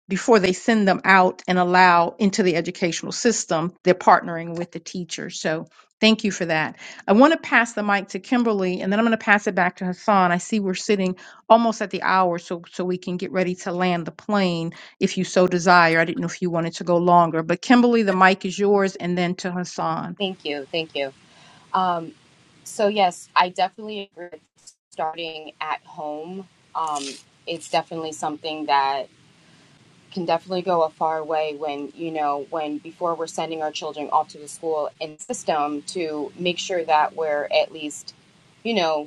E: before they send them out and allow into the educational system, they're partnering with the teacher. So thank you for that. I want to pass the mic to Kimberly and then I'm going to pass it back to Hassan. I see we're sitting almost at the hour, so so we can get ready to land the plane if you so desire. I didn't know if you wanted to go longer, but Kimberly, the mic is yours and then to Hassan.
I: Thank you. Thank you. Um, so yes, I definitely agree with starting at home. Um, it's definitely something that can definitely go a far way when you know when before we're sending our children off to the school and system to make sure that we're at least you know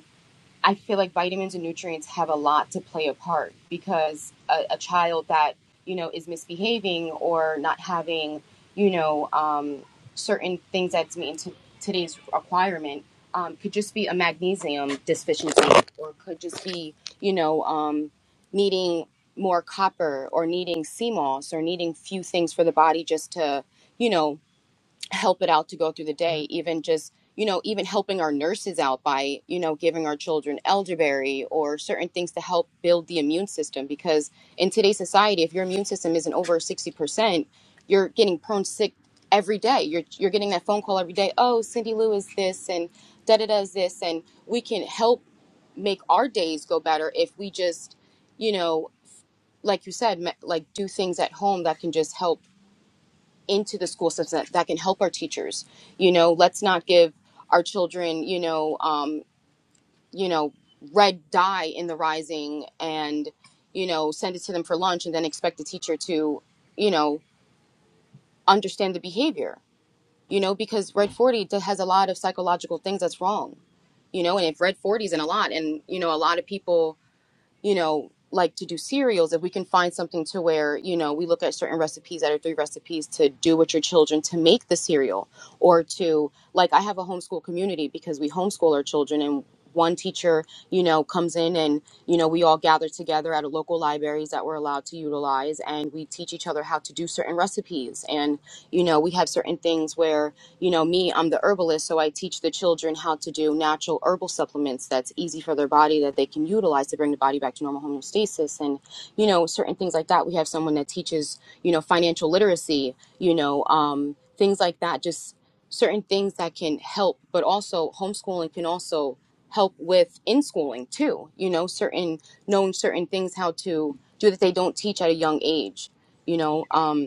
I: I feel like vitamins and nutrients have a lot to play a part because a, a child that you know is misbehaving or not having you know um, certain things that's meeting into today's requirement um, could just be a magnesium deficiency or could just be you know um, needing more copper or needing sea moss or needing few things for the body just to you know help it out to go through the day even just you know even helping our nurses out by you know giving our children elderberry or certain things to help build the immune system because in today's society if your immune system isn't over 60% you're getting prone sick every day you're you're getting that phone call every day oh Cindy Lou is this and da da da is this and we can help make our days go better if we just you know like you said like do things at home that can just help into the school system that, that can help our teachers. You know, let's not give our children, you know, um, you know, red dye in the rising and, you know, send it to them for lunch and then expect the teacher to, you know, understand the behavior. You know, because red 40 has a lot of psychological things that's wrong. You know, and if red 40 is in a lot and, you know, a lot of people you know, like to do cereals, if we can find something to where, you know, we look at certain recipes that are three recipes to do with your children to make the cereal or to, like, I have a homeschool community because we homeschool our children and one teacher, you know, comes in and, you know, we all gather together at a local libraries that we're allowed to utilize and we teach each other how to do certain recipes. And, you know, we have certain things where, you know, me, I'm the herbalist, so I teach teach the children how to do natural herbal supplements that's easy for their body that they can utilize to bring the body back to normal homeostasis and you know certain things like that we have someone that teaches you know financial literacy you know um, things like that just certain things that can help but also homeschooling can also help with in schooling too you know certain knowing certain things how to do that they don't teach at a young age you know um,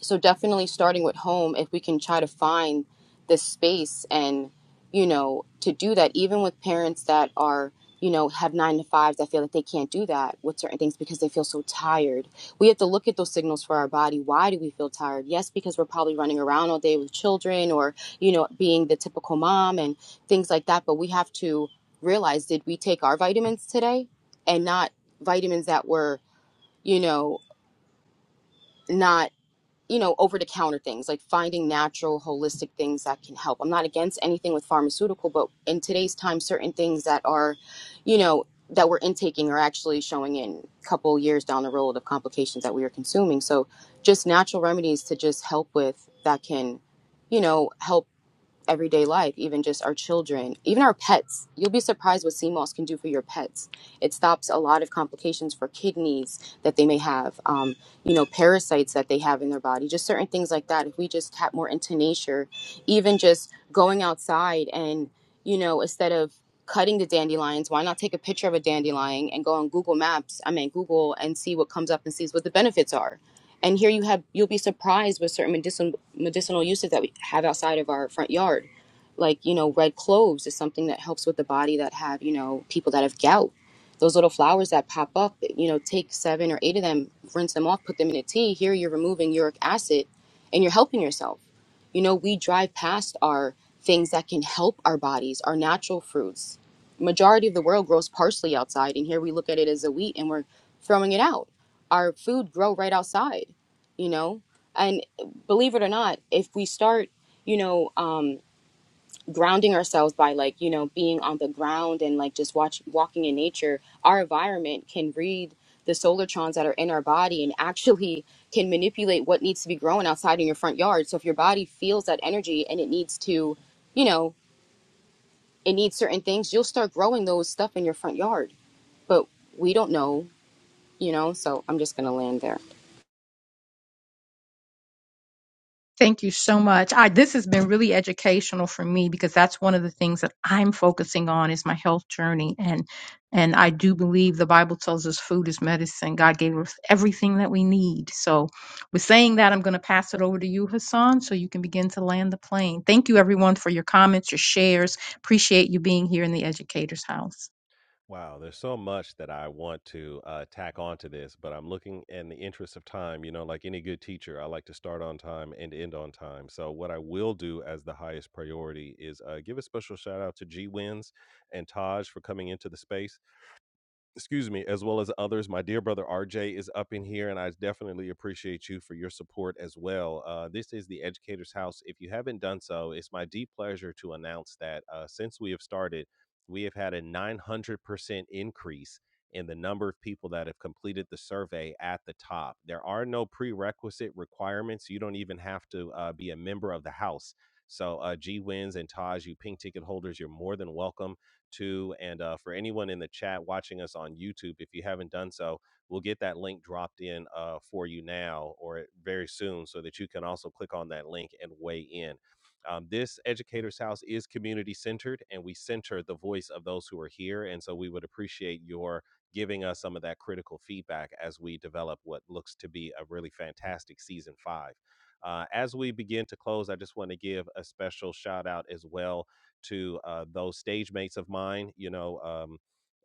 I: so definitely starting with home if we can try to find this space and you know to do that even with parents that are you know have nine to fives i feel like they can't do that with certain things because they feel so tired we have to look at those signals for our body why do we feel tired yes because we're probably running around all day with children or you know being the typical mom and things like that but we have to realize did we take our vitamins today and not vitamins that were you know not you know, over the counter things, like finding natural, holistic things that can help. I'm not against anything with pharmaceutical, but in today's time, certain things that are, you know, that we're intaking are actually showing in a couple years down the road of complications that we are consuming. So just natural remedies to just help with that can, you know, help everyday life, even just our children, even our pets. You'll be surprised what sea moss can do for your pets. It stops a lot of complications for kidneys that they may have, um, you know, parasites that they have in their body, just certain things like that. If we just tap more into nature, even just going outside and, you know, instead of cutting the dandelions, why not take a picture of a dandelion and go on Google Maps, I mean, Google and see what comes up and sees what the benefits are and here you have you'll be surprised with certain medicinal medicinal uses that we have outside of our front yard. Like, you know, red cloves is something that helps with the body that have, you know, people that have gout. Those little flowers that pop up, you know, take seven or eight of them, rinse them off, put them in a tea. Here you're removing uric acid and you're helping yourself. You know, we drive past our things that can help our bodies, our natural fruits. Majority of the world grows parsley outside, and here we look at it as a wheat and we're throwing it out our food grow right outside you know and believe it or not if we start you know um grounding ourselves by like you know being on the ground and like just watch walking in nature our environment can read the solartrons that are in our body and actually can manipulate what needs to be growing outside in your front yard so if your body feels that energy and it needs to you know it needs certain things you'll start growing those stuff in your front yard but we don't know you know so i'm just gonna land there
E: Thank you so much. I, this has been really educational for me because that's one of the things that I'm focusing on is my health journey. And, and I do believe the Bible tells us food is medicine. God gave us everything that we need. So with saying that, I'm going to pass it over to you, Hassan, so you can begin to land the plane. Thank you everyone for your comments, your shares. Appreciate you being here in the educator's house.
A: Wow, there's so much that I want to uh, tack onto this, but I'm looking in the interest of time. You know, like any good teacher, I like to start on time and end on time. So, what I will do as the highest priority is uh, give a special shout out to G Wins and Taj for coming into the space. excuse me, as well as others. My dear brother RJ is up in here, and I definitely appreciate you for your support as well. Uh, this is the Educator's House. If you haven't done so, it's my deep pleasure to announce that uh, since we have started, we have had a 900% increase in the number of people that have completed the survey at the top. There are no prerequisite requirements. You don't even have to uh, be a member of the house. So, uh, G Wins and Taj, you pink ticket holders, you're more than welcome too. And uh, for anyone in the chat watching us on YouTube, if you haven't done so, we'll get that link dropped in uh, for you now or very soon so that you can also click on that link and weigh in. Um, this Educators House is community centered and we center the voice of those who are here. And so we would appreciate your giving us some of that critical feedback as we develop what looks to be a really fantastic season five. Uh, as we begin to close, I just want to give a special shout out as well to uh, those stage mates of mine. You know, um,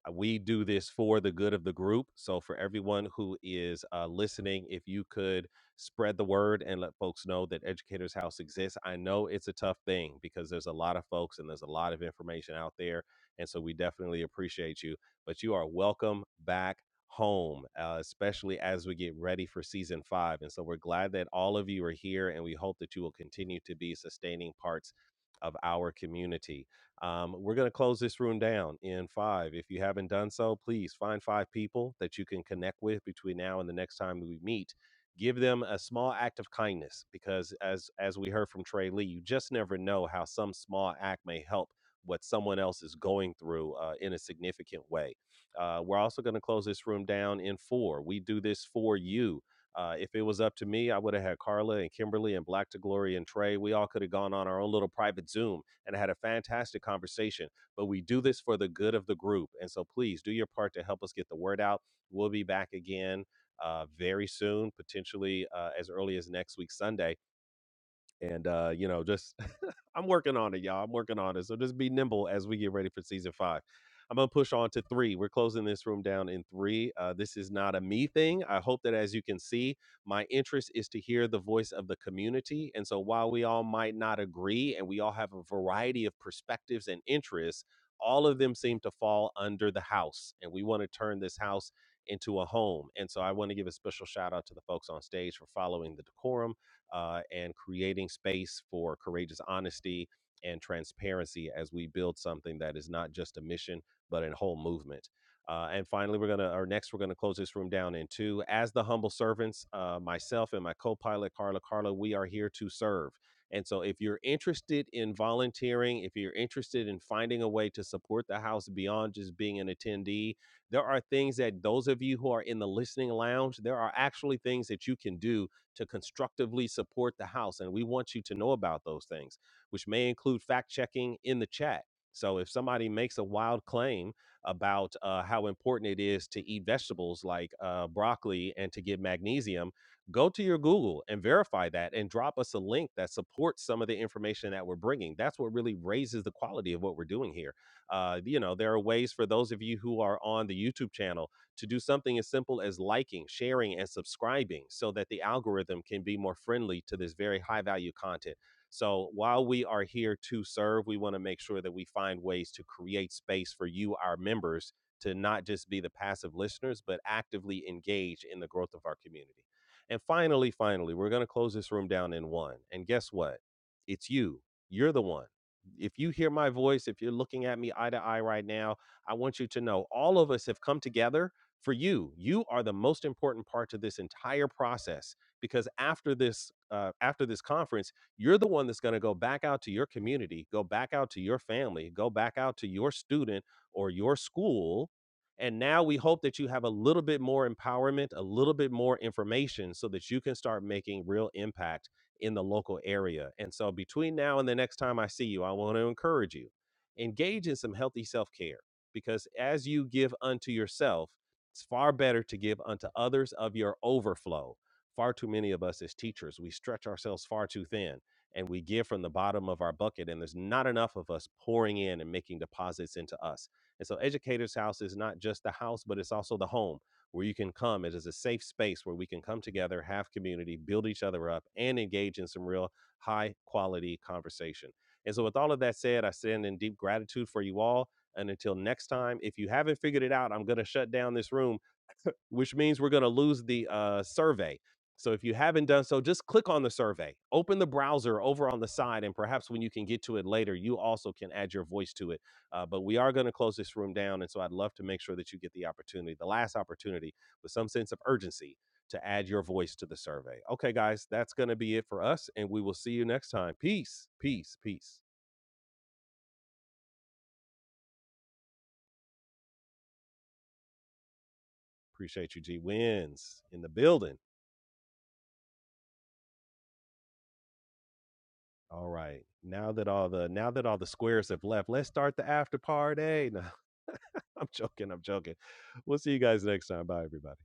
A: uh, we do this for the good of the group. So, for everyone who is uh, listening, if you could spread the word and let folks know that Educators House exists, I know it's a tough thing because there's a lot of folks and there's a lot of information out there. And so, we definitely appreciate you. But you are welcome back home, uh, especially as we get ready for season five. And so, we're glad that all of you are here and we hope that you will continue to be sustaining parts of our community. Um, we're going to close this room down in five. If you haven't done so, please find five people that you can connect with between now and the next time we meet. Give them a small act of kindness because, as as we heard from Trey Lee, you just never know how some small act may help what someone else is going through uh, in a significant way. Uh, we're also going to close this room down in four. We do this for you uh, if it was up to me, I would have had Carla and Kimberly and Black to Glory and Trey. We all could have gone on our own little private Zoom and had a fantastic conversation. But we do this for the good of the group. And so please do your part to help us get the word out. We'll be back again uh, very soon, potentially uh, as early as next week, Sunday and uh, you know, just [LAUGHS] I'm working on it, y'all. I'm working on it. So just be nimble as we get ready for season five. I'm gonna push on to three. We're closing this room down in three. Uh, this is not a me thing. I hope that as you can see, my interest is to hear the voice of the community. And so while we all might not agree and we all have a variety of perspectives and interests, all of them seem to fall under the house. And we want to turn this house into a home. And so I want to give a special shout out to the folks on stage for following the decorum uh, and creating space for courageous honesty and transparency as we build something that is not just a mission, but a whole movement. Uh, and finally, we're gonna, or next, we're gonna close this room down in two. As the humble servants, uh, myself and my co-pilot Carla, Carla, we are here to serve. And so, if you're interested in volunteering, if you're interested in finding a way to support the house beyond just being an attendee, there are things that those of you who are in the listening lounge, there are actually things that you can do to constructively support the house. And we want you to know about those things, which may include fact checking in the chat. So if somebody makes a wild claim about uh, how important it is to eat vegetables like uh, broccoli and to get magnesium, go to your Google and verify that and drop us a link that supports some of the information that we're bringing. That's what really raises the quality of what we're doing here. Uh, you know, there are ways for those of you who are on the YouTube channel to do something as simple as liking, sharing, and subscribing so that the algorithm can be more friendly to this very high value content. So while we are here to serve, we want to make sure that we find ways to create space for you, our members, to not just be the passive listeners, but actively engage in the growth of our community. And finally, finally, we're going to close this room down in one. And guess what? It's you. You're the one. If you hear my voice, if you're looking at me eye to eye right now, I want you to know all of us have come together for you you are the most important part to this entire process because after this uh, after this conference you're the one that's going to go back out to your community go back out to your family go back out to your student or your school and now we hope that you have a little bit more empowerment a little bit more information so that you can start making real impact in the local area and so between now and the next time i see you i want to encourage you engage in some healthy self-care because as you give unto yourself it's far better to give unto others of your overflow. Far too many of us as teachers, we stretch ourselves far too thin and we give from the bottom of our bucket, and there's not enough of us pouring in and making deposits into us. And so, Educator's House is not just the house, but it's also the home where you can come. It is a safe space where we can come together, have community, build each other up, and engage in some real high quality conversation. And so, with all of that said, I stand in deep gratitude for you all. And until next time, if you haven't figured it out, I'm going to shut down this room, [LAUGHS] which means we're going to lose the uh, survey. So if you haven't done so, just click on the survey, open the browser over on the side, and perhaps when you can get to it later, you also can add your voice to it. Uh, but we are going to close this room down. And so I'd love to make sure that you get the opportunity, the last opportunity, with some sense of urgency to add your voice to the survey. Okay, guys, that's going to be it for us. And we will see you next time. Peace, peace, peace. Appreciate you, G Wins, in the building. All right. Now that all the now that all the squares have left, let's start the after party. No, [LAUGHS] I'm joking. I'm joking. We'll see you guys next time. Bye, everybody.